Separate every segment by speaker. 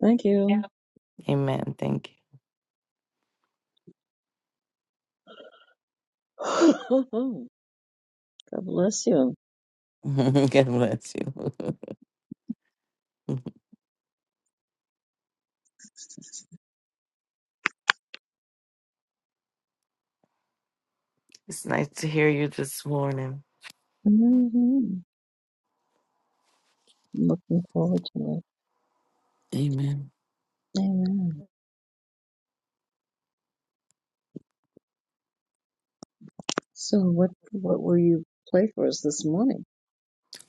Speaker 1: Thank
Speaker 2: Yeah.
Speaker 1: you.
Speaker 2: Amen. Thank
Speaker 1: God bless you.
Speaker 2: you. God bless you. It's nice to hear you this morning.
Speaker 1: hmm Looking forward to
Speaker 2: Amen.
Speaker 1: it. Amen. So, what what will you play for us this morning?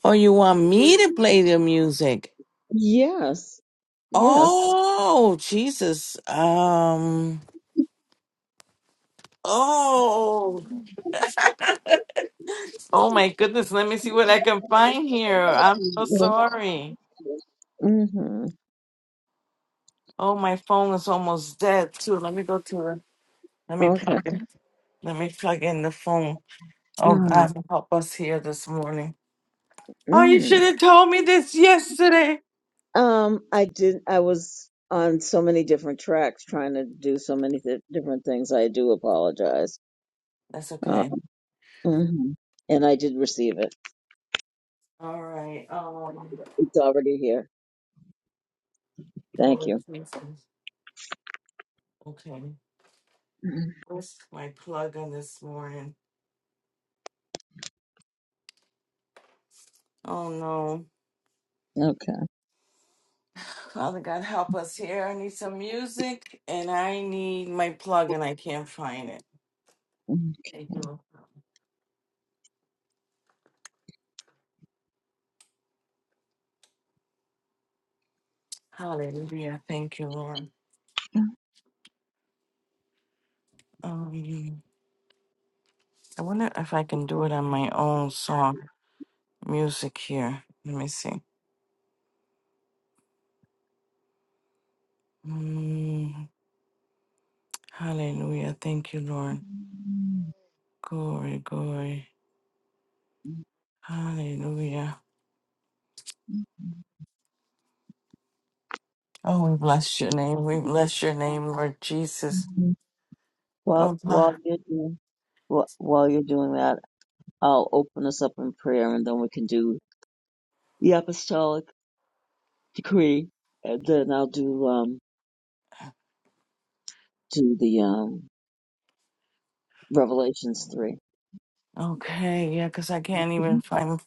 Speaker 2: Oh, you want me to play the music?
Speaker 1: Yes, yes.
Speaker 2: Oh, Jesus. Um. Oh. Oh my goodness, let me see what I can find here. I'm so sorry.
Speaker 1: Mm-hmm.
Speaker 2: Oh, my phone is almost dead too. Let me go to the let me
Speaker 1: Okay.
Speaker 2: plug in. Let me plug in the phone. Oh
Speaker 1: All right.
Speaker 2: God help us here this morning. Oh, you should
Speaker 1: Mm.
Speaker 2: have told me this yesterday.
Speaker 1: Um, I did. I was on so many different tracks, trying to do so many th- different things. I do apologize.
Speaker 2: That's
Speaker 1: Uh,
Speaker 2: okay.
Speaker 1: mhm. And I did receive it.
Speaker 2: All right. Um.
Speaker 1: It's already here. Thank
Speaker 2: Oh
Speaker 1: you.
Speaker 2: Jesus. Okay. Where's my plug in this morning? Oh no.
Speaker 1: Okay.
Speaker 2: Father God, help us here. I need some music, and I need my plug, and I can't find it. Thank you. Lord. Hallelujah. Thank you, Lord. Um. I wonder if I can do it on my own song music here. Let me see. Mm, hallelujah. Thank you, Lord. Glory, glory. Hallelujah. Oh, we bless your name. We bless your name, Lord Jesus. Oh,
Speaker 1: While while
Speaker 2: God.
Speaker 1: you're doing while, while you're doing that, I'll open us up in prayer, and then we can do the apostolic decree, and then I'll do um do the um Revelations three.
Speaker 2: Okay, yeah, because I can't even find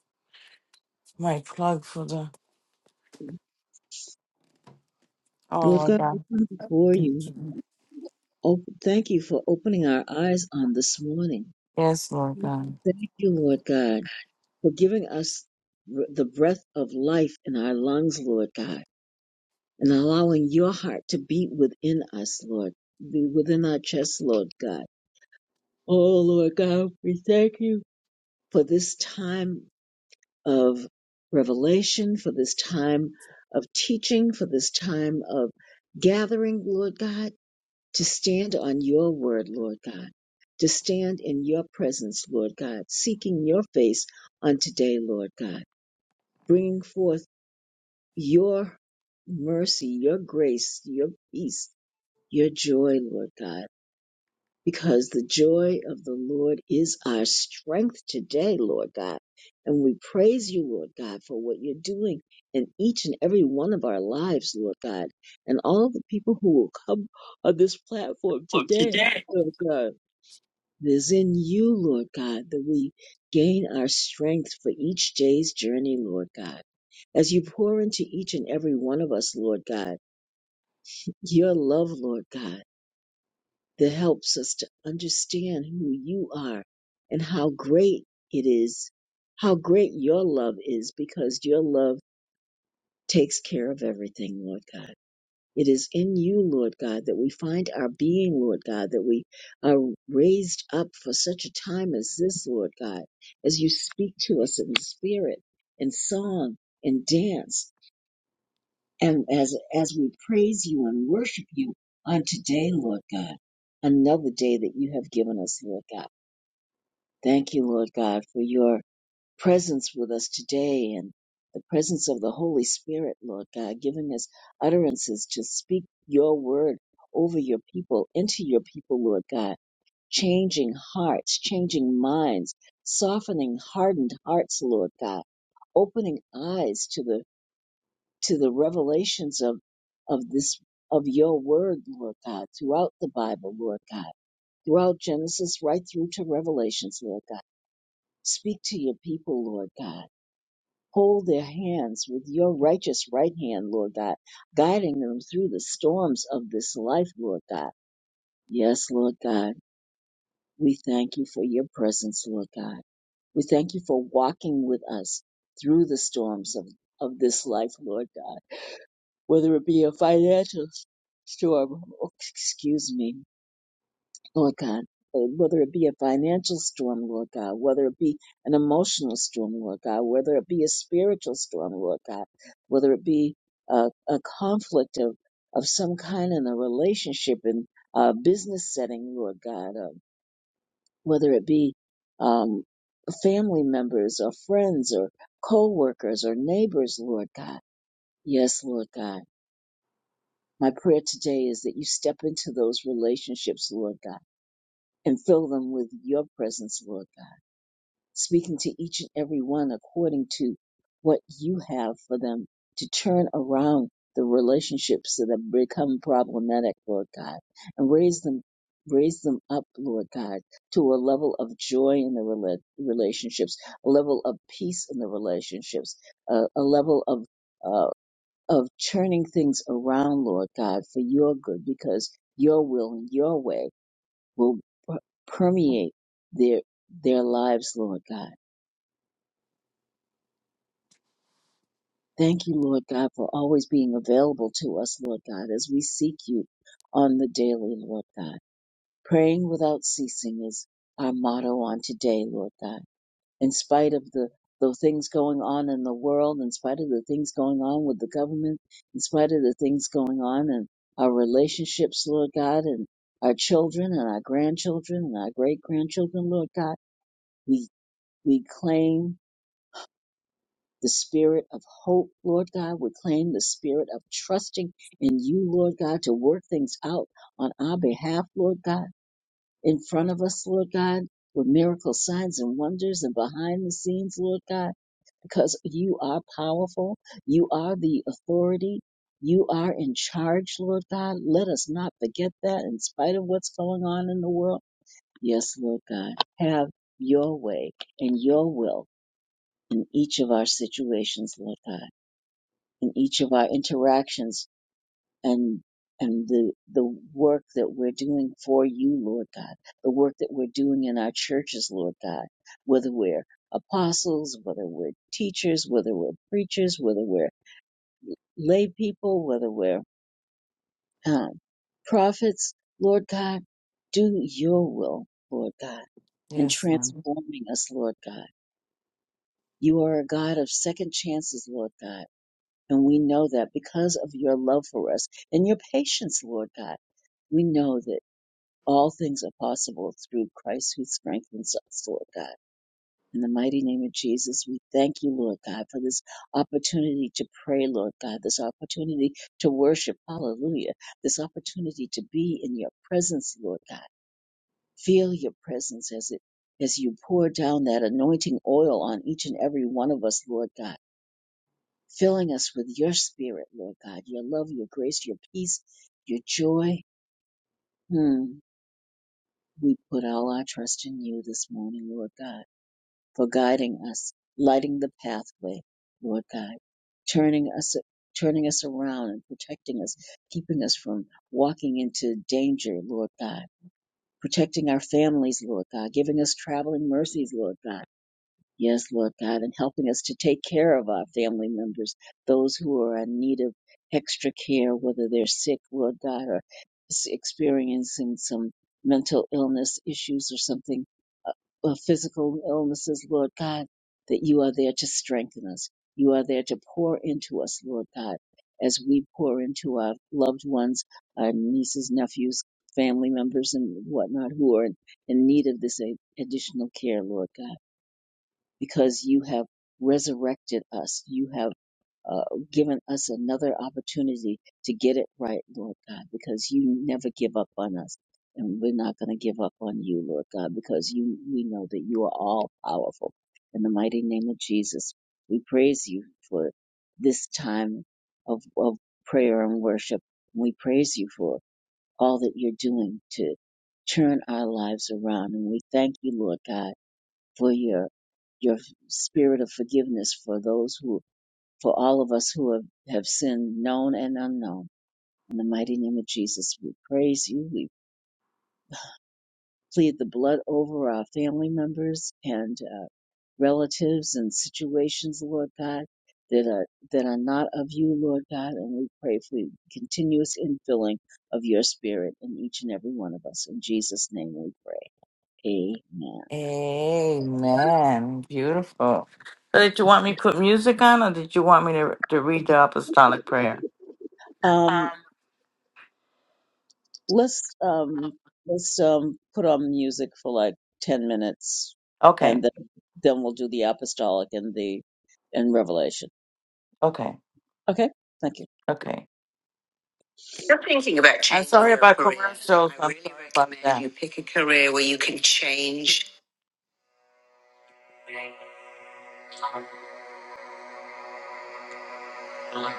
Speaker 2: my plug for the. Oh,
Speaker 1: Lord
Speaker 2: Lord
Speaker 1: God, we
Speaker 2: God.
Speaker 1: come before you. Oh, thank you for opening our eyes on this morning.
Speaker 2: Yes, Lord God.
Speaker 1: Thank you, Lord God, for giving us r- the breath of life in our lungs, Lord God. and allowing your heart to beat within us, Lord, be within our chest, Lord God. Oh, Lord God, we thank you for this time of revelation, for this time of teaching, for this time of gathering, Lord God, to stand on your word, Lord God, to stand in your presence, Lord God, seeking your face on today, Lord God, bringing forth your mercy, your grace, your peace, your joy, Lord God, because the joy of the Lord is our strength today, Lord God. And we praise you, Lord God, for what you're doing in each and every one of our lives, Lord God, and all the people who will come on this platform
Speaker 2: Look
Speaker 1: today,
Speaker 2: today.
Speaker 1: Lord God. It is in you, Lord God, that we gain our strength for each day's journey, Lord God. As you pour into each and every one of us, Lord God, your love, Lord God that helps us to understand who you are and how great it is, how great your love is, because your love takes care of everything, Lord God. It is in you, Lord God, that we find our being, Lord God, that we are raised up for such a time as this, Lord God, as you speak to us in spirit, in song, in dance. And as, as we praise you and worship you on today, Lord God, another day that you have given us, Lord God. Thank you, Lord God, for your presence with us today and the presence of the Holy Spirit, Lord God, giving us utterances to speak your word over your people, into your people, Lord God, changing hearts, changing minds, softening hardened hearts, Lord God, opening eyes to the to the revelations of of this of your word, Lord God, throughout the Bible, Lord God, throughout Genesis right through to Revelations, Lord God. Speak to your people, Lord God. Hold their hands with your righteous right hand, Lord God, guiding them through the storms of this life, Lord God. Yes, Lord God, we thank you for your presence, Lord God. We thank you for walking with us through the storms of, of this life, Lord God. whether it be a financial s- storm, oh, excuse me, Lord God, uh, whether it be a financial storm, Lord God, whether it be an emotional storm, Lord God, whether it be a spiritual storm, Lord God, whether it be a, a conflict of, of some kind in a relationship in a business setting, Lord God, uh, whether it be um, family members or friends or co-workers or neighbors, Lord God. Yes, Lord God My prayer today is that you step into those relationships, Lord God, and fill them with your presence, Lord God, speaking to each and every one according to what you have for them to turn around the relationships that have become problematic, Lord God, and raise them, raise them up, Lord God, to a level of joy in the rela- relationships, a level of peace in the relationships, a, a level of uh, of turning things around, Lord God, for your good, because your will and your way will per- permeate their their lives, Lord God. Thank you, Lord God, for always being available to us, Lord God, as we seek you on the daily, Lord God. Praying without ceasing is our motto on today, Lord God. in spite of the, the things going on in the world, in spite of the things going on with the government, in spite of the things going on in our relationships, Lord God, and our children and our grandchildren and our great grandchildren, Lord God. We, we claim the spirit of hope, Lord God. We claim the spirit of trusting in you, Lord God, to work things out on our behalf, Lord God, in front of us, Lord God, with miracle signs and wonders and behind the scenes, Lord God. because you are powerful. You are the authority. You are in charge, Lord God. Let us not forget that in spite of what's going on in the world. Yes, Lord God, have your way and your will in each of our situations, Lord God, in each of our interactions and and the the work that we're doing for you, Lord God, the work that we're doing in our churches, Lord God, whether we're apostles, whether we're teachers, whether we're preachers, whether we're lay people, whether we're um, prophets, Lord God, do your will, Lord God, in
Speaker 2: Yes, Lord.
Speaker 1: transforming us, Lord God. You are a God of second chances, Lord God. And we know that because of your love for us and your patience, Lord God. We know that All things are possible through Christ who strengthens us, Lord God. In the mighty name of Jesus, we thank you, Lord God, for this opportunity to pray, Lord God, this opportunity to worship, hallelujah, this opportunity to be in your presence, Lord God. Feel your presence as it as you pour down that anointing oil on each and every one of us, Lord God, filling us with your spirit, Lord God, your love, your grace, your peace, your joy. Hmm. We put all our trust in you this morning, Lord God, for guiding us, lighting the pathway, Lord God, turning us turning us around and protecting us, keeping us from walking into danger, Lord God, protecting our families, Lord God, giving us traveling mercies, Lord God Yes, Lord God, and helping us to take care of our family members, those who are in need of extra care, whether they're sick, Lord God, or s- experiencing some mental illness issues or something, uh, or physical illnesses, Lord God, that you are there to strengthen us. You are there to pour into us, Lord God, as we pour into our loved ones, our nieces, nephews, family members, and whatnot who are in in need of this a- additional care, Lord God because you have resurrected us. You have uh, given us another opportunity to get it right, Lord God, because you never give up on us. And we're not going to give up on you, Lord God, because you, we know that you are all powerful. In the mighty name of Jesus, we praise you for this time of, of prayer and worship. We praise you for all that you're doing to turn our lives around. And we thank you, Lord God for your your spirit of forgiveness for those who for all of us who have, have sinned known and unknown. In the mighty name of Jesus, we praise you. We plead the blood over our family members and uh, relatives and situations, Lord God, that are that are not of you, Lord God, and we pray for continuous infilling of your spirit in each and every one of us. In Jesus' name we pray. Amen.
Speaker 2: Amen. Beautiful. So did you want me to put music on or did you want me to, to read the apostolic prayer?
Speaker 1: Um, Let's um let's um put on music for like 10 minutes and
Speaker 2: Okay,
Speaker 1: then then we'll do the apostolic and the and revelation.
Speaker 2: okay,
Speaker 1: Okay? Thank you.
Speaker 2: okay. You're thinking about changing. I'm sorry your about career. commercials. I I'm really sorry about recommend that. you pick a career where you can change.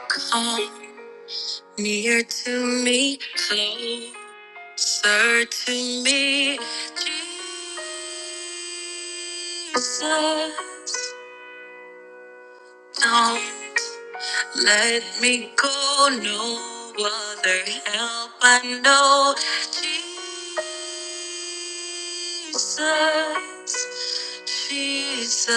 Speaker 2: Come near to me, closer to me, Jesus. Let me go, no other help I know. Jesus, Jesus.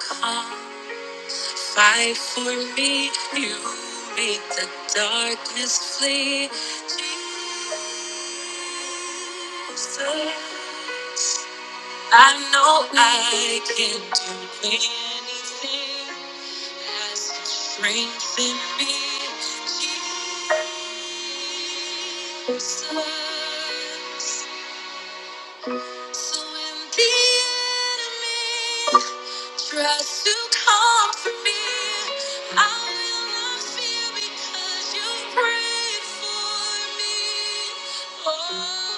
Speaker 2: Come, fight for me. You make the darkness flee. Jesus, I know I can do anything. Has strength in me. Jesus. So when the enemy tries to come for me, I will not fear because you prayed for me. Oh,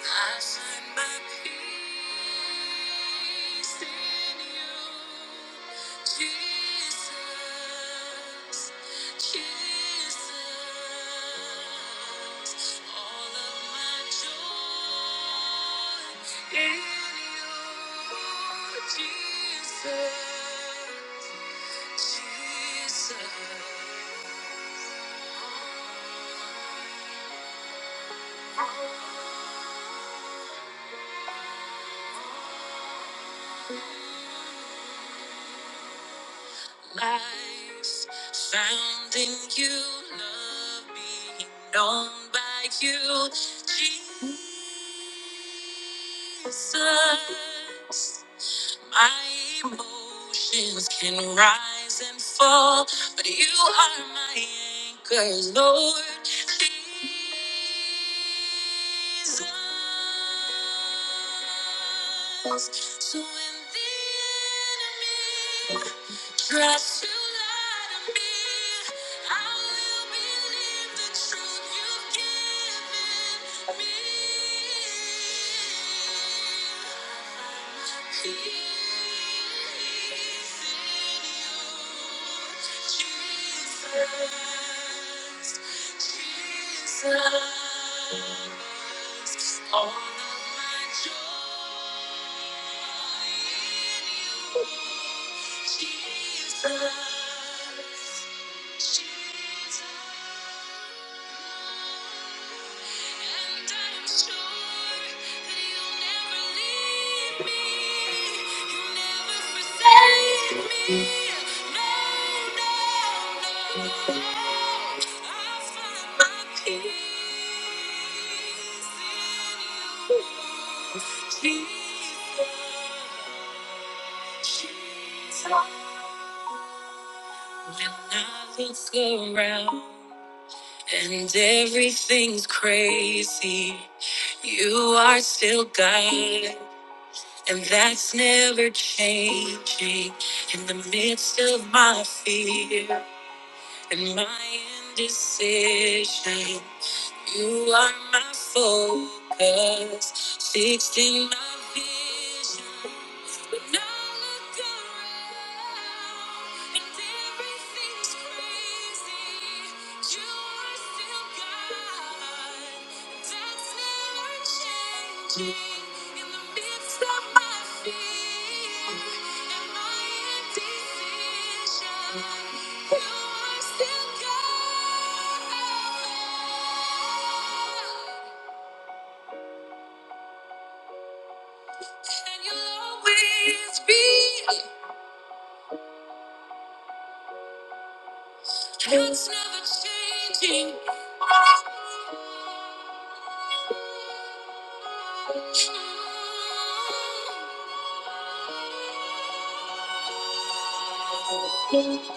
Speaker 2: I find my peace in you, Jesus, Jesus. All of my joy in you, Jesus, Jesus. Oh, oh, oh life found in you, love being known by you, Jesus. My emotions can rise and fall, but you are my anchor, Lord. Jesus. So when the enemy Trust you lie to me. I will believe the truth you've given me. Peace in you, Jesus. Jesus, all of my joy is in You, Jesus, Jesus. And I am sure that You'll never leave me. You'll never forsake me. No, no, no. When I look around and everything's crazy, you are still God, and that's never changing. In the midst of my fear, and my indecision, you are my focus fixed in my vision. When I look around and everything's crazy, you are still God. That's never changing. In the midst of my fear and my indecision, you are still God. And you'll always be. That's never changing. That's never changing.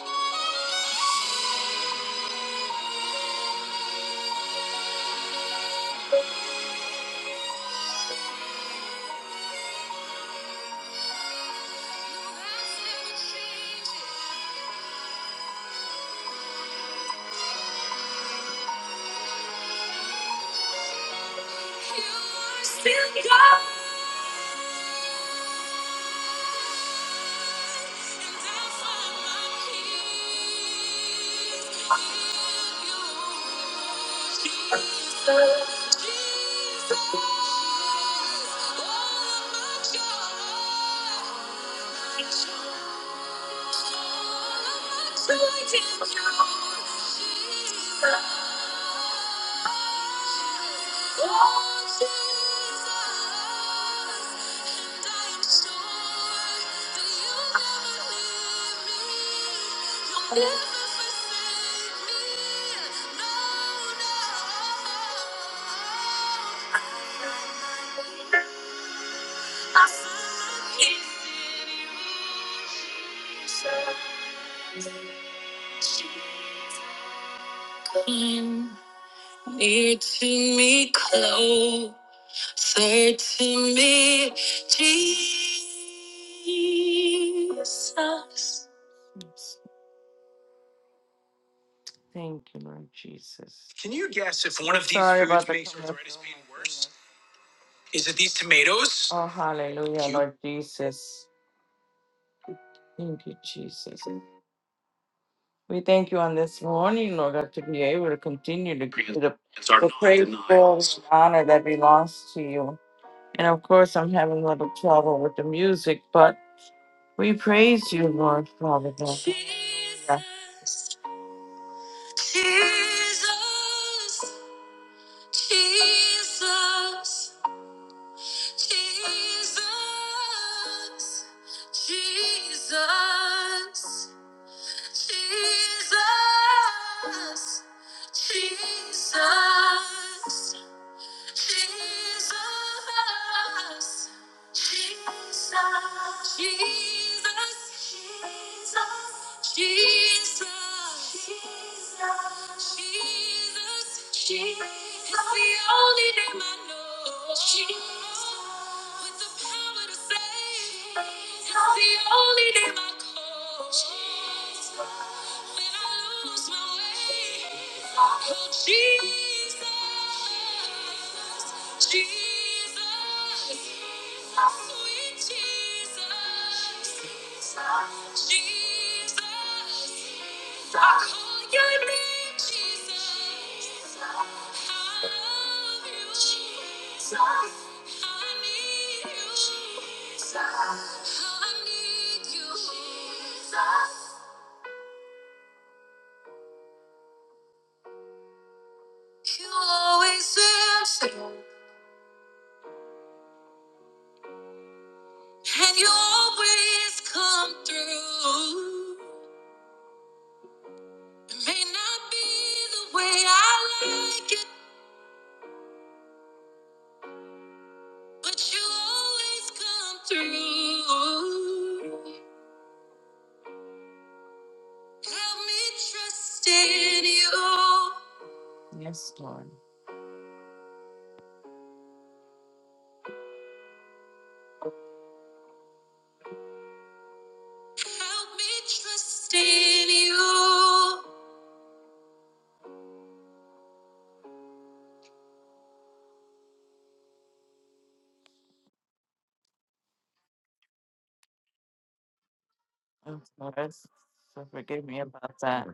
Speaker 2: Jesus. Near to me, closer to me, Jesus. Thank you, Lord Jesus. Can you guess if one of these Sorry foods about the makes arthritis pain worse? Is it these tomatoes? Oh, hallelujah, You- Lord Jesus. Thank you, Jesus. We thank you on this morning, Lord, that to be able to continue to give you the, the praise, glory, and honor that belongs to you. And of course, I'm having a little trouble with the music, but We praise you, Lord Father God. Yeah. Jesus, Jesus, Jesus, Jesus, Jesus, Jesus. Jesus, It's the only name I know. Jesus. With the power to save. It's the only name I call. Jesus. When I lose my way. Oh, Jesus. You always answer. And you always come through. It may not be the way I like it, but you always come through. Help me trust in you. Yes, Lord. Help me trust in you. Oh, Lord, so forgive me about that.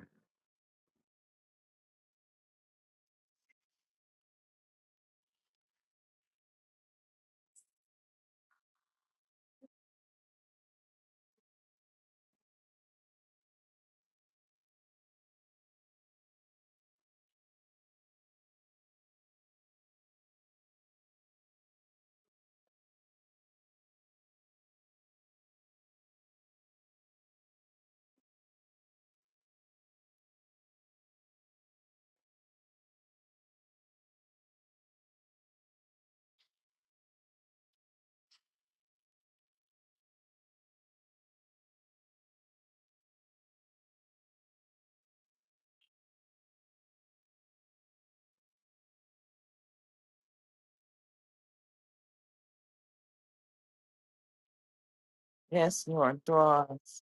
Speaker 2: Yes, Lord, draw us.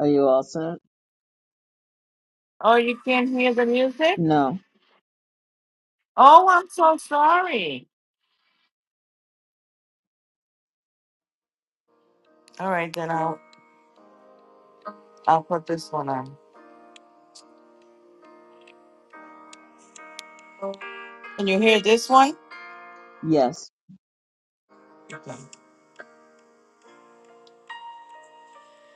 Speaker 1: Are you all set?
Speaker 2: Oh, you can't hear the music?
Speaker 1: No.
Speaker 2: Oh, I'm so sorry. All right, then I'll. I'll put this one on. Can you hear this one?
Speaker 1: Yes.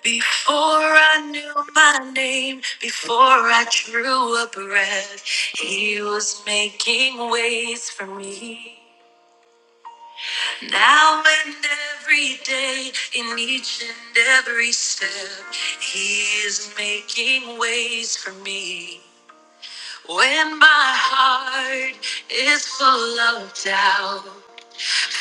Speaker 2: Before I knew my name, before I drew a breath, he was making ways for me. Now and every day, in each and every step, he is making ways for me. When my heart is full of doubt,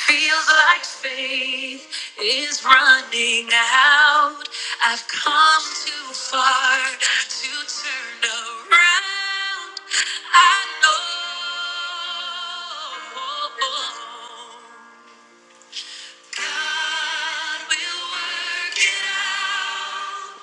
Speaker 2: Feels like faith is running out. I've come too far to turn around. I know God will work it out.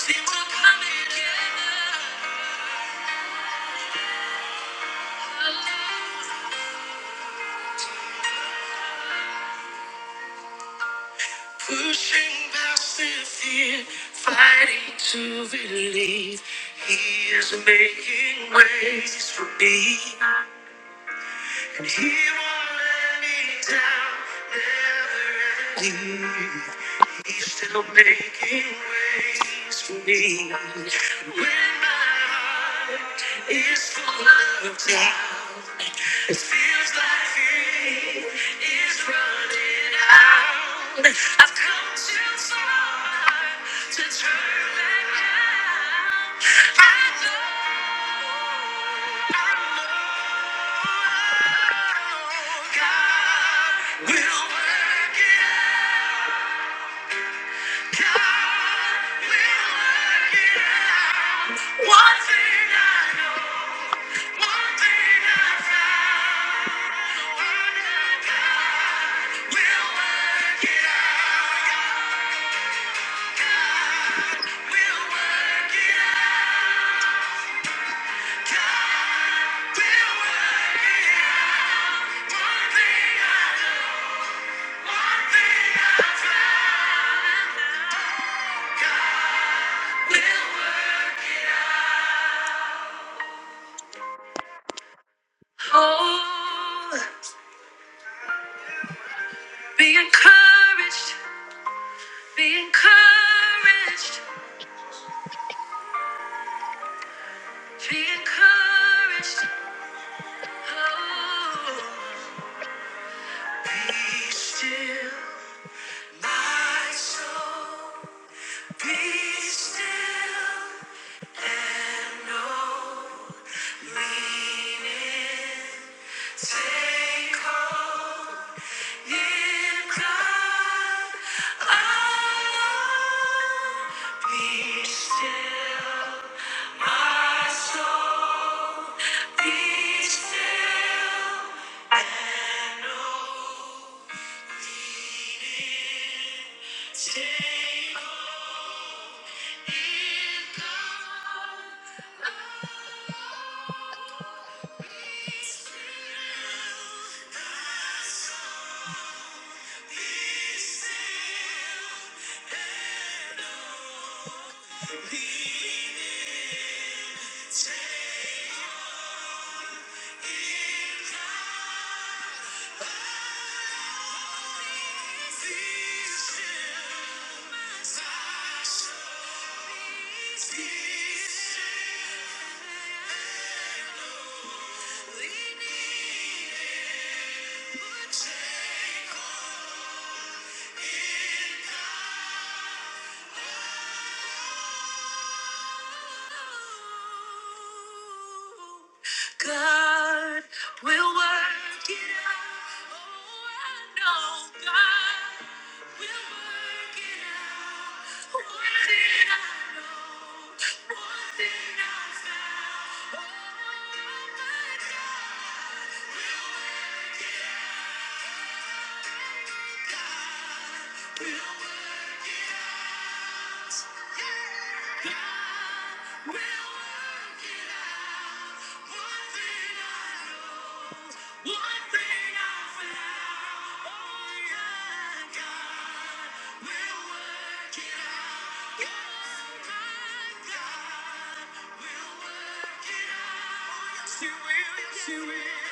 Speaker 2: See what coming together. Pushing past the fear, fighting to believe. He is making ways for me. And he won't let me down, never ever leave. He's still making ways for me. When my heart is full of doubt, it feels like faith is running out. I've come too far to turn back now. I know, I know God will work it out. God, we'll work it out. One thing I know. Oh, be encouraged, be encouraged, be encouraged. Oh, be still, my soul, be still. And no leaning, take hope in God alone. Be still, my soul, be still. Thank you. Yeah. God will work it out. Oh, I know God will work it out. One thing I know, one thing I found. Oh, my God will work it out. God will work it out. Yes, you will. Yes, you will.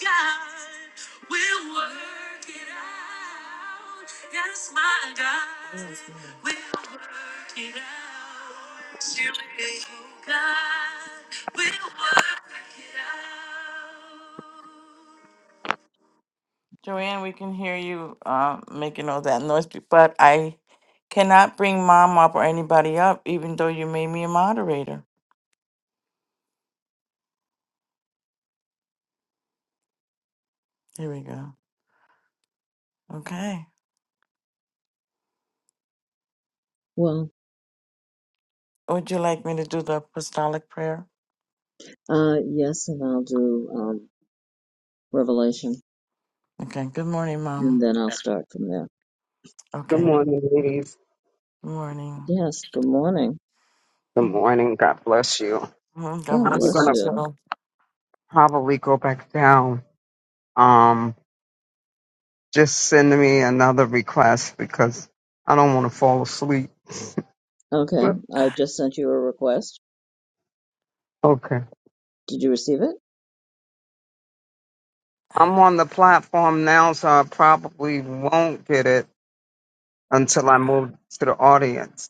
Speaker 2: God. We'll work it out. Yes, my God. Yes, ma'am. We'll work it out. Still with God. We'll work it out. Joanne, we can hear you uh, making all that noise, b- but I cannot bring mom up or anybody up, even though you made me a moderator. Here we go. Okay.
Speaker 1: Well,
Speaker 2: Would you like me to do the apostolic prayer?
Speaker 1: uh yes, and I'll do um revelation
Speaker 2: Okay. Good morning,
Speaker 1: and
Speaker 2: mom.
Speaker 1: then I'll start from there.
Speaker 3: Good
Speaker 2: Okay.
Speaker 3: morning, ladies.
Speaker 2: Morning.
Speaker 1: Yes, good morning.
Speaker 3: Good morning. God bless you.
Speaker 2: Mhm. God
Speaker 1: God
Speaker 3: I'm
Speaker 2: bless you
Speaker 1: bless
Speaker 3: gonna
Speaker 1: you.
Speaker 2: too.
Speaker 3: probably go back down. Um, just send me another request because I don't want to fall asleep.
Speaker 1: Okay, I just sent you a request.
Speaker 3: Okay.
Speaker 1: Did you receive it?
Speaker 3: I'm on the platform now, so I probably won't get it until I move to the audience.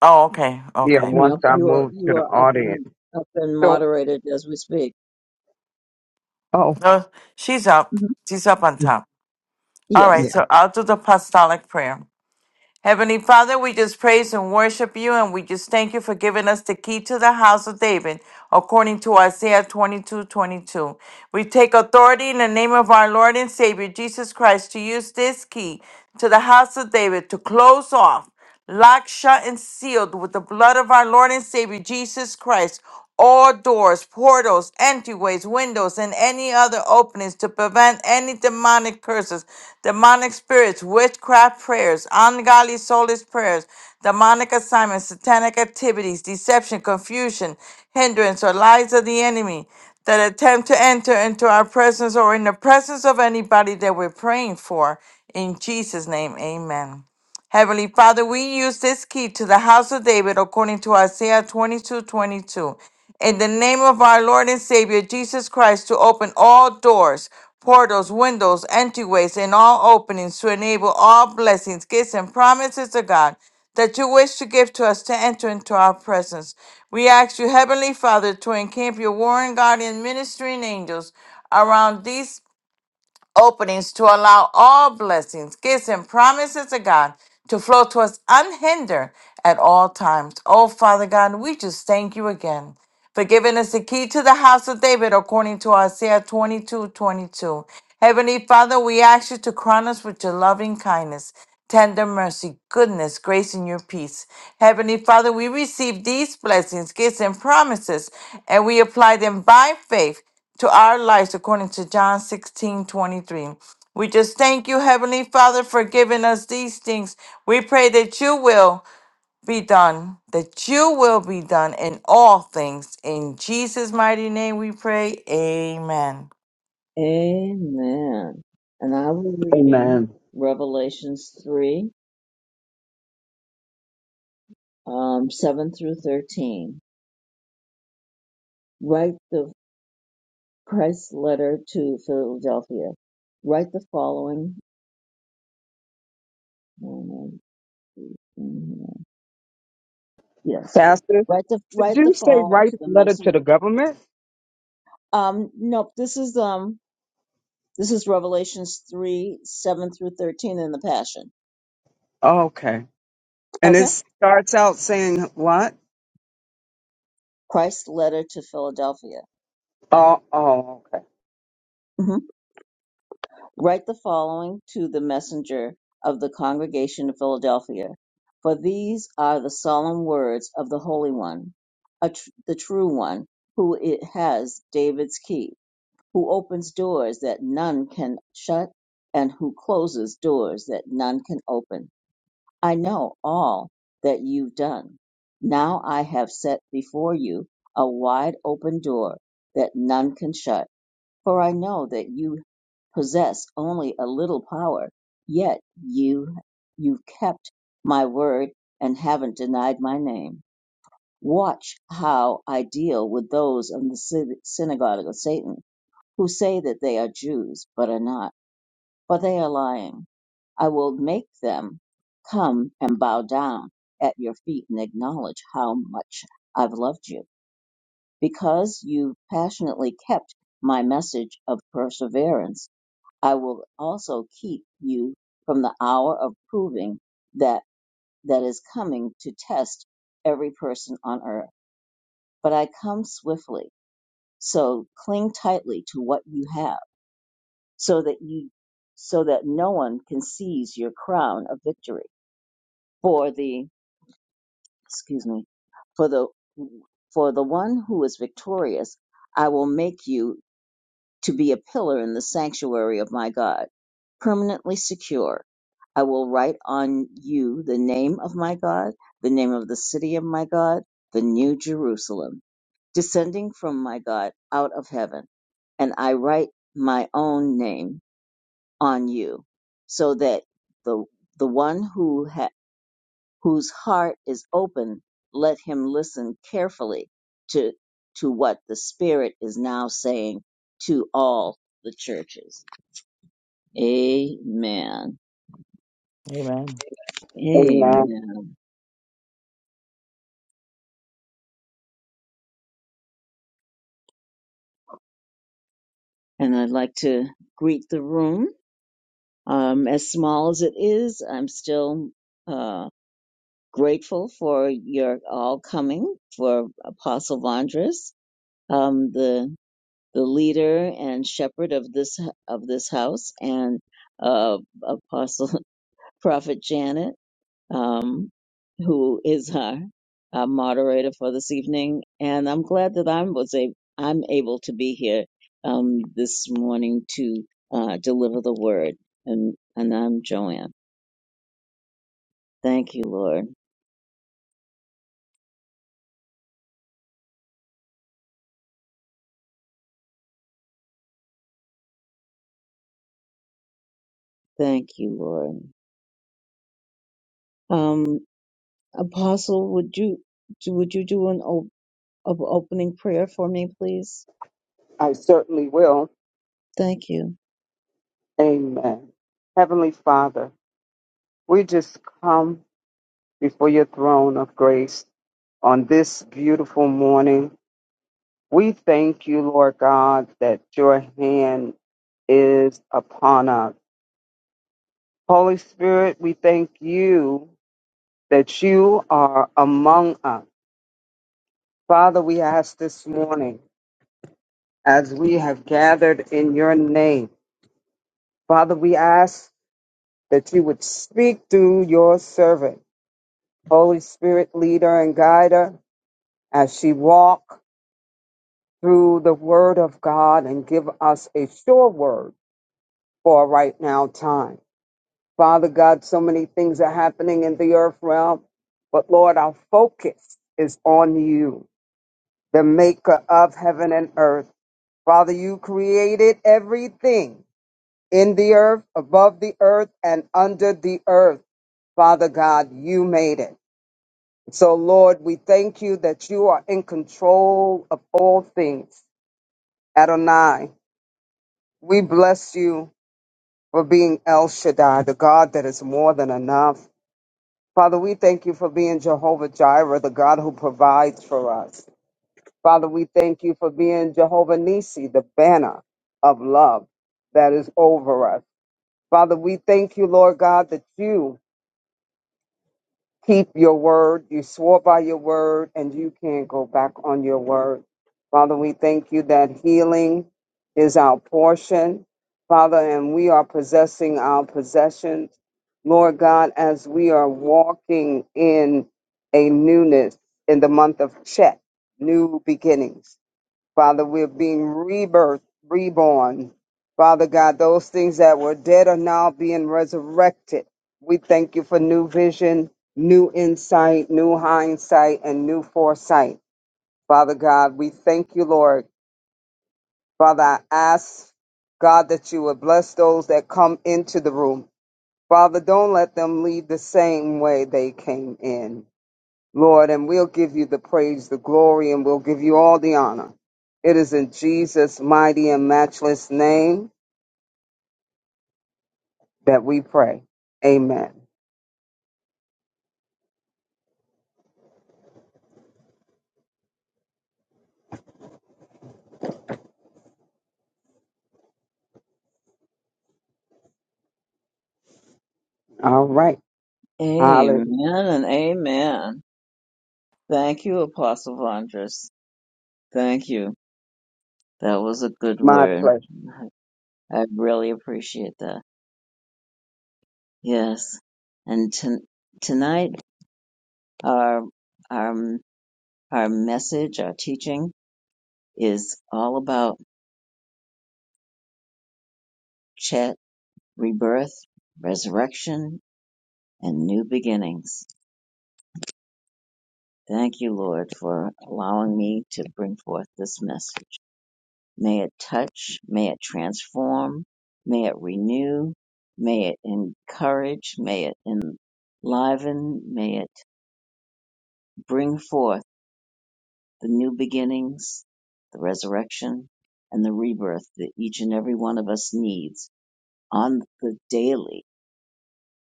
Speaker 2: Oh, okay.
Speaker 3: Yeah,
Speaker 2: Okay.
Speaker 3: once
Speaker 1: No,
Speaker 3: I
Speaker 1: you are
Speaker 3: move to
Speaker 1: you
Speaker 3: the
Speaker 1: are up
Speaker 3: audience.
Speaker 1: and up and
Speaker 3: So,
Speaker 1: moderated as we speak.
Speaker 3: oh,
Speaker 2: No, she's up.
Speaker 1: hmm
Speaker 2: She's up on top. All
Speaker 1: Yes.
Speaker 2: right.
Speaker 3: yeah.
Speaker 2: So I'll do the apostolic prayer. Heavenly Father, we just praise and worship you, and we just thank you for giving us the key to the house of David, according to Isaiah 22 22. We take authority in the name of our Lord and Savior, Jesus Christ, to use this key to the house of David to close off. locked shut and sealed with the blood of our Lord and Savior Jesus Christ, all doors, portals, entryways, windows, and any other openings to prevent any demonic curses, demonic spirits, witchcraft prayers, ungodly soulless prayers, demonic assignments, satanic activities, deception, confusion, hindrance, or lies of the enemy that attempt to enter into our presence or in the presence of anybody that we're praying for. In Jesus' name, amen. Heavenly Father, we use this key to the house of David according to Isaiah 22, 22, In the name of our Lord and Savior Jesus Christ, to open all doors, portals, windows, entryways, and all openings to enable all blessings, gifts, and promises of God that you wish to give to us to enter into our presence. We ask you, Heavenly Father, to encamp your warring guardian ministering angels around these openings to allow all blessings, gifts, and promises of God to flow to us unhindered at all times. Oh, Father God, we just thank you again for giving us the key to the house of David according to Isaiah 22 22. Heavenly Father, we ask you to crown us with your loving kindness, tender mercy, goodness, grace, and your peace. Heavenly Father, we receive these blessings, gifts, and promises, and we apply them by faith to our lives according to John 16 23, We just thank you, Heavenly Father, for giving us these things. We pray that you will be done, that you will be done in all things. In Jesus' mighty name we pray. Amen.
Speaker 1: Amen. And I will reading
Speaker 3: Amen.
Speaker 1: Revelations 3, um, 7 through 13. Write the Christ's letter to Philadelphia. Write the following. um, Yes.
Speaker 3: Pastor,
Speaker 1: Write the
Speaker 3: did
Speaker 1: write the
Speaker 3: you say
Speaker 1: following
Speaker 3: write
Speaker 1: to the
Speaker 3: the letter to
Speaker 1: messenger.
Speaker 3: the government?
Speaker 1: Um, nope. This is um this is Revelations 3, 7 through 13 in the Passion.
Speaker 3: Okay. And it
Speaker 1: Okay.
Speaker 3: starts out saying what?
Speaker 1: Christ's letter to Philadelphia.
Speaker 3: Oh, oh, okay.
Speaker 1: Mm-hmm. Write the following to the messenger of the congregation of Philadelphia, for these are the solemn words of the Holy One, a tr- the true One, who it has David's key, who opens doors that none can shut, and who closes doors that none can open. I know all that you've done. Now I have set before you a wide open door that none can shut for I know that you possess only a little power, yet you you've kept my word and haven't denied my name. Watch how I deal with those in the syn- synagogue of Satan who say that they are Jews but are not, for they are lying. I will make them come and bow down at your feet and acknowledge how much I've loved you because you passionately kept my message of perseverance I will also keep you from the hour of proving that that is coming to test every person on earth. But I come swiftly, so cling tightly to what you have, so that you so that no one can seize your crown of victory. For the excuse me, for the for the one who is victorious, I will make you to be a pillar in the sanctuary of my God, permanently secure. I will write on you the name of my God, the name of the city of my God, the new Jerusalem, descending from my God out of heaven. And I write my own name on you, so that the, the one who has whose heart is open, let him listen carefully to, to what the Spirit is now saying to all the churches. Amen.
Speaker 2: Amen.
Speaker 3: Amen.
Speaker 1: Amen. And I'd like to greet the room. Um, as small as it is, I'm still uh, grateful for your all coming, for Apostle Vondras, um, the the leader and shepherd of this of this house, and uh, Apostle Prophet Janet, um, who is our, our moderator for this evening, and I'm glad that I was a, I'm able to be here um, this morning to uh, deliver the word, and and I'm Joanne. Thank you, Lord. Thank you, Lord. Um, Apostle, would you do, would you do an op- op- opening prayer for me, please?
Speaker 3: I certainly will.
Speaker 1: Thank you.
Speaker 3: Amen. Heavenly Father, we just come before your throne of grace on this beautiful morning. We thank you, Lord God, that your hand is upon us. Holy Spirit, we thank you that you are among us. Father, we ask this morning as we have gathered in your name. Father, we ask that you would speak through your servant, Holy Spirit, lead her and guide her as she walk through the word of God and give us a sure word for a right now time. Father God, so many things are happening in the earth realm, but Lord, our focus is on you, the maker of heaven and earth. Father, you created everything in the earth, above the earth, and under the earth. Father God, you made it. So, Lord, we thank you that you are in control of all things. Adonai, we bless you for being El Shaddai, the God that is more than enough. Father, we thank you for being Jehovah Jireh, the God who provides for us. Father, we thank you for being Jehovah Nissi, the banner of love that is over us. Father, we thank you, Lord God, that you keep your word. You swore by your word, and you can't go back on your word. Father, we thank you that healing is our portion, Father, and we are possessing our possessions. Lord God, as we are walking in a newness in the month of Chet, new beginnings. Father, we're being rebirth, reborn. Father God, those things that were dead are now being resurrected. We thank you for new vision, new insight, new hindsight, and new foresight. Father God, we thank you, Lord. Father, I ask God that you would bless those that come into the room. Father, don't let them leave the same way they came in. Lord, and we'll give you the praise, the glory, and we'll give you all the honor. It is in Jesus' mighty and matchless name that we pray. Amen. All right. Hallelujah.
Speaker 1: Amen and amen. Thank you, Apostle Vondras. Thank you. That was a good
Speaker 3: My
Speaker 1: word.
Speaker 3: pleasure.
Speaker 1: I really appreciate that. Yes. And to, tonight, our, our, our message, our teaching is all about chat, rebirth, resurrection, and new beginnings. Thank you, Lord, for allowing me to bring forth this message. May it touch, may it transform, may it renew, may it encourage, may it enliven, may it bring forth the new beginnings, the resurrection, and the rebirth that each and every one of us needs on the daily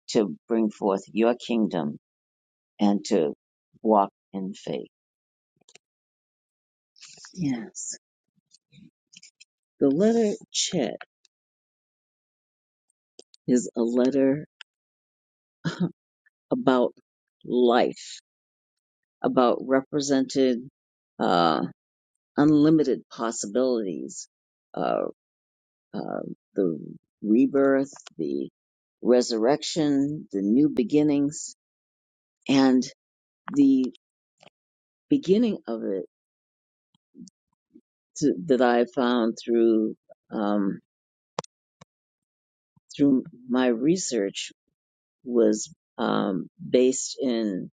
Speaker 1: to bring forth your kingdom and to walk in faith. Yes. The letter Chet is a letter about life, about represented uh, unlimited possibilities, uh, uh, the rebirth, the resurrection, the new beginnings, and the beginning of it to, that I found through um, through my research was um, based in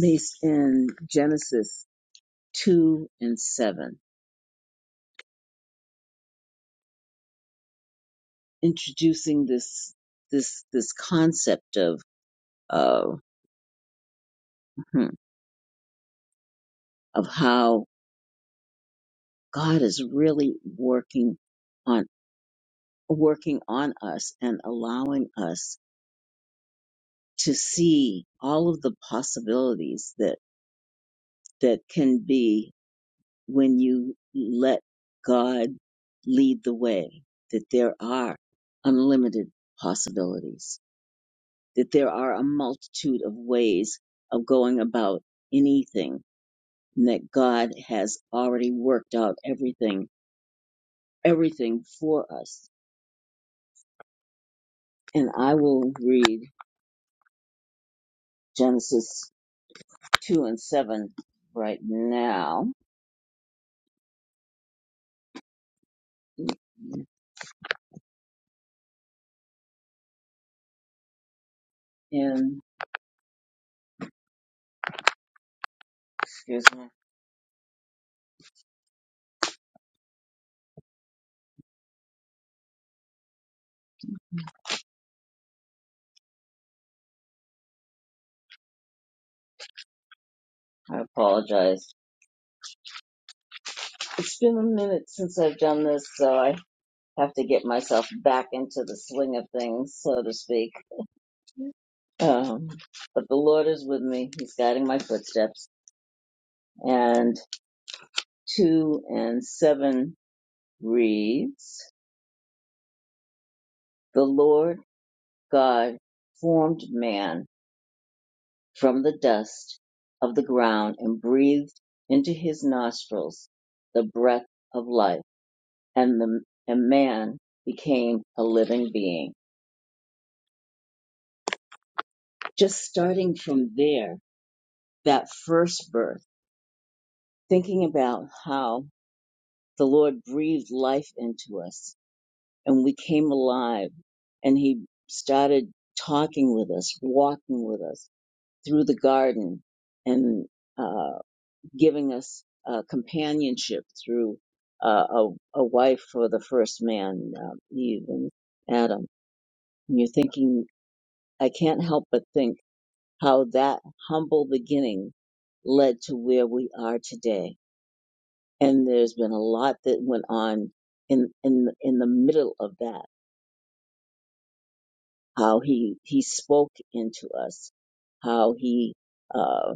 Speaker 1: based in Genesis two and seven, introducing this this this concept of uh, hmm, of how God is really working on working on us and allowing us to see all of the possibilities that that can be when you let God lead the way, that there are unlimited possibilities, that there are a multitude of ways of going about anything, and that God has already worked out everything, everything for us. And I will read Genesis 2 and 7 right now. And excuse me, I apologize. It's been a minute since I've done this, so I have to get myself back into the swing of things, so to speak. Um, but the Lord is with me. He's guiding my footsteps. And two and seven reads, The Lord God formed man from the dust of the ground and breathed into his nostrils the breath of life. And the, and man became a living being. Just starting from there, that first birth. thinking about how the Lord breathed life into us and we came alive and he started talking with us, walking with us through the garden and uh, giving us uh, companionship through uh, a, a wife for the first man, uh, Eve and Adam. And you're thinking, I can't help but think how that humble beginning led to where we are today and there's been a lot that went on in in in the middle of that how he he spoke into us how he uh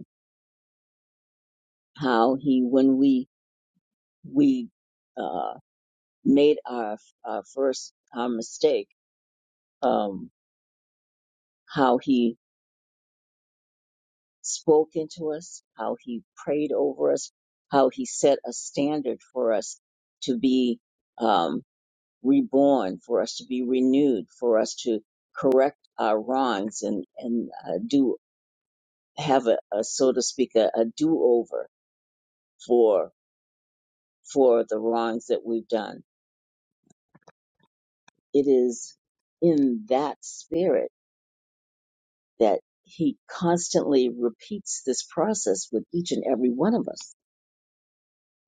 Speaker 1: how he when we we uh made our our first our mistake um how he spoke into us how he prayed over us how he set a standard for us to be um, reborn, for us to be renewed, for us to correct our wrongs and and uh, do have a, a so to speak a, a do over for for the wrongs that we've done. It is in that spirit that he constantly repeats this process with each and every one of us,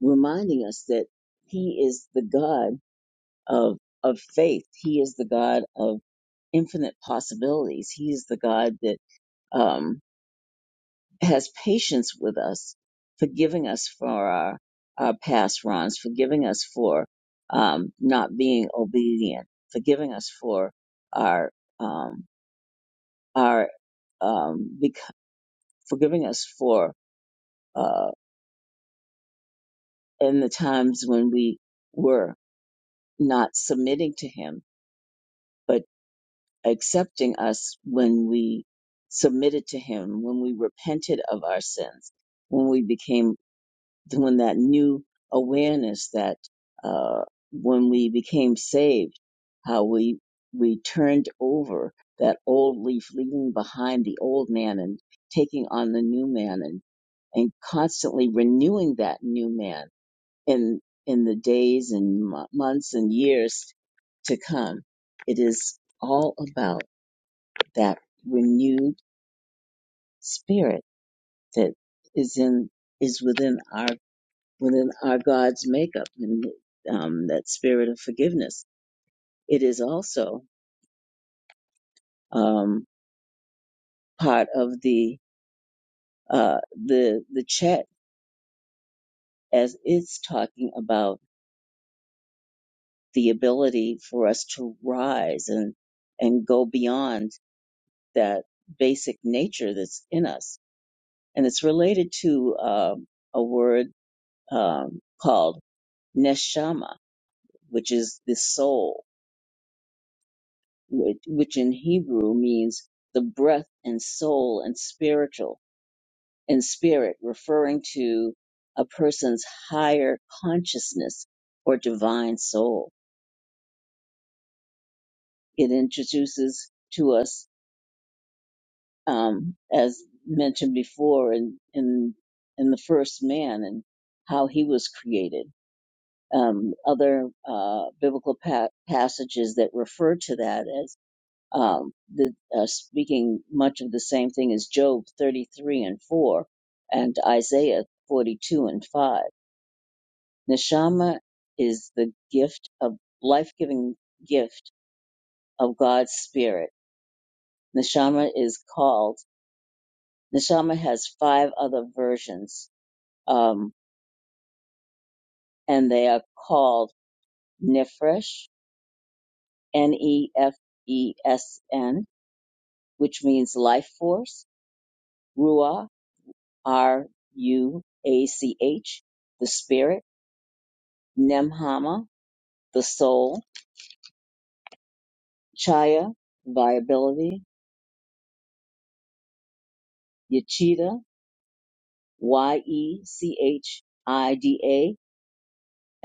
Speaker 1: reminding us that he is the God of of faith. He is the God of infinite possibilities. He is the God that um, has patience with us, forgiving us for our, our past wrongs, forgiving us for um, not being obedient, forgiving us for our um, our um, bec- forgiving us for uh, in the times when we were not submitting to Him, but accepting us when we submitted to Him, when we repented of our sins, when we became doing that new awareness that uh, when we became saved, how we we turned over that old leaf, leaving behind the old man and taking on the new man, and and constantly renewing that new man in in the days and mo- months and years to come. It is all about that renewed spirit that is in is within our within our God's makeup and um, that spirit of forgiveness. It is also um, part of the uh, the the chat as it's talking about the ability for us to rise and and go beyond that basic nature that's in us, and it's related to um, a word um, called neshama, which is the soul which, which in Hebrew means the breath and soul and spiritual and spirit, referring to a person's higher consciousness or divine soul. It introduces to us, um, as mentioned before in, in, in the first man and how he was created. Um, other, uh, biblical pa- passages that refer to that um, the, uh, speaking much of the same thing as Job 33 and 4 and Isaiah 42 and 5. Neshama is the gift of life-giving gift of God's spirit. Neshama is called, Neshama has five other versions, um, and they are called Nefesh, N-E-F-E-S-N, which means life force, Ruach, R U A C H, the spirit, Nemhama, the soul, Chaya, viability, yechida Y E C H I D A,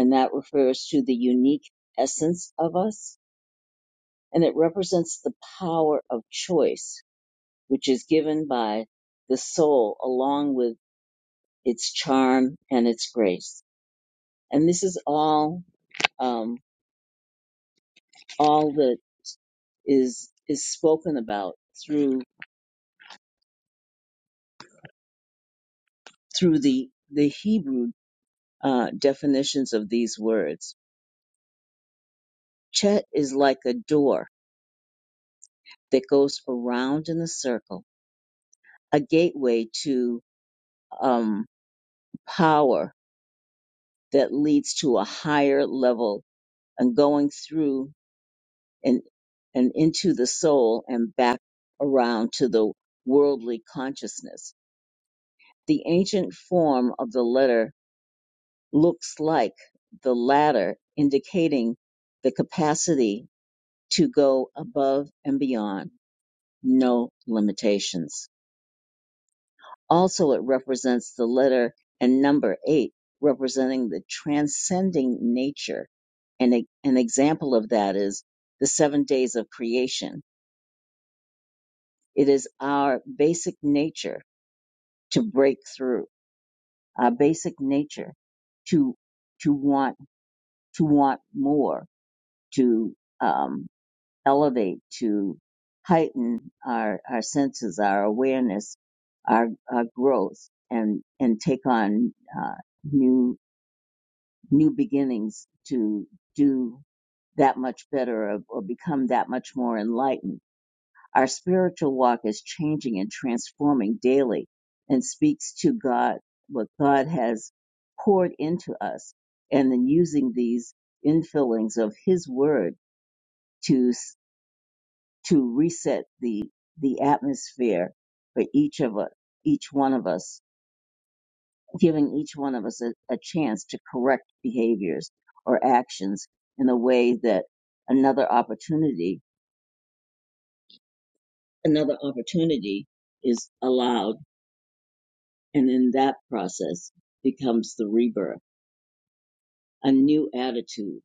Speaker 1: and that refers to the unique essence of us, and it represents the power of choice, which is given by the soul along with its charm and its grace. And this is all, um, all that is, is spoken about through through the the Hebrew uh, definitions of these words. Chet is like a door that goes around in a circle, a gateway to um, power that leads to a higher level and going through and and into the soul and back around to the worldly consciousness. The ancient form of the letter looks like the ladder, indicating the capacity to go above and beyond, no limitations. Also, it represents the letter and number eight, representing the transcending nature. And a, an example of that is the seven days of creation. It is our basic nature to break through, our basic nature to to want to want more, to um, elevate, to heighten our, our senses, our awareness, our, our growth, and, and take on uh, new, new beginnings to do that much better or, or become that much more enlightened. Our spiritual walk is changing and transforming daily and speaks to God, what God has poured into us, and then using these infillings of His Word to to reset the the atmosphere for each of us, each one of us, giving each one of us a, a chance to correct behaviors or actions in a way that another opportunity, another opportunity is allowed, and in that process becomes the rebirth, a new attitude.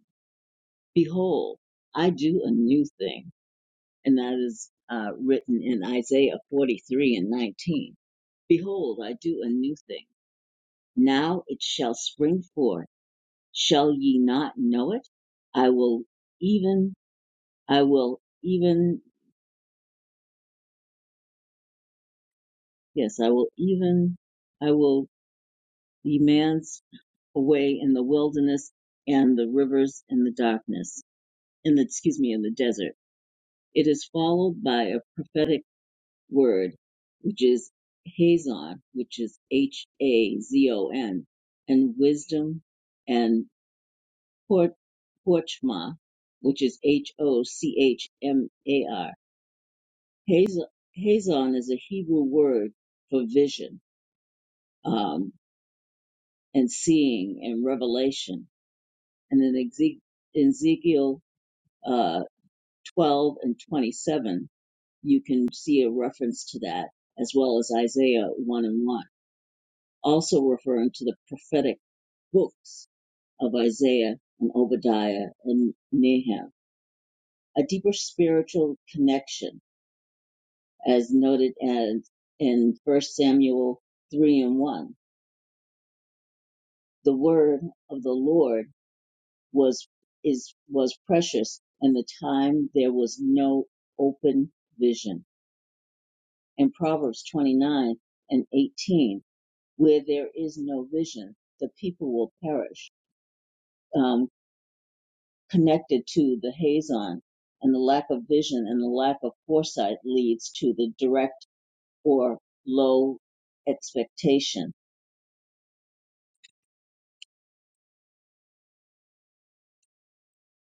Speaker 1: Behold, I do a new thing, and that is uh, written in Isaiah 43 and 19. Behold, I do a new thing Now it shall spring forth. Shall ye not know it? I will even, I will even, yes, I will even, I will be man's away in the wilderness and the rivers in the darkness, in the, excuse me, in the desert. It is followed by a prophetic word, which is Hazon, which is H-A-Z-O-N, and wisdom and. Por- Porchmar, which is H O C H M A R. Hazon Hazon is a Hebrew word for vision, um, and seeing and revelation. And in Eze- in Ezekiel uh, 12 and 27, you can see a reference to that, as well as Isaiah 1 and 1, also referring to the prophetic books of Isaiah and Obadiah and Nahum. A deeper spiritual connection as noted as in First Samuel 3 and 1. The word of the Lord was, is, was precious in the time there was no open vision. In Proverbs 29 and 18, where there is no vision, the people will perish, um, connected to the hazon and the lack of vision and the lack of foresight leads to the direct or low expectation.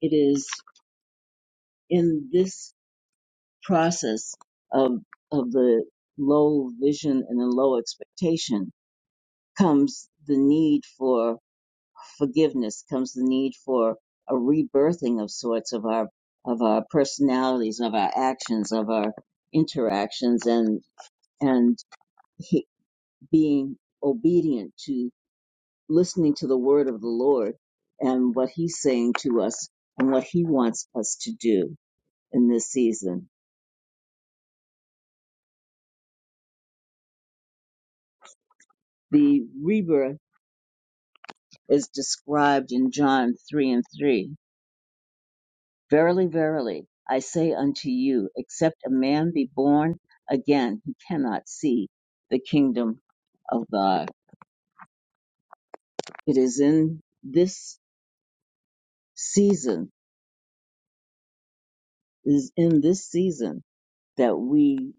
Speaker 1: It is in this process of of the low vision and the low expectation comes the need for forgiveness comes the need for a rebirthing of sorts of our of our personalities of our actions of our interactions and and he, being obedient to listening to the word of the lord and what he's saying to us and what he wants us to do in this season the rebirth is described in John 3 and 3. Verily, verily, I say unto you, except a man be born again, he cannot see the kingdom of God. It is in this season, it is in this season that we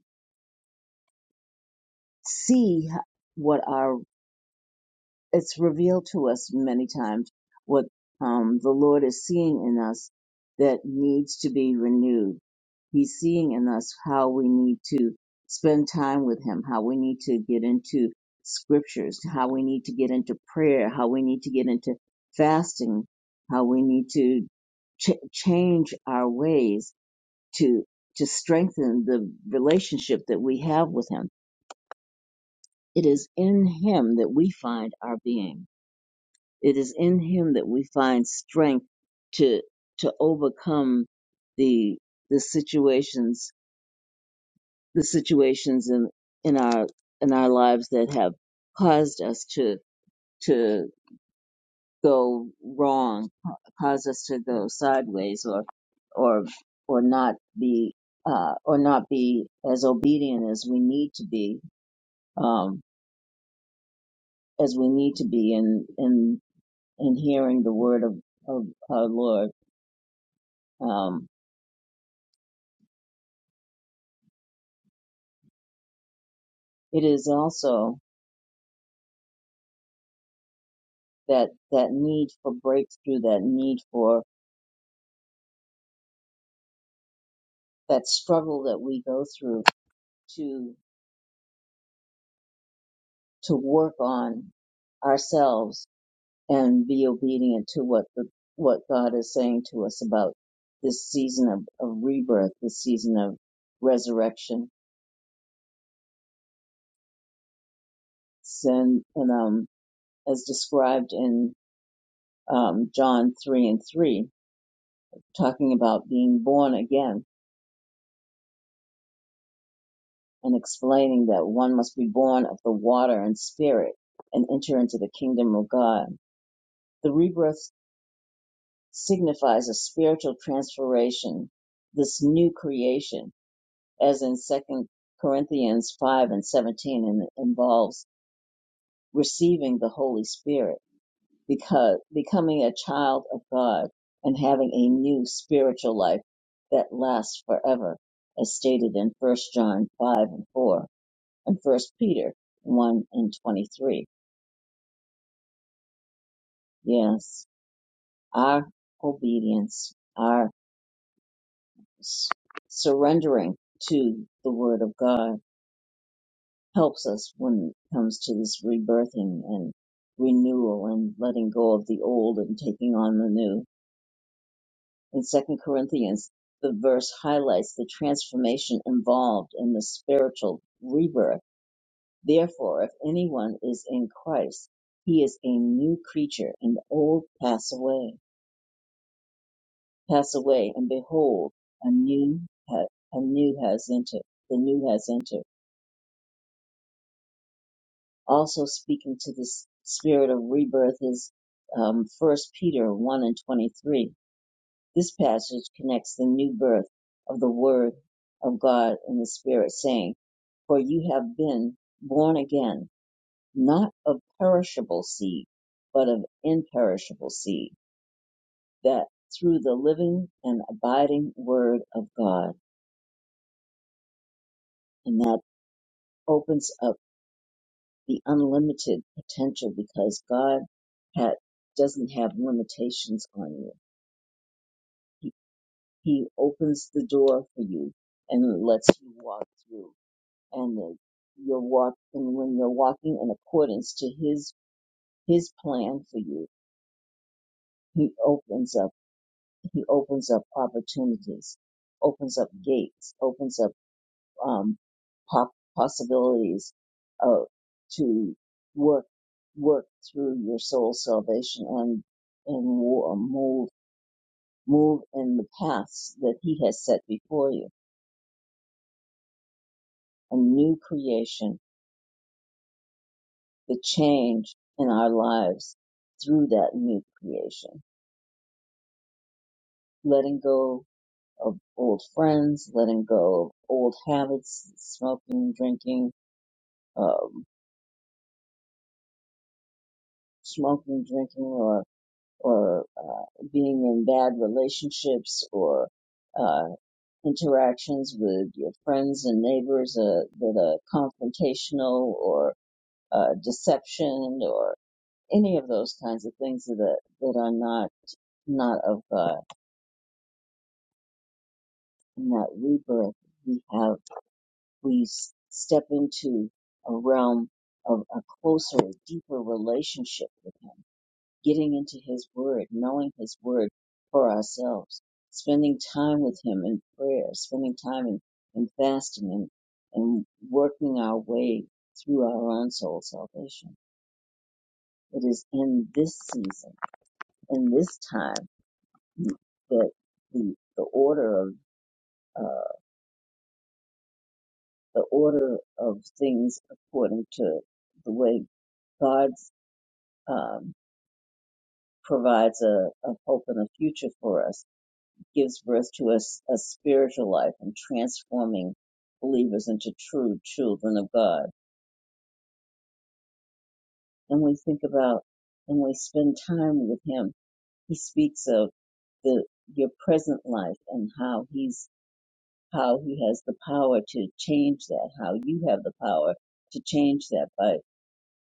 Speaker 1: see what our it's revealed to us many times what um, the Lord is seeing in us that needs to be renewed. He's seeing in us how we need to spend time with Him, how we need to get into scriptures, how we need to get into prayer, how we need to get into fasting, how we need to ch- change our ways to to strengthen the relationship that we have with Him. It is in Him that we find our being. It is in Him that we find strength to to overcome the the situations the situations in in our in our lives that have caused us to to go wrong, ca- caused us to go sideways, or or or not be uh, or not be as obedient as we need to be um, as we need to be in in in hearing the word of of our Lord. Um, it is also that that need for breakthrough that need for that struggle that we go through to to work on ourselves and be obedient to what the, what God is saying to us about this season of, of rebirth, this season of resurrection, sin, and um, as described in um, John three and three, talking about being born again and explaining that one must be born of the water and spirit and enter into the kingdom of God. The rebirth signifies a spiritual transformation, this new creation, as in Second Corinthians 5 and 17, and it involves receiving the Holy Spirit, because becoming a child of God and having a new spiritual life that lasts forever, as stated in First John 5 and 4. and First Peter 1 and 23. Yes, our obedience, our s- surrendering to the Word of God helps us when it comes to this rebirthing and renewal and letting go of the old and taking on the new. In Second Corinthians, the verse highlights the transformation involved in the spiritual rebirth. Therefore, if anyone is in Christ, he is a new creature and the old pass away pass away, and behold, a new ha- a new has entered. The new has entered. Also speaking to this spirit of rebirth is um, 1 Peter 1 and 23. This passage connects the new birth of the Word of God in the Spirit, saying, "For you have been born again, not of perishable seed, but of imperishable seed, that through the living and abiding Word of God." And that opens up the unlimited potential because God ha- doesn't have limitations on you. He, he opens the door for you and lets you walk through. And the, you'll walk, and when you're walking in accordance to His His plan for you, He opens up He opens up opportunities, opens up gates, opens up um, po- possibilities uh, to work work through your soul salvation and and wo- move move in the paths that He has set before you. A new creation, the change in our lives through that new creation, letting go of old friends, letting go of old habits, smoking, drinking, um, smoking, drinking, or or uh, being in bad relationships or uh, interactions with your friends and neighbors uh, that are confrontational or uh, deception or any of those kinds of things that are, that are not not of uh, not rebirth. We have we s- step into a realm of a closer, deeper relationship with Him getting into His Word, knowing His Word for ourselves, spending time with Him in prayer, spending time in, in fasting and, and working our way through our own soul salvation. It is in this season, in this time, that the, the order of, uh, the order of things according to the way God's, um, provides a, a hope and a future for us gives birth to a a spiritual life and transforming believers into true children of God. And we think about, and we spend time with Him. He speaks of the, your present life and how He's, how He has the power to change that, how you have the power to change that by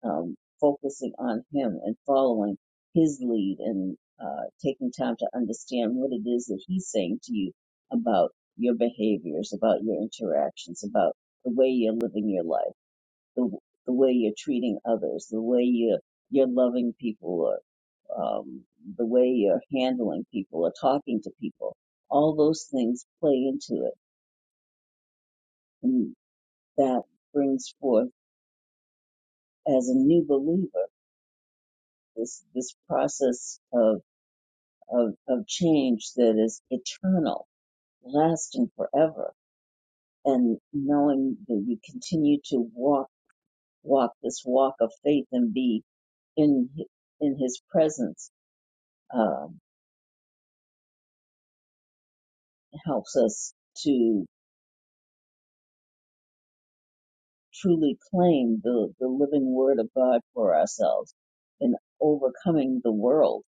Speaker 1: um, focusing on Him and following His lead and uh, taking time to understand what it is that He's saying to you about your behaviors, about your interactions, about the way you're living your life, the the way you're treating others, the way you're you're loving people, or um, the way you're handling people or talking to people. All those things play into it, and that brings forth as a new believer this this process of of, of change that is eternal, lasting forever, and knowing that you continue to walk walk this walk of faith and be in in His presence um, helps us to truly claim the the living Word of God for ourselves in overcoming the world,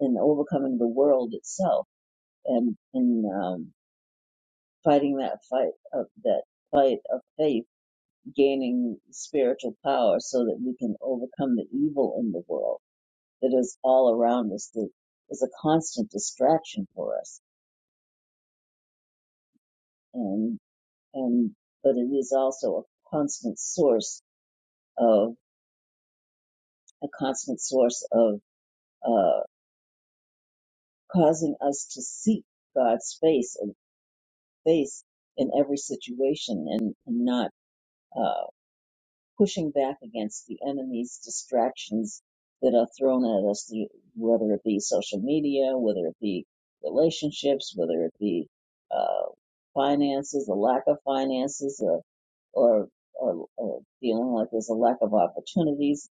Speaker 1: in overcoming the world itself, and in um, fighting that fight of that fight of faith gaining spiritual power so that we can overcome the evil in the world that is all around us that is a constant distraction for us and and but it is also a constant source of a constant source of uh, causing us to seek God's face and face in every situation and, and not uh, pushing back against the enemy's distractions that are thrown at us, through, whether it be social media, whether it be relationships, whether it be uh, finances, a lack of finances, or or, or, or feeling like there's a lack of opportunities,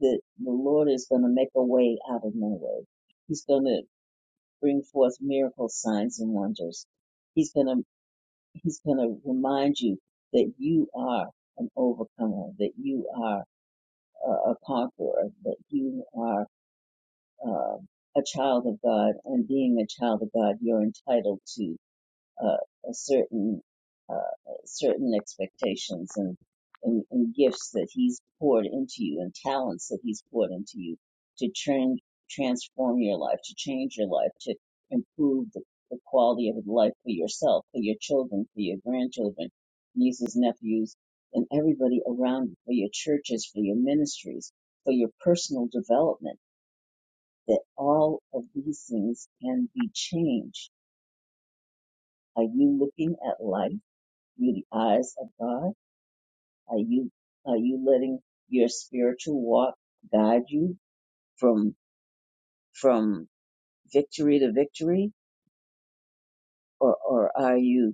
Speaker 1: that the Lord is going to make a way out of no way. He's going to bring forth miracle signs and wonders. He's going to He's going to remind you that you are an overcomer, that you are a, a conqueror, that you are um, a child of God, and being a child of God, you're entitled to uh, certain uh, certain expectations and, and and gifts that He's poured into you and talents that He's poured into you to turn transform your life, to change your life, to improve the, the quality of life for yourself, for your children, for your grandchildren, nieces, nephews, and everybody around you, for your churches, for your ministries, for your personal development. That all of these things can be changed. Are you looking at life? through the eyes of God? Are you are you letting your spiritual walk guide you from from victory to victory, or or are you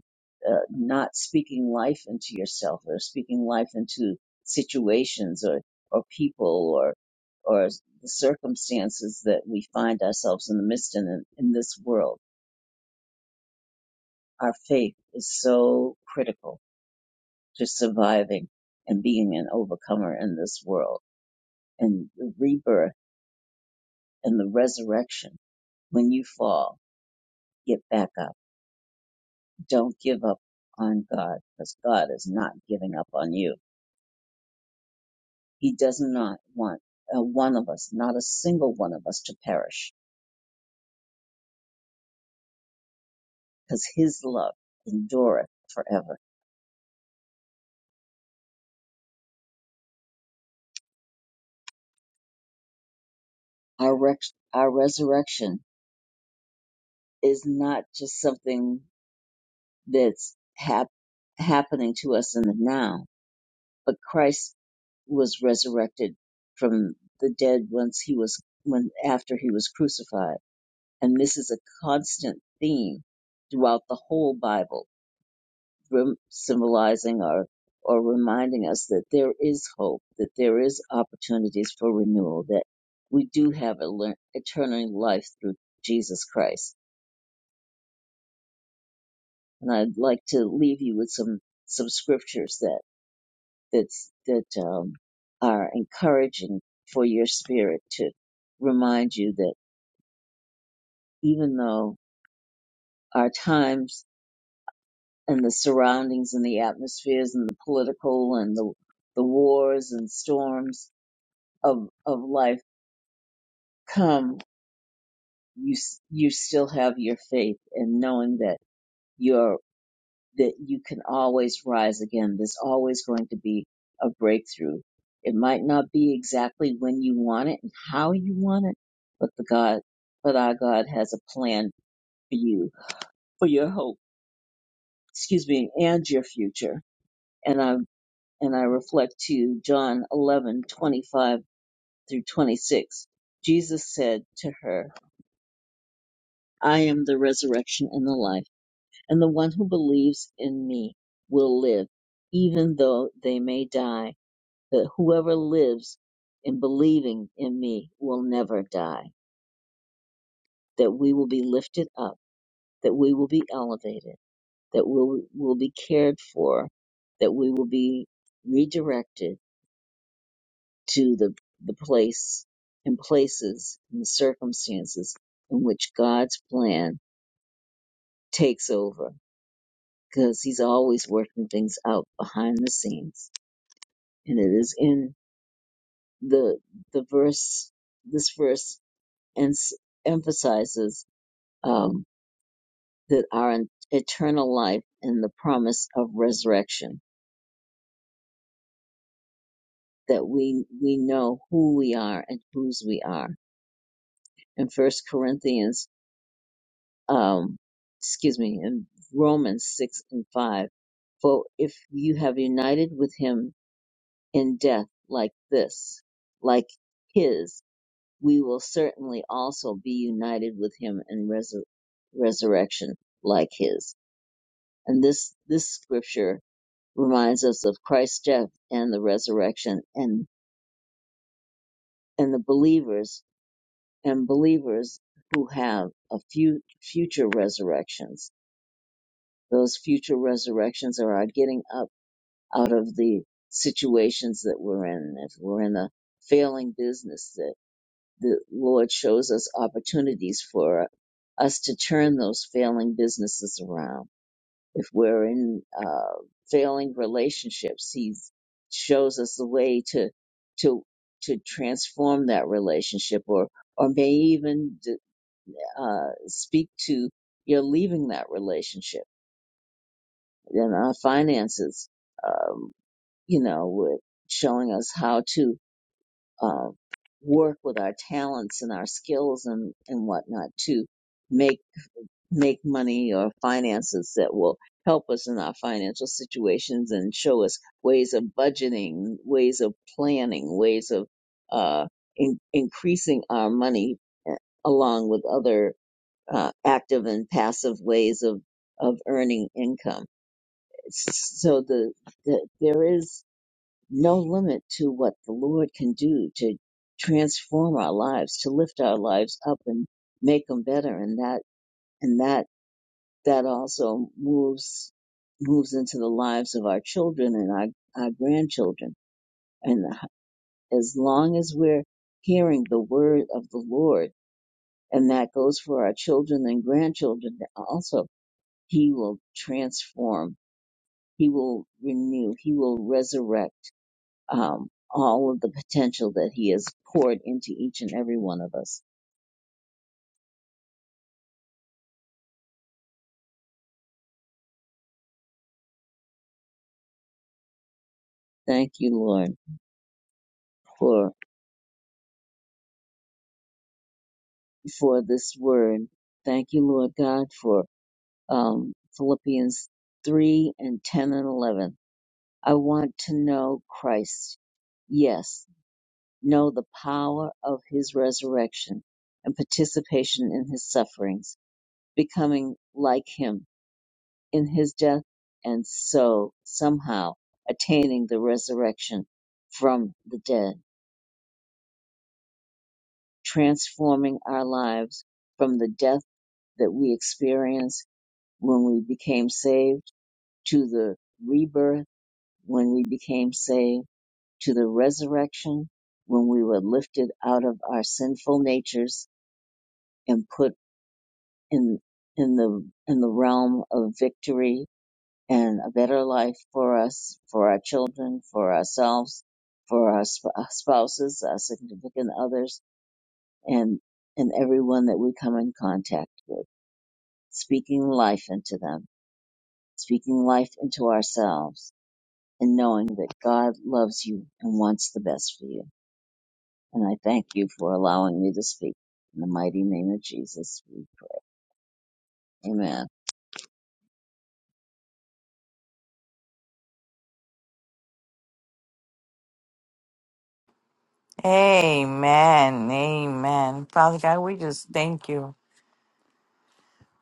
Speaker 1: uh, not speaking life into yourself, or speaking life into situations, or or people, or or the circumstances that we find ourselves in the midst in in this world? Our faith is so critical to surviving and being an overcomer in this world and the rebirth and the resurrection. When you fall, get back up. Don't give up on God because God is not giving up on you. He does not want uh, one of us, not a single one of us to perish because his love endureth forever. Our, rex our resurrection is not just something that's hap- happening to us in the now but Christ was resurrected from the dead once he was when after he was crucified and this is a constant theme throughout the whole bible rem- symbolizing or or reminding us that there is hope that there is opportunities for renewal that we do have a le- eternal life through jesus christ and i'd like to leave you with some some scriptures that. that's that um, are encouraging for your spirit to remind you that even though our times and the surroundings and the atmospheres and the political and the the wars and storms of of life come, you s- you still have your faith and knowing that you're that you can always rise again. There's always going to be a breakthrough. It might not be exactly when you want it and how you want it, but the God, but our God has a plan for you, for your hope, excuse me, and your future. And I, and I reflect to John 11:25 through 26. Jesus said to her, I am the resurrection and the life, and the one who believes in me will live, even though they may die that whoever lives in believing in me will never die, that we will be lifted up, that we will be elevated, that we will be cared for, that we will be redirected to the, the place and places and circumstances in which God's plan takes over because he's always working things out behind the scenes. And it is in the, the verse, this verse ens- emphasizes um, that our eternal life and the promise of resurrection, that we we know who we are and whose we are. In First Corinthians, um, excuse me, in Romans six and five, for if you have united with him in death like this, like his, we will certainly also be united with him in resur- resurrection like his. And this this scripture reminds us of Christ's death and the resurrection and and the believers and believers who have a few future resurrections. Those future resurrections are our getting up out of the situations that we're in. If we're in a failing business, that the Lord shows us opportunities for us to turn those failing businesses around If we're in uh, failing relationships, he shows us the way to to to transform that relationship, or or may even d- uh, speak to you're leaving that relationship. And our finances, um, you know, with showing us how to uh, work with our talents and our skills and and whatnot to make. make money or finances that will help us in our financial situations and show us ways of budgeting, ways of planning, ways of uh, in- increasing our money uh, along with other uh, active and passive ways of, of earning income. So the, the there is no limit to what the Lord can do to transform our lives, to lift our lives up and make them better. And that and that that also moves moves into the lives of our children and our, our grandchildren. And as long as we're hearing the word of the Lord, and that goes for our children and grandchildren also, He will transform, He will renew, He will resurrect um, all of the potential that He has poured into each and every one of us. Thank you, Lord, for for this word. Thank you, Lord God, for um, Philippians 3 and 10 and 11. I want to know Christ. Yes, know the power of his resurrection and participation in his sufferings, becoming like him in his death and so somehow attaining the resurrection from the dead, transforming our lives from the death that we experienced when we became saved to the rebirth when we became saved, to the resurrection, when we were lifted out of our sinful natures and put in, in the, in the realm of victory and a better life for us, for our children, for ourselves, for our sp- our spouses, our significant others, and, and everyone that we come in contact with, speaking life into them, speaking life into ourselves, and knowing that God loves you and wants the best for you. And I thank you for allowing me to speak. In the mighty name of Jesus, we pray. amen.
Speaker 2: Amen. Amen. Father God, we just thank you.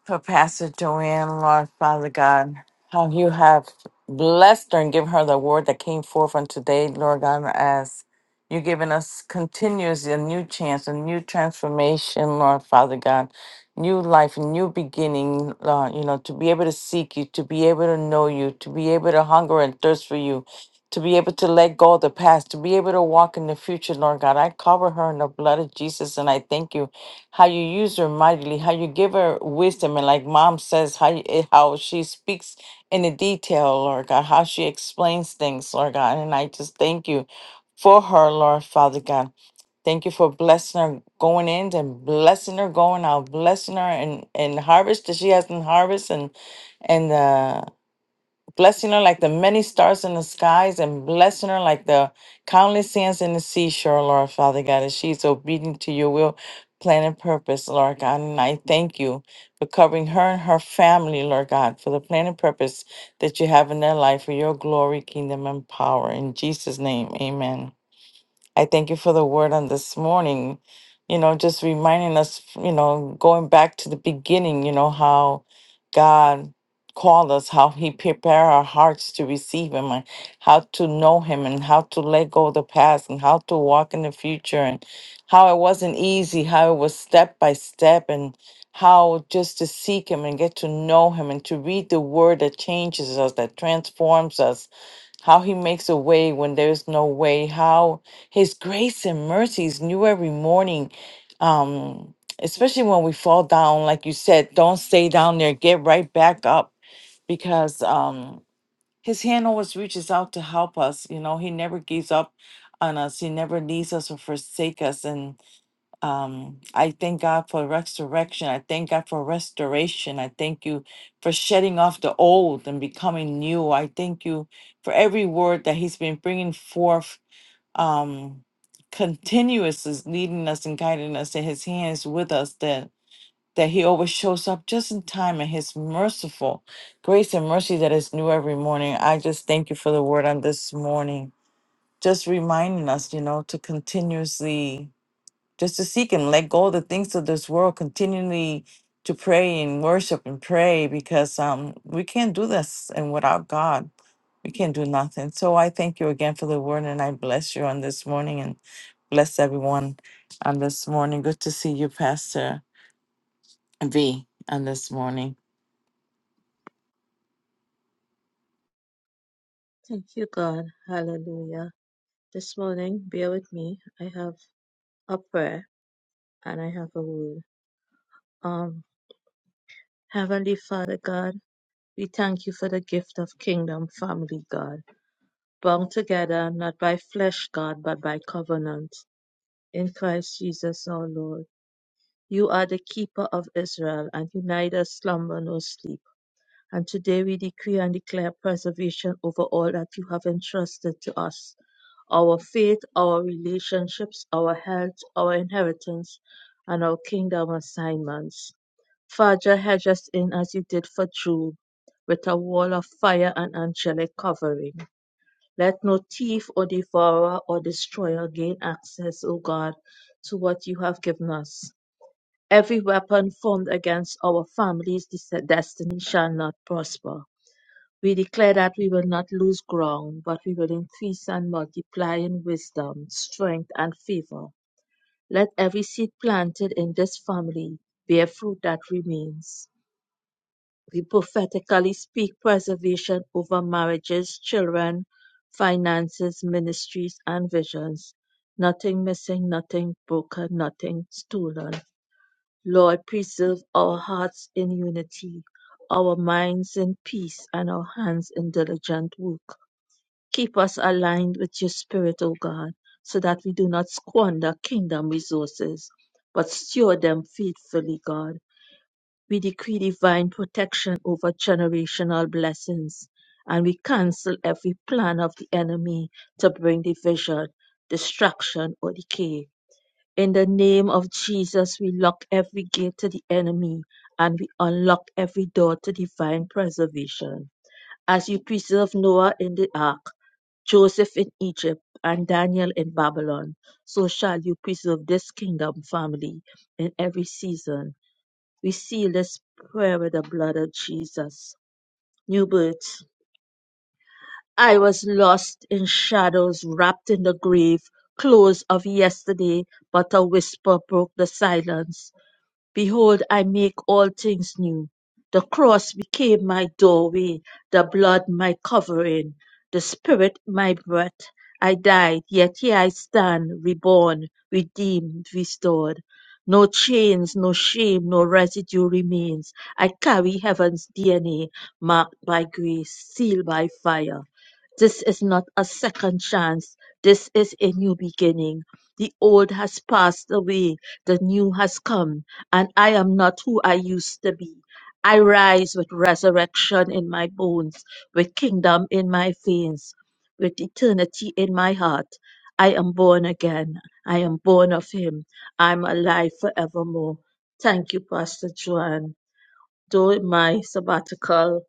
Speaker 2: for Pastor Joanne, Lord Father God, how you have blessed her and given her the word that came forth on today, Lord God, as you're giving us continuously a new chance, a new transformation, Lord Father God, new life, new beginning, Lord, you know, to be able to seek you, to be able to know you, to be able to hunger and thirst for you. To be able to let go of the past, to be able to walk in the future, Lord God. I cover her in the blood of Jesus and I thank you how you use her mightily, how you give her wisdom, and like mom says, how you, eh, how she speaks in the detail, Lord God, how she explains things, Lord God, and I just thank you for her, Lord Father God. Thank you for blessing her going in and blessing her going out, blessing her and and harvest that she hasn't harvest and and uh, blessing her like the many stars in the skies and blessing her like the countless sands in the seashore, Lord Father God, as she's obedient to your will, plan, and purpose, Lord God. And I thank you for covering her and her family, Lord God, for the plan and purpose that you have in their life for your glory, kingdom, and power. In Jesus' name, amen. I thank you for the word on this morning. You know, just reminding us, you know, going back to the beginning, you know, how God called us, how He prepared our hearts to receive Him, and how to know Him, and how to let go of the past, and how to walk in the future, and how it wasn't easy, how it was step by step, and how just to seek Him and get to know Him, and to read the Word that changes us, that transforms us how he makes a way when there's no way, how his grace and mercy is new every morning. Um, especially when we fall down, like you said, don't stay down there, get right back up because um his hand always reaches out to help us. You know, he never gives up on us, he never leaves us or forsake us. Um, I thank God for resurrection. I thank God for restoration. I thank you for shedding off the old and becoming new. I thank you for every word that He's been bringing forth. Um, continuous is leading us and guiding us in His hands with us. That that He always shows up just in time, and His merciful grace and mercy that is new every morning. I just thank you for the word on this morning. Just reminding us, you know, to continuously just to seek him let go of the things of this world continually to pray and worship and pray because um we can't do this and without god we can't do nothing so i thank you again for the word and i bless you on this morning and bless everyone on this morning good to see you pastor v on this morning
Speaker 4: Thank you, God. Hallelujah. This morning, bear with me. I have a prayer and I have a word. Um, Heavenly Father God, we thank you for the gift of kingdom family, God, bound together not by flesh, God, but by covenant in Christ Jesus our Lord. You are the keeper of Israel and you neither slumber nor sleep. And today we decree and declare preservation over all that you have entrusted to us our faith, our relationships, our health, our inheritance, and our kingdom assignments. Father, hedge us in as you did for Job, with a wall of fire and angelic covering. Let no thief or devourer or destroyer gain access, O God, to what you have given us. Every weapon formed against our family's des- destiny shall not prosper. We declare that we will not lose ground, but we will increase and multiply in wisdom, strength, and favor. Let every seed planted in this family bear fruit that remains. We prophetically speak preservation over marriages, children, finances, ministries, and visions. Nothing missing, nothing broken, nothing stolen. Lord, preserve our hearts in unity, our minds in peace, and our hands in diligent work. Keep us aligned with your spirit, O God, so that we do not squander kingdom resources, but steward them faithfully, God. We decree divine protection over generational blessings, and we cancel every plan of the enemy to bring division, destruction, or decay. In the name of Jesus, we lock every gate to the enemy and we unlock every door to divine preservation as you preserved Noah in the ark, Joseph in Egypt, and Daniel in Babylon, so shall you preserve this kingdom family in every season. We seal this prayer with the blood of Jesus. New birth. I was lost in shadows, wrapped in the grave, close of yesterday, but a whisper broke the silence. Behold, I make all things new. The cross became my doorway, the blood my covering, the spirit my breath. I died, yet here I stand, reborn, redeemed, restored. No chains, no shame, no residue remains. I carry heaven's DNA, marked by grace, sealed by fire. This is not a second chance. This is a new beginning. The old has passed away, the new has come and I am not who I used to be. I rise with resurrection in my bones, with kingdom in my veins, with eternity in my heart. I am born again. I am born of Him. I'm alive forevermore. Thank you, Pastor Joanne. Though my sabbatical,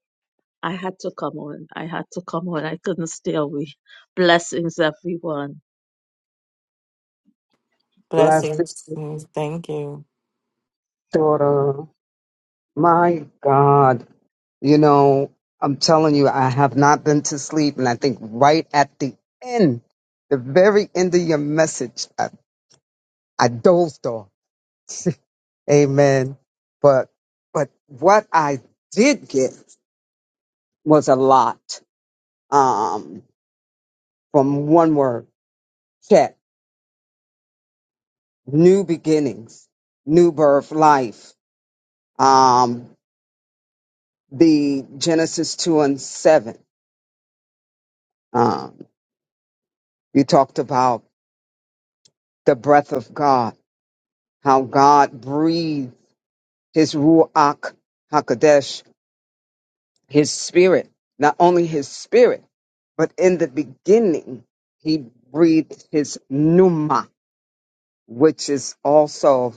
Speaker 4: I had to come on. I had to come on. I couldn't stay away. Blessings, everyone.
Speaker 3: Blessed
Speaker 2: blessings Mm, thank you
Speaker 3: daughter. My God. You know, I'm telling you, I have not been to sleep. And I think right at the end, the very end of your message, I, I dozed off. Amen. But but what I did get was a lot um, from one word check new beginnings new birth life um, the genesis 2 and 7 um, you talked about the breath of god how god breathed his ruach hakodesh his spirit not only his spirit but in the beginning he breathed his pneuma which is also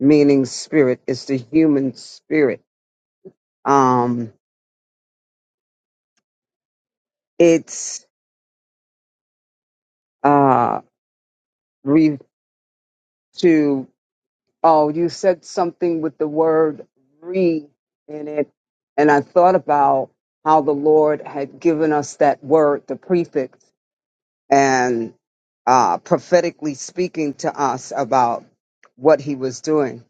Speaker 3: meaning spirit. It's the human spirit. Um, it's uh, re- to, oh, you said something with the word re in it. And I thought about how the Lord had given us that word, the prefix, and uh, prophetically speaking to us about what he was doing.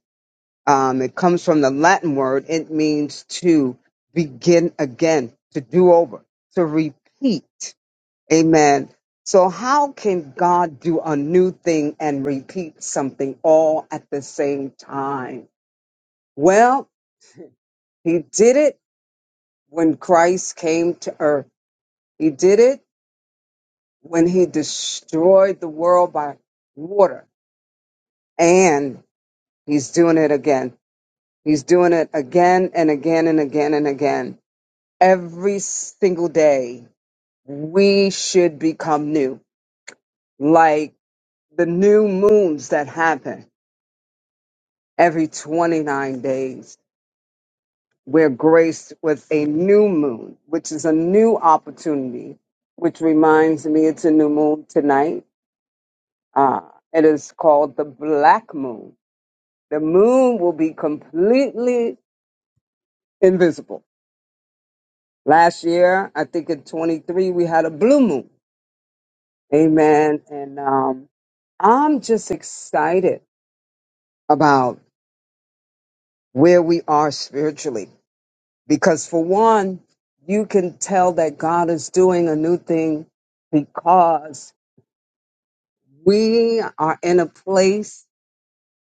Speaker 3: Um, it comes from the Latin word, it means to begin again, to do over, to repeat. Amen. So, how can God do a new thing and repeat something all at the same time? Well, He did it when Christ came to earth, He did it when He destroyed the world by water, and He's doing it again. He's doing it again and again and again and again. Every single day, we should become new, like the new moons that happen every 29 days. We're graced with a new moon, which is a new opportunity, which reminds me it's a new moon tonight. Uh, it is called the black moon. The moon will be completely invisible. Last year, I think in 23, we had a blue moon. Amen. And um, I'm just excited about where we are spiritually. Because for one, you can tell that God is doing a new thing because we are in a place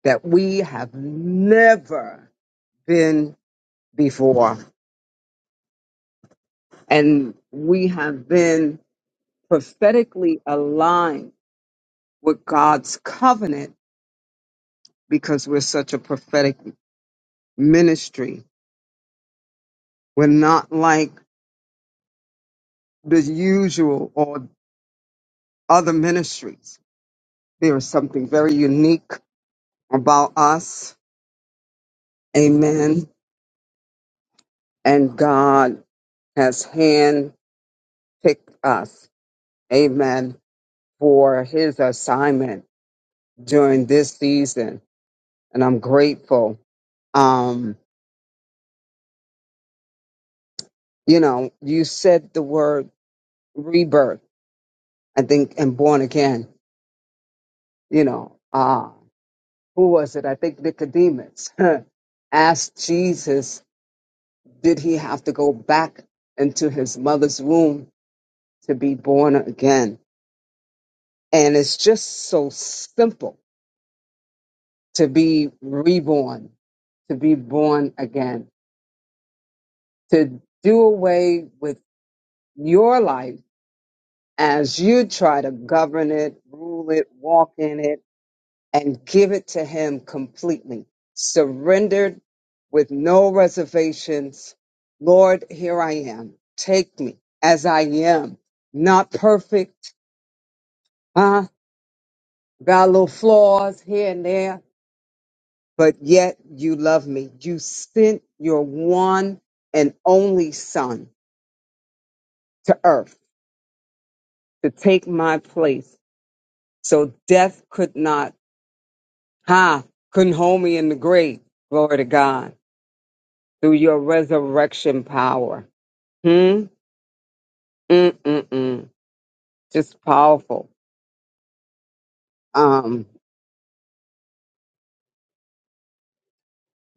Speaker 3: that we have never been before. And we have been prophetically aligned with God's covenant because we're such a prophetic ministry. We're not like the usual or other ministries. There is something very unique about us Amen. And God has handpicked us. Amen. For his assignment during this season. And I'm grateful. Um, you know, you said the word rebirth, I think, and born again. You know, uh, who was it? I think Nicodemus asked Jesus, did he have to go back into his mother's womb to be born again? And it's just so simple to be reborn, to be born again, to do away with your life as you try to govern it, rule it, walk in it, and give it to Him completely, surrendered with no reservations. Lord, here I am. Take me as I am, not perfect, huh? Got little flaws here and there but yet you love me. You sent your one and only son to earth to take my place. So death could not, ha, couldn't hold me in the grave. Glory to God. Through your resurrection power. Hmm? Mm-mm-mm. Just powerful. Um,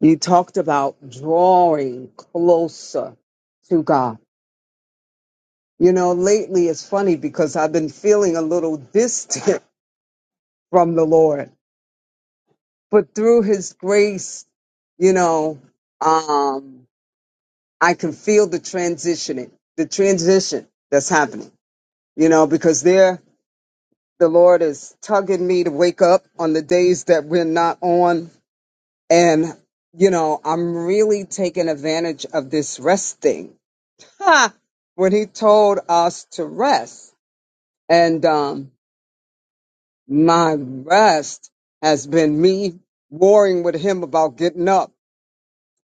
Speaker 3: you talked about drawing closer to God. You know, lately it's funny because I've been feeling a little distant from the Lord but through his grace, you know, um, I can feel the transitioning, the transition that's happening, you know, because there the Lord is tugging me to wake up on the days that we're not on. And, you know, I'm really taking advantage of this rest thing. Ha! When he told us to rest and, um, my rest has been me warring with him about getting up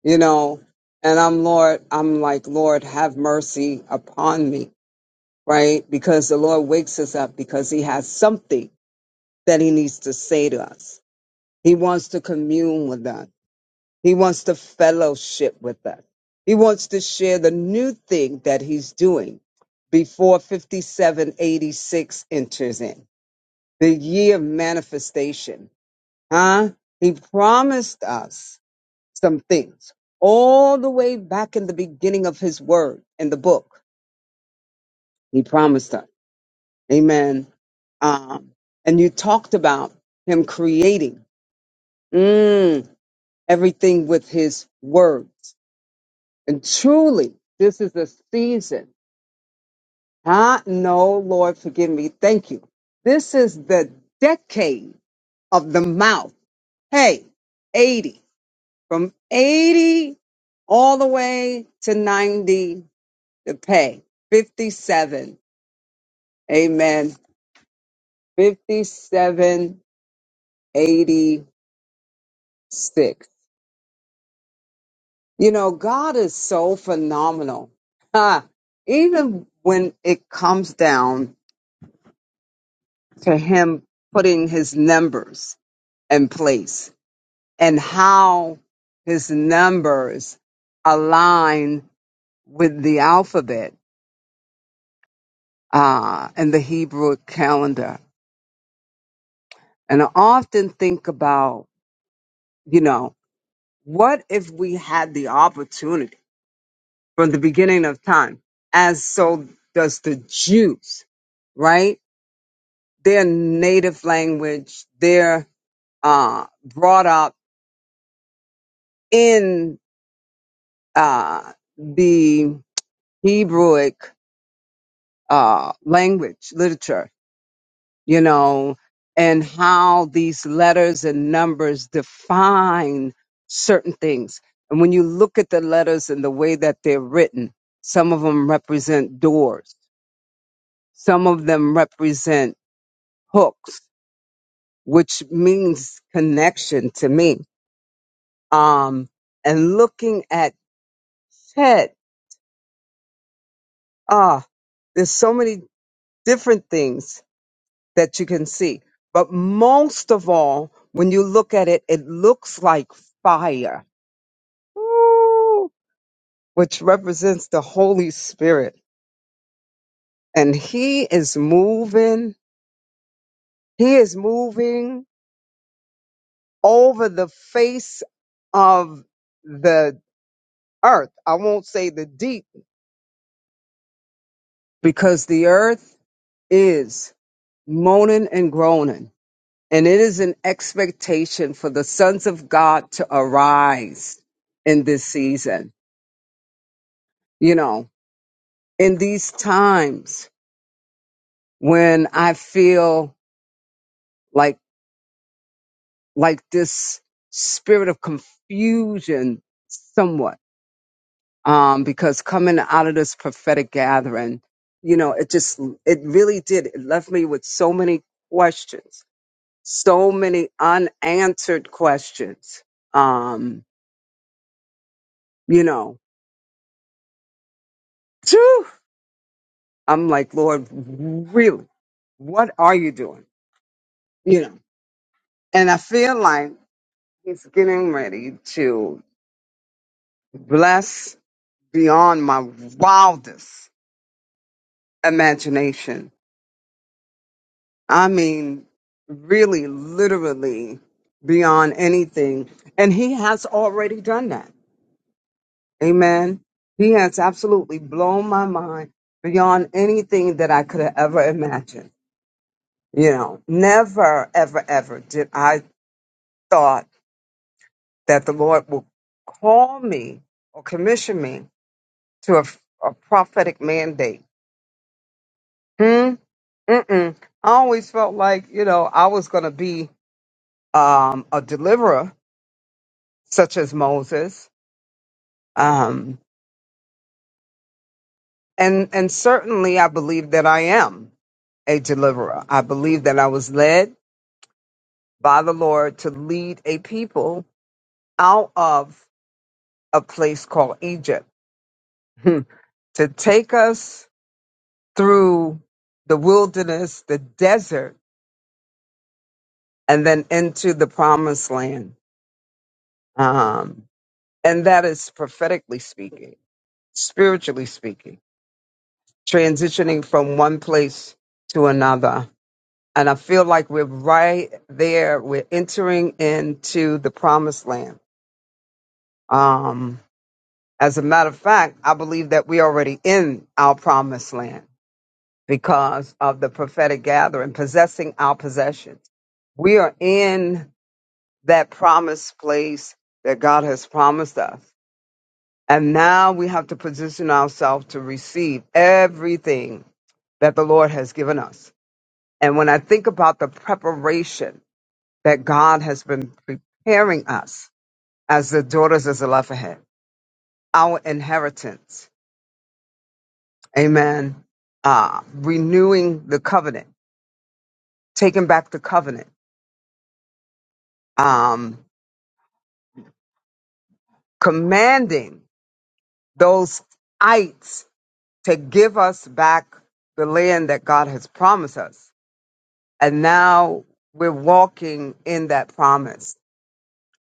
Speaker 3: you know and i'm lord i'm like lord have mercy upon me right because the lord wakes us up because he has something that he needs to say to us he wants to commune with us he wants to fellowship with us he wants to share the new thing that he's doing before 5786 enters in the year of manifestation huh he promised us some things all the way back in the beginning of his word in the book. He promised us. Amen. Um, and you talked about him creating mm, everything with his words. And truly, this is the season. Huh? No, Lord, forgive me. Thank you. This is the decade of the mouth. Hey, 80, from 80 all the way to 90 the pay 57 amen 5786 you know god is so phenomenal Ha! even when it comes down to him putting his numbers in place and how his numbers align with the alphabet uh, and the hebrew calendar and i often think about you know What if we had the opportunity from the beginning of time, as so does the Jews, right? Their native language, they're uh, brought up in uh, the Hebrewic uh, language literature you know, and how these letters and numbers define certain things. And when you look at the letters and the way that they're written, some of them represent doors, some of them represent hooks, which means connection to me. Um, and looking at Ted, ah, there's so many different things that you can see. But most of all, when you look at it, it looks like fire Woo! which represents the Holy Spirit. And he is moving, he is moving over the face of the earth. I won't say the deep because the earth is moaning and groaning. And it is an expectation for the sons of God to arise in this season. You know, in these times when I feel like like this spirit of confusion somewhat um because coming out of this prophetic gathering you know it just it really did it left me with so many questions so many unanswered questions um you know phew, i'm like lord really what are you doing you know and i feel like he's getting ready to bless beyond my wildest imagination. I mean, really, literally beyond anything. And he has already done that. Amen. He has absolutely blown my mind beyond anything that I could have ever imagined. You know, never, ever, ever did I thought that the Lord would call me or commission me to a, a prophetic mandate. Hmm? Mm-mm. I always felt like, you know, I was going to be um, a deliverer such as Moses. Um, and, and certainly I believe that I am a deliverer. I believe that I was led by the Lord to lead a people out of a place called Egypt, to take us through the wilderness, the desert, and then into the promised land. Um, and that is prophetically speaking, spiritually speaking, transitioning from one place to another And I feel like we're right there. We're entering into the promised land. Um, as a matter of fact, I believe that we're already in our promised land because of the prophetic gathering, possessing our possessions. We are in that promised place that God has promised us. And now we have to position ourselves to receive everything that the Lord has given us. And when I think about the preparation that God has been preparing us as the daughters of Zelophehad, our inheritance. Amen. Uh, renewing the covenant, taking back the covenant, um, commanding those ites to give us back the land that God has promised us. And now we're walking in that promise.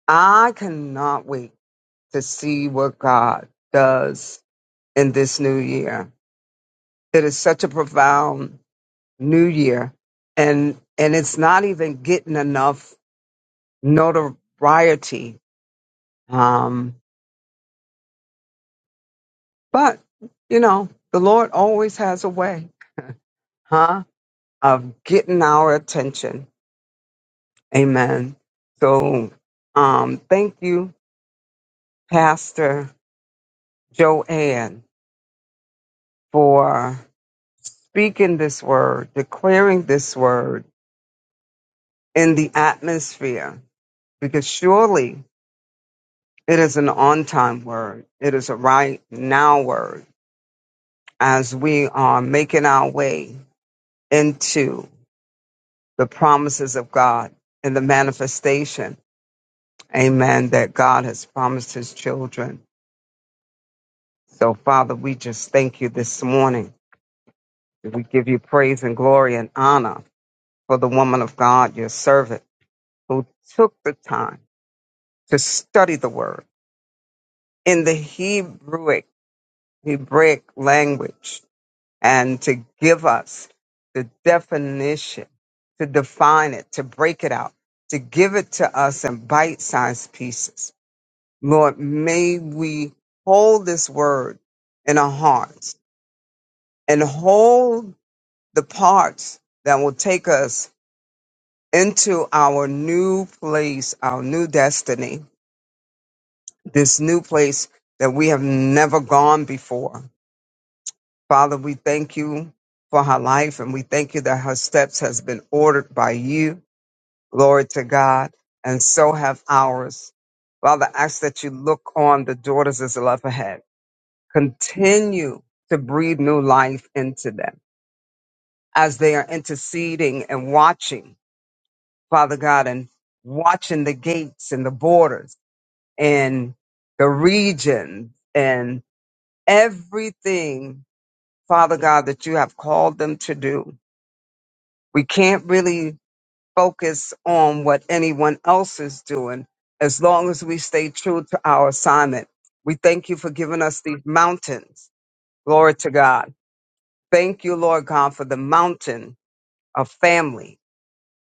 Speaker 3: I cannot wait to see what God does in this new year. It is such a profound new year, and and it's not even getting enough notoriety. Um, but you know, the Lord always has a way, huh, of getting our attention. Amen. So, um, thank you, Pastor Joanne, for speaking this word, declaring this word in the atmosphere, because surely It is an on time word. It is a right now word as we are making our way into the promises of God and the manifestation. Amen. That God has promised his children. So, Father, we just thank you this morning. We give you praise and glory and honor for the woman of God, your servant, who took the time to study the word in the Hebrewic, Hebraic language and to give us the definition, to define it, to break it out, to give it to us in bite sized pieces. Lord, may we hold this word in our hearts and hold the parts that will take us into our new place, our new destiny, this new place that we have never gone before Father, we thank you for her life and we thank you that her steps has been ordered by you. Glory to God. And so have ours. Father, ask that you look on the daughters as love ahead. Continue to breathe new life into them as they are interceding and watching, Father God, and watching the gates and the borders and the region and everything, Father God, that you have called them to do. We can't really focus on what anyone else is doing as long as we stay true to our assignment. We thank you for giving us these mountains. Glory to God. Thank you, Lord God, for the mountain of family.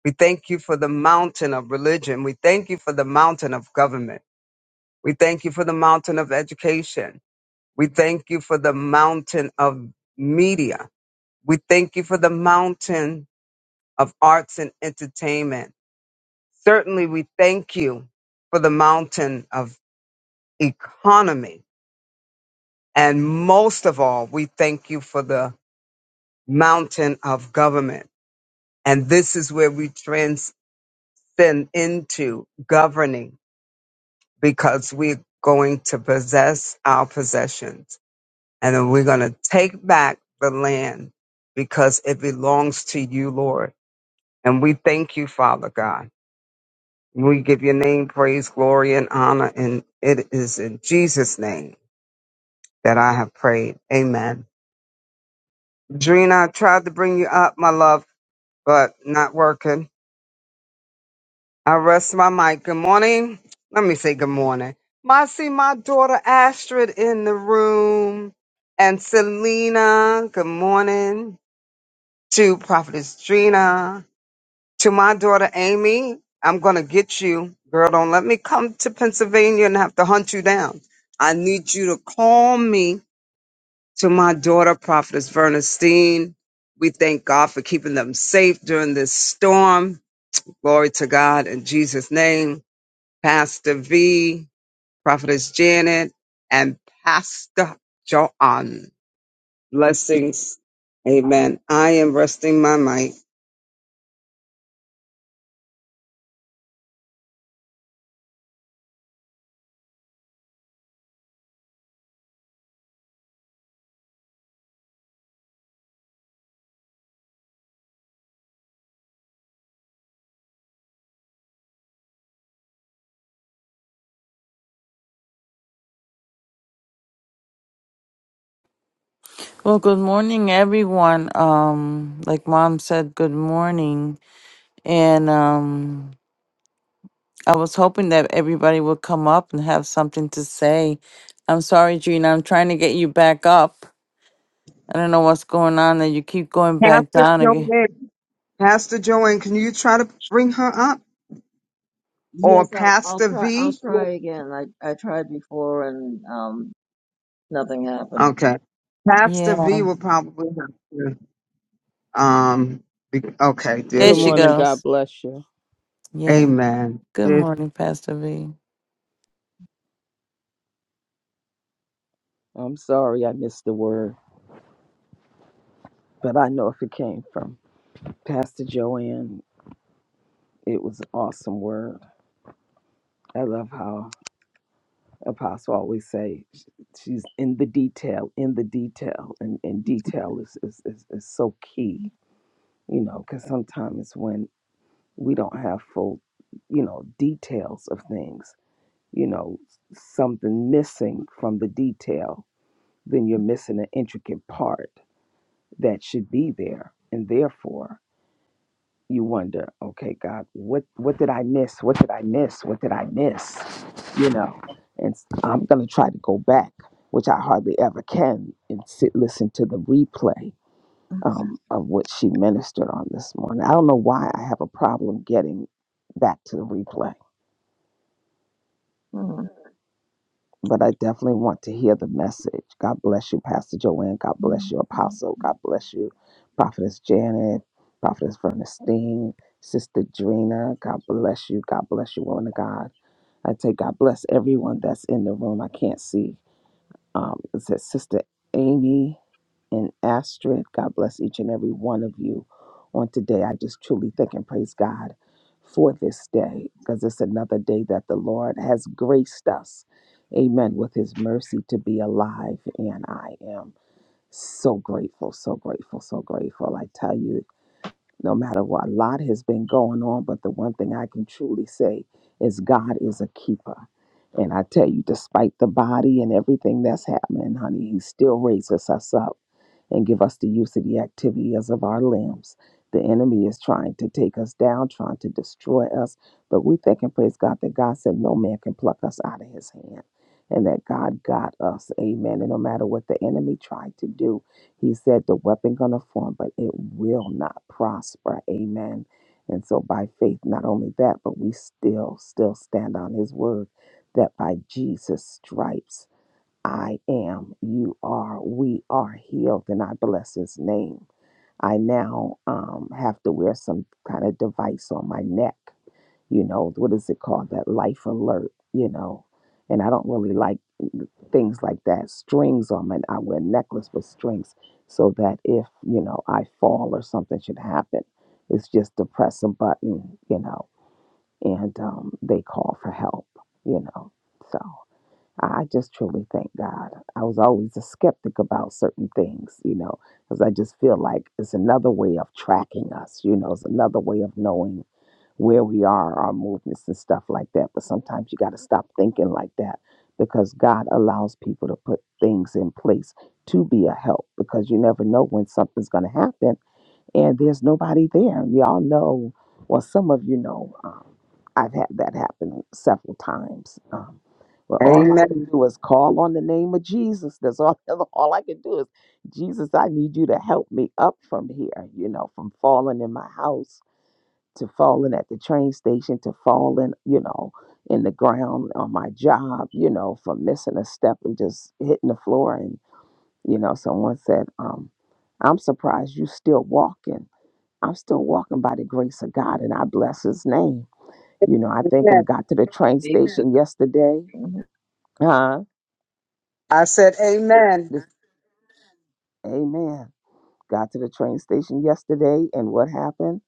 Speaker 3: We thank you for the mountain of religion. We thank you for the mountain of government. We thank you for the mountain of education. We thank you for the mountain of media. We thank you for the mountain of arts and entertainment. Certainly, we thank you for the mountain of economy. And most of all, we thank you for the mountain of government. And this is where we transcend into governing because we're going to possess our possessions. And then we're going to take back the land because it belongs to you, Lord. And we thank you, Father God. We give your name praise, glory, and honor. And it is in Jesus' name. that I have prayed. Amen. Drina, I tried to bring you up, my love, but not working. I rest my mic. Good morning. Let me say good morning. My see my daughter Astrid in the room. And Selena, good morning. To Prophetess Drina. To my daughter Amy, I'm gonna get you. Girl, don't let me come to Pennsylvania and have to hunt you down. I need you to call me To my daughter, Prophetess Verna Steen, we thank God for keeping them safe during this storm. Glory to God in Jesus' name. Pastor V, Prophetess Janet, and Pastor Joanne. Blessings. Amen. I am resting my mic.
Speaker 2: well good morning everyone um like mom said good morning and um I was hoping that everybody would come up and have something to say. I'm sorry, Gina. I'm trying to get you back up. I don't know what's going on that you keep going back
Speaker 3: Pastor
Speaker 2: down again.
Speaker 3: Joanne. Pastor Joanne, can you try to bring her up? Or
Speaker 1: Yes, I'll, I'll
Speaker 3: Pastor
Speaker 1: try. I'll
Speaker 3: V?
Speaker 1: try again. I, I tried before and um, nothing happened.
Speaker 3: Okay. Pastor V
Speaker 2: Yeah.
Speaker 3: will probably have to. Um, be- okay, there
Speaker 2: There
Speaker 5: Good
Speaker 1: It-
Speaker 3: she
Speaker 2: she
Speaker 3: is.
Speaker 5: morning. God
Speaker 2: goes.
Speaker 5: bless you.
Speaker 2: Yeah.
Speaker 3: Amen.
Speaker 2: Good
Speaker 3: Yes.
Speaker 2: morning, Pastor V.
Speaker 5: I'm sorry I missed the word, but I know if it came from Pastor Joanne, it was an awesome word. I love how Apostle always say sh- she's in the detail, in the detail, and, and detail is, is, is, is so key, you know, because sometimes when we don't have full, you know, details of things, you know, something missing from the detail, then you're missing an intricate part that should be there. And therefore, you wonder, okay, God, what what did I miss? What did I miss? What did I miss? You know, and s- I'm gonna try to go back, which I hardly ever can, and sit listen to the replay um, of what she ministered on this morning. I don't know why I have a problem getting back to the replay but I definitely want to hear the message. God bless you, Pastor Joanne. God bless you,
Speaker 1: Mhm.
Speaker 5: Apostle. God bless you, Prophetess Janet, Prophetess Bernstein, Sister Drina. God bless you. God bless you, woman of God. I say God bless everyone that's in the room. I can't see. Um, it says, Sister Amy and Astrid, God bless each and every one of you on today. I just truly thank and praise God for this day because it's another day that the Lord has graced us. Amen. With his mercy to be alive. And I am so grateful, so grateful, so grateful. I tell you, no matter what, a lot has been going on, but the one thing I can truly say is God is a keeper. And I tell you, despite the body and everything that's happening, honey, he still raises us up and give us the use of the activities of our limbs. The enemy is trying to take us down, trying to destroy us, but we thank and praise God that God said no man can pluck us out of his hand and that God got us. Amen. And no matter what the enemy tried to do, he said the weapon gonna form, but it will not prosper. Amen. And so by faith, not only that, but we still, still stand on his word that by Jesus' stripes I am, you are, we are healed, and I bless his name. I now um, have to wear some kind of device on my neck, you know, what is it called? That life alert, you know. And I don't really like things like that. Strings on my, I wear necklace with strings so that if, you know, I fall or something should happen, it's just to press a button, you know, and um, they call for help, you know. So. I I just truly thank God. I was always a skeptic about certain things, you know, because I just feel like it's another way of tracking us, you know, it's another way of knowing where we are, our movements and stuff like that. But sometimes you got to stop thinking like that because God allows people to put things in place to be a help because you never know when something's going to happen and there's nobody there. Y'all know, well, some of you know, um, I've had that happen several times. Um, where all I can
Speaker 3: Amen.
Speaker 5: do is call on the name of Jesus. That's all. All I can do is, Jesus, I need you to help me up from here. You know, from falling in my house to falling at the train station to falling, you know, in the ground on my job. You know, from missing a step and just hitting the floor. And you know, someone said, um, "I'm surprised you still walking." I'm still walking by the grace of God and I bless his name. You know, I think
Speaker 3: Amen.
Speaker 5: I'm got to the train
Speaker 1: It took-
Speaker 5: station yesterday.
Speaker 1: Mhm.
Speaker 5: Huh?
Speaker 3: I said amen.
Speaker 5: This, amen. Got to the train station yesterday and what happened?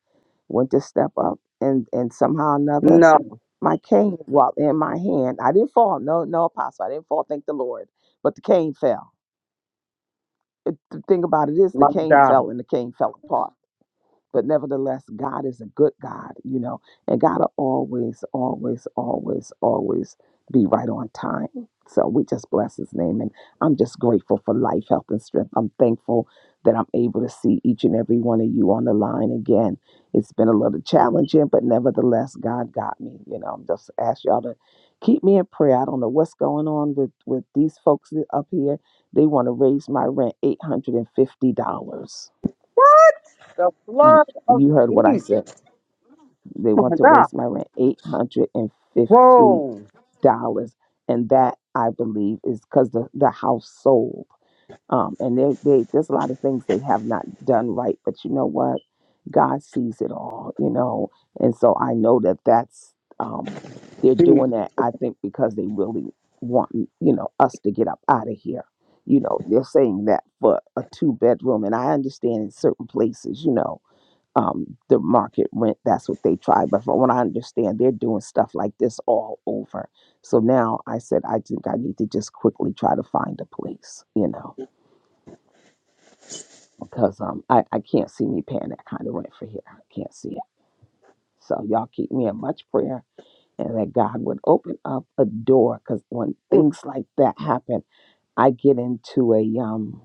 Speaker 5: Went to step up and and somehow or another
Speaker 3: No,
Speaker 5: my cane walked in my hand. I didn't fall. No, no apostle. I didn't fall, thank the Lord. But the cane fell. It, the thing about it is the
Speaker 3: my
Speaker 5: cane
Speaker 3: God.
Speaker 5: fell and the cane fell apart. But nevertheless, God is a good God, you know, and God will always, always, always, always be right on time. So we just bless his name. And I'm just grateful for life, health, and strength. I'm thankful that I'm able to see each and every one of you on the line again. It's been a little challenging, but nevertheless, God got me. You know, I'm just ask y'all to keep me in prayer. I don't know what's going on with with these folks up here. They want to raise my rent $850.
Speaker 3: What? The
Speaker 5: And
Speaker 3: blood of
Speaker 5: you heard what I said.
Speaker 3: Jesus.
Speaker 5: They
Speaker 3: Oh, My
Speaker 5: want to
Speaker 3: God.
Speaker 5: raise my rent eight hundred and fifty
Speaker 3: Whoa.
Speaker 5: dollars, and that I believe is because the the house sold. Um, and they, they there's a lot of things they have not done right, but you know what? God sees it all, you know, and so I know that that's um, they're
Speaker 3: Mm,
Speaker 5: doing that. I think because they really want you know us to get up out of here. You know, they're saying that for a two bedroom, and I understand in certain places, you know, um, the market rent. That's what they try. But from what I understand, they're doing stuff like this all over. So now I said, I think I need to just quickly try to find a place, you know, because um, I, I can't see me paying that kind of rent for here. I can't see it. So y'all keep me in much prayer and that God would open up a door because when
Speaker 3: mm,
Speaker 5: things like that happen, I get into a, um,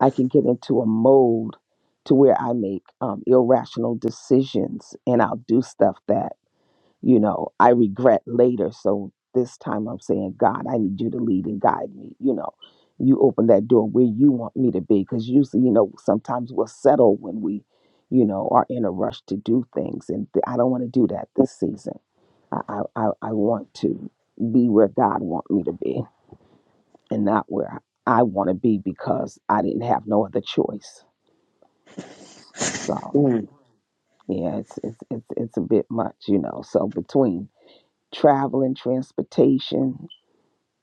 Speaker 5: I can get into a mode to where I make um, irrational decisions and I'll do stuff that you know, I regret later. So this time I'm saying, God, I need you to lead and guide me. You know, you open that door where you want me to be. Because usually, you know, sometimes we'll settle when we, you know, are in a rush to do things. And th- I don't want to do that
Speaker 3: mm,
Speaker 5: this season. I, I, I I want to be where God want me to be and not where I want to be because I didn't have no other choice. So
Speaker 3: mm.
Speaker 5: yeah, it's, it's, it's, it's a bit much, you know. So between travel and transportation.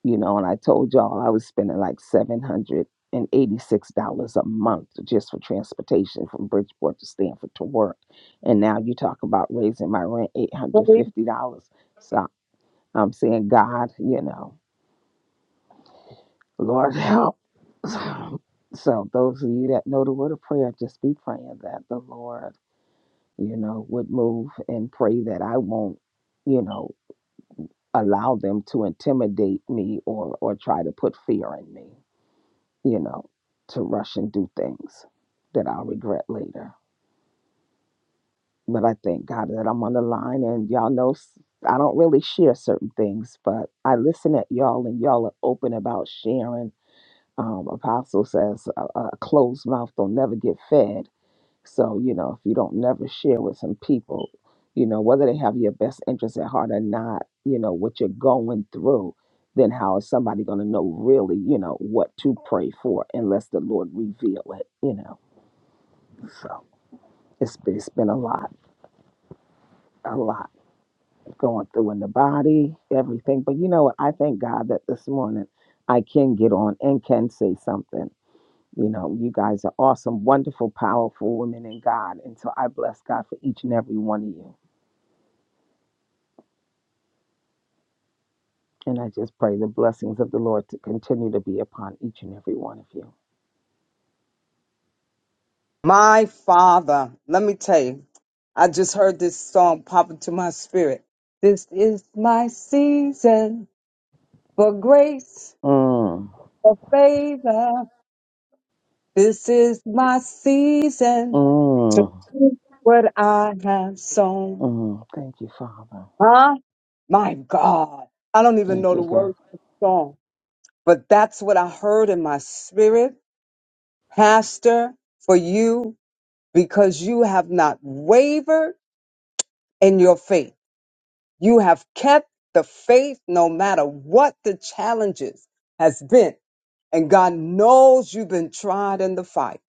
Speaker 5: you know, and I told y'all I was spending like seven hundred and eighty-six dollars a month just for transportation from Bridgeport to Stanford to work, and now you talk about raising my rent eight hundred fifty dollars. So I'm saying, God, you know, Lord help. So those of you that know the word of prayer, just be praying that the Lord, you know, would move and pray that I won't, you know, allow them to intimidate me or or try to put fear in me you know, to rush and do things that I'll regret later. But I thank God that I'm on the line, and y'all know s- I don't really share certain things, but I listen at y'all, and y'all are open about sharing. Um, Apostle says, a, a closed mouth don't never get fed. So, you know, if you don't never share with some people, you know, whether they have your best interest at heart or not, you know, what you're going through, then how is somebody going to know really, you know, what to pray for unless the Lord reveal it, you know? So it's, it's been a lot, a lot going through in the body, everything. But you know what? I thank God that this morning I can get on and can say something. You know, you guys are awesome, wonderful, powerful women in God. And so I bless God for each and every one of you. And I just pray the blessings of the Lord to continue to be upon each and every one of you.
Speaker 3: My Father. Let me tell you, I just heard this song pop into my spirit. This is my season for grace,
Speaker 5: Mm,
Speaker 3: for favor. This is my season to
Speaker 5: mm,
Speaker 3: reap what I have sown.
Speaker 5: mm. Thank you, Father.
Speaker 3: Huh? My God. I don't even
Speaker 5: Thank
Speaker 3: know the
Speaker 5: you, God.
Speaker 3: words to the song, but that's what I heard in my spirit, Pastor, for you, because you have not wavered in your faith. You have kept the faith no matter what the challenges has been. And God knows you've been tried in the fight.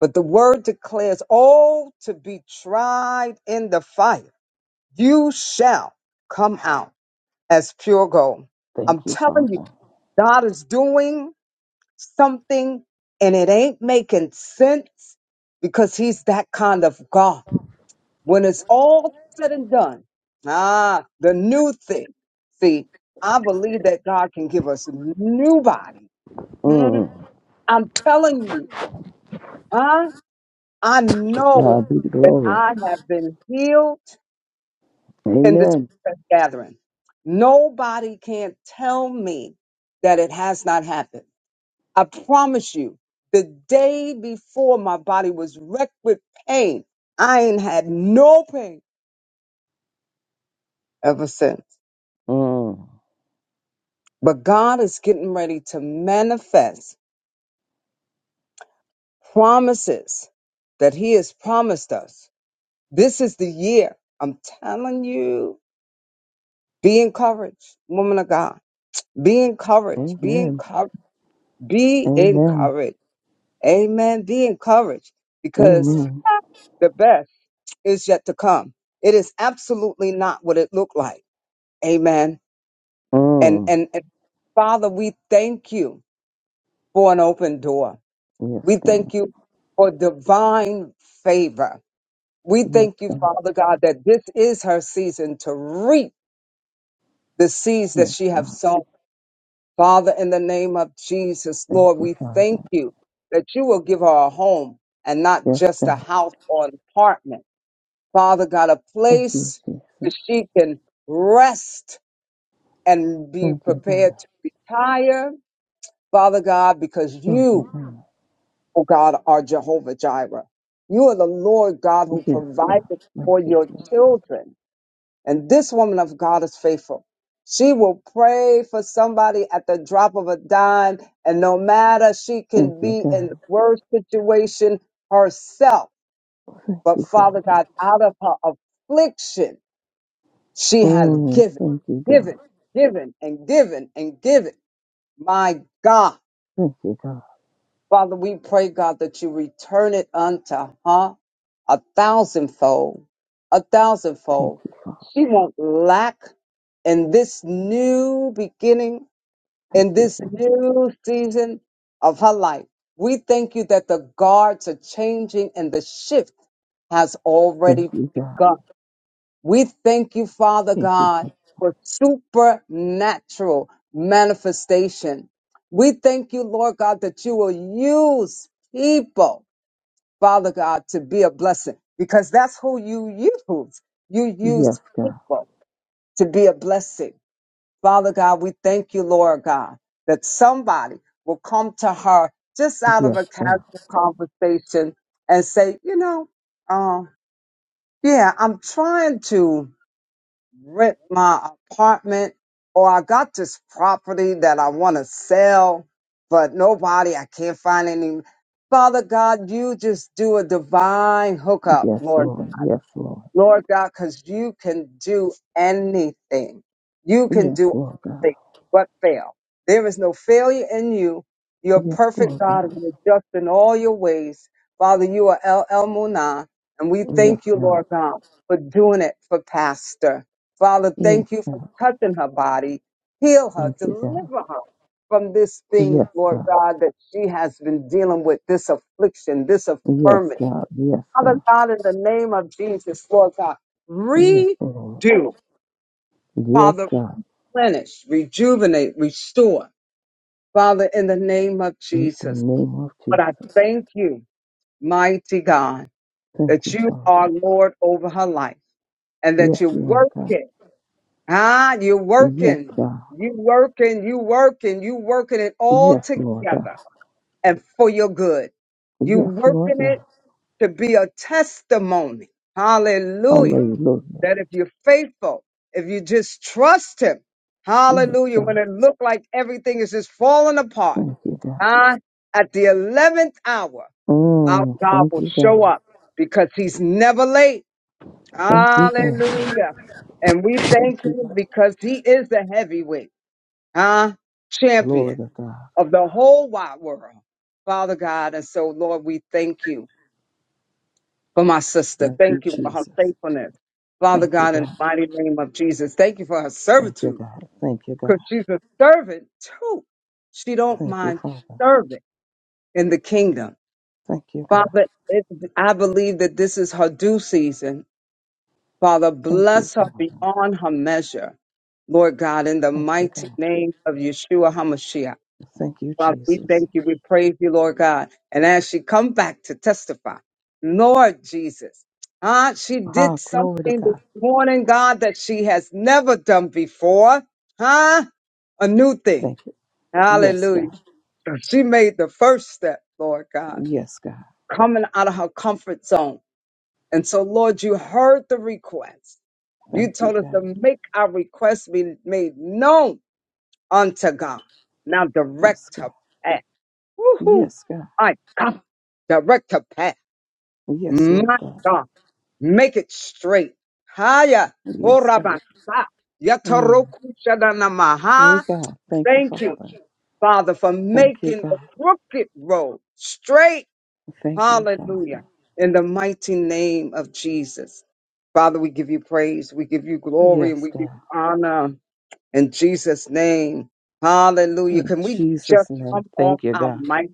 Speaker 3: But the word declares, oh, to be tried in the fire, you shall come out. as pure gold.
Speaker 5: Thank
Speaker 3: I'm
Speaker 5: you,
Speaker 3: telling you,
Speaker 5: Father.
Speaker 3: God is doing something and it ain't making sense because He's that kind of God. When it's all said and done, ah, the new thing. See, I believe that God can give us a new body. Hmm?
Speaker 5: Mm.
Speaker 3: I'm telling you, huh? I
Speaker 5: To
Speaker 3: know
Speaker 5: God be the
Speaker 3: that
Speaker 5: glory.
Speaker 3: I have been healed. in this
Speaker 5: Amen.
Speaker 3: gathering. Nobody can tell me that it has not happened. I promise you, the day before my body was wrecked with pain, I ain't had no pain ever since.
Speaker 5: Mm.
Speaker 3: But God is getting ready to manifest promises that He has promised us. This is the year. I'm telling you, be encouraged, woman of God. Be encouraged. Be
Speaker 5: Amen.
Speaker 3: encouraged. Be
Speaker 5: Amen.
Speaker 3: encouraged Amen. Be encouraged because
Speaker 5: Amen.
Speaker 3: the best is yet to come. It is absolutely not what it looked like. Amen. And,
Speaker 5: Mm.
Speaker 3: and, and Father, we thank you for an open door.
Speaker 5: Yes,
Speaker 3: We
Speaker 5: God.
Speaker 3: thank you for divine favor. We
Speaker 5: Yes,
Speaker 3: thank you,
Speaker 5: God.
Speaker 3: Father God, that this is her season to reap the seeds that
Speaker 5: Yes,
Speaker 3: she has
Speaker 5: God.
Speaker 3: sown. Father, in the name of Jesus,
Speaker 5: Thank
Speaker 3: Lord,
Speaker 5: you,
Speaker 3: we thank
Speaker 5: Father.
Speaker 3: you that you will give her a home and not
Speaker 5: Yes,
Speaker 3: just a
Speaker 5: God.
Speaker 3: house or an apartment. Father God, a
Speaker 5: Thank you,
Speaker 3: place that
Speaker 5: Jesus.
Speaker 3: she can rest and be
Speaker 5: Thank you,
Speaker 3: prepared
Speaker 5: God.
Speaker 3: to retire. Father God, because
Speaker 5: Thank you,
Speaker 3: you,
Speaker 5: God.
Speaker 3: oh God, are Jehovah Jireh. You are the Lord God who
Speaker 5: Yes,
Speaker 3: provides
Speaker 5: God. Thank
Speaker 3: for
Speaker 5: you,
Speaker 3: your
Speaker 5: God.
Speaker 3: children. And this woman of God is faithful. She will pray for somebody at the drop of a dime. And no matter she
Speaker 5: Thank
Speaker 3: can
Speaker 5: you,
Speaker 3: be in
Speaker 5: God.
Speaker 3: the worst situation herself,
Speaker 5: Thank
Speaker 3: but
Speaker 5: you, Father.
Speaker 3: Father God, out of her affliction, She has
Speaker 5: Mm,
Speaker 3: given,
Speaker 5: thank you, God.
Speaker 3: given, given, and given, and given. My God.
Speaker 5: Thank you, God.
Speaker 3: Father, we pray, God, that you return it unto her a thousandfold, a
Speaker 5: Thank
Speaker 3: thousandfold.
Speaker 5: you, Father.
Speaker 3: She won't lack in this new beginning,
Speaker 5: Thank
Speaker 3: in
Speaker 5: you.
Speaker 3: this new season of her life. We thank you that the guards are changing and the shift has
Speaker 5: Thank
Speaker 3: already
Speaker 5: you, God.
Speaker 3: begun. We thank you, Father
Speaker 5: Thank you.
Speaker 3: God, for supernatural manifestation. We thank you, Lord God, that you will use people, Father God, to be a blessing because that's who you use. You
Speaker 5: Yes,
Speaker 3: use
Speaker 5: God.
Speaker 3: people to be a blessing. Father God, we thank you, Lord God, that somebody will come to her just out of a
Speaker 5: Yes, God.
Speaker 3: casual conversation and say, you know, uh, yeah, I'm trying to rent my apartment or I got this property that I want to sell, but nobody, I can't find any. Father God, you just do a divine hookup,
Speaker 5: Yes,
Speaker 3: Lord
Speaker 5: Lord. Yes, Lord.
Speaker 3: Lord God, because you can do anything. You can
Speaker 5: Yes,
Speaker 3: do all
Speaker 5: Lord God.
Speaker 3: things but fail. There is no failure in you. You're a
Speaker 5: Yes,
Speaker 3: perfect
Speaker 5: Lord
Speaker 3: God
Speaker 5: God.
Speaker 3: and you're just in all your ways. Father, you are El Elmunah, and we
Speaker 5: Yes,
Speaker 3: thank you,
Speaker 5: God.
Speaker 3: Lord God, for doing it for Pastor. Father,
Speaker 5: Yes,
Speaker 3: thank you for
Speaker 5: God.
Speaker 3: touching her body, heal her,
Speaker 5: Thank you, God.
Speaker 3: deliver her from this thing,
Speaker 5: Yes,
Speaker 3: Lord
Speaker 5: God.
Speaker 3: God, that she has been dealing with, this affliction, this
Speaker 5: Yes,
Speaker 3: affirmity.
Speaker 5: God. Yes,
Speaker 3: Father
Speaker 5: God.
Speaker 3: God, in the name of Jesus, Lord God,
Speaker 5: Yes, Lord.
Speaker 3: redo,
Speaker 5: Yes,
Speaker 3: Father,
Speaker 5: God.
Speaker 3: replenish, rejuvenate, restore, Father, in the name of
Speaker 5: In the
Speaker 3: Jesus.
Speaker 5: name of
Speaker 3: But
Speaker 5: Jesus.
Speaker 3: I thank you, mighty God,
Speaker 5: Thank
Speaker 3: that
Speaker 5: you,
Speaker 3: you are
Speaker 5: Father.
Speaker 3: Lord over her life and that
Speaker 5: Yes,
Speaker 3: you're
Speaker 5: Lord God.
Speaker 3: working. Ah, you're
Speaker 5: Yes,
Speaker 3: working.
Speaker 5: God.
Speaker 3: You working, you working, you working it all
Speaker 5: Yes, Lord God.
Speaker 3: together and for your good. You
Speaker 5: Yes, Lord
Speaker 3: working it
Speaker 5: God.
Speaker 3: to be a testimony. Hallelujah
Speaker 5: Hallelujah.
Speaker 3: that if you're faithful, if you just trust him,
Speaker 5: Yes,
Speaker 3: hallelujah,
Speaker 5: God.
Speaker 3: when it looked like everything is just falling apart,
Speaker 5: Thank you, God.
Speaker 3: huh? at the 11th hour, our
Speaker 5: Oh,
Speaker 3: God
Speaker 5: thank
Speaker 3: will
Speaker 5: you,
Speaker 3: show
Speaker 5: God.
Speaker 3: up because he's never late.
Speaker 5: Thank you, God.
Speaker 3: Hallelujah. And we
Speaker 5: Thank
Speaker 3: thank
Speaker 5: you,
Speaker 3: him
Speaker 5: God.
Speaker 3: because he is the heavyweight, huh?
Speaker 5: Glory
Speaker 3: Champion
Speaker 5: to God.
Speaker 3: of the whole wide world. Father God, and so Lord, we thank you. for my sister.
Speaker 5: Thank you,
Speaker 3: Thank you for her
Speaker 5: Jesus.
Speaker 3: faithfulness. Father
Speaker 5: Thank you,
Speaker 3: God, in the
Speaker 5: God.
Speaker 3: mighty name of Jesus, thank you for her
Speaker 5: Thank you,
Speaker 3: servitude
Speaker 5: God. Thank you,
Speaker 3: because
Speaker 5: God.
Speaker 3: she's a servant too. She don't
Speaker 5: Thank you,
Speaker 3: mind
Speaker 5: Father.
Speaker 3: serving in the kingdom.
Speaker 5: Thank you, God.
Speaker 3: Father, it, I believe that this is her due season. Father,
Speaker 5: Thank you,
Speaker 3: bless her
Speaker 5: Father.
Speaker 3: beyond her measure. Lord God, in the
Speaker 5: Thank you,
Speaker 3: mighty
Speaker 5: God.
Speaker 3: name of Yeshua HaMashiach.
Speaker 5: Thank you,
Speaker 3: Father, we
Speaker 5: Jesus.
Speaker 3: thank you. We praise you, Lord God. And as she come back to testify, Lord Jesus, ah, she
Speaker 5: Ah,
Speaker 3: did something
Speaker 5: glory to
Speaker 3: this
Speaker 5: God.
Speaker 3: morning, God, that she has never done before. Huh? A new thing.
Speaker 5: Thank you. Yes,
Speaker 3: Hallelujah.
Speaker 5: God.
Speaker 3: She made the first step, Lord God,
Speaker 5: Yes, God.
Speaker 3: coming out of her comfort zone. And so, Lord, you heard the request. You
Speaker 5: Thank you,
Speaker 3: told us to
Speaker 5: God.
Speaker 3: make our request be made known unto God. Now direct
Speaker 5: Yes, God.
Speaker 3: her. path. Woohoo!
Speaker 5: Yes, God.
Speaker 3: I come. Direct the path.
Speaker 5: Yes, Lord
Speaker 3: My
Speaker 5: God.
Speaker 3: God. Make it straight. Haya.
Speaker 5: Yes,
Speaker 3: Horabasa.
Speaker 5: God. Mm.
Speaker 3: Yataroku
Speaker 5: Yeah,
Speaker 3: shadanamaha.
Speaker 5: God. Thank you,
Speaker 3: Thank
Speaker 5: Father.
Speaker 3: you, Father, for
Speaker 5: Thank you,
Speaker 3: making the
Speaker 5: God.
Speaker 3: crooked road straight.
Speaker 5: Thank you, Father.
Speaker 3: Hallelujah. In the mighty name of Jesus. Father, we give you praise. We give you glory and
Speaker 5: Yes,
Speaker 3: we give you
Speaker 5: God.
Speaker 3: honor in Jesus' name. Hallelujah.
Speaker 5: In
Speaker 3: Can we just
Speaker 5: Jesus' name.
Speaker 3: come off
Speaker 5: Thank you,
Speaker 3: our
Speaker 5: God.
Speaker 3: mic?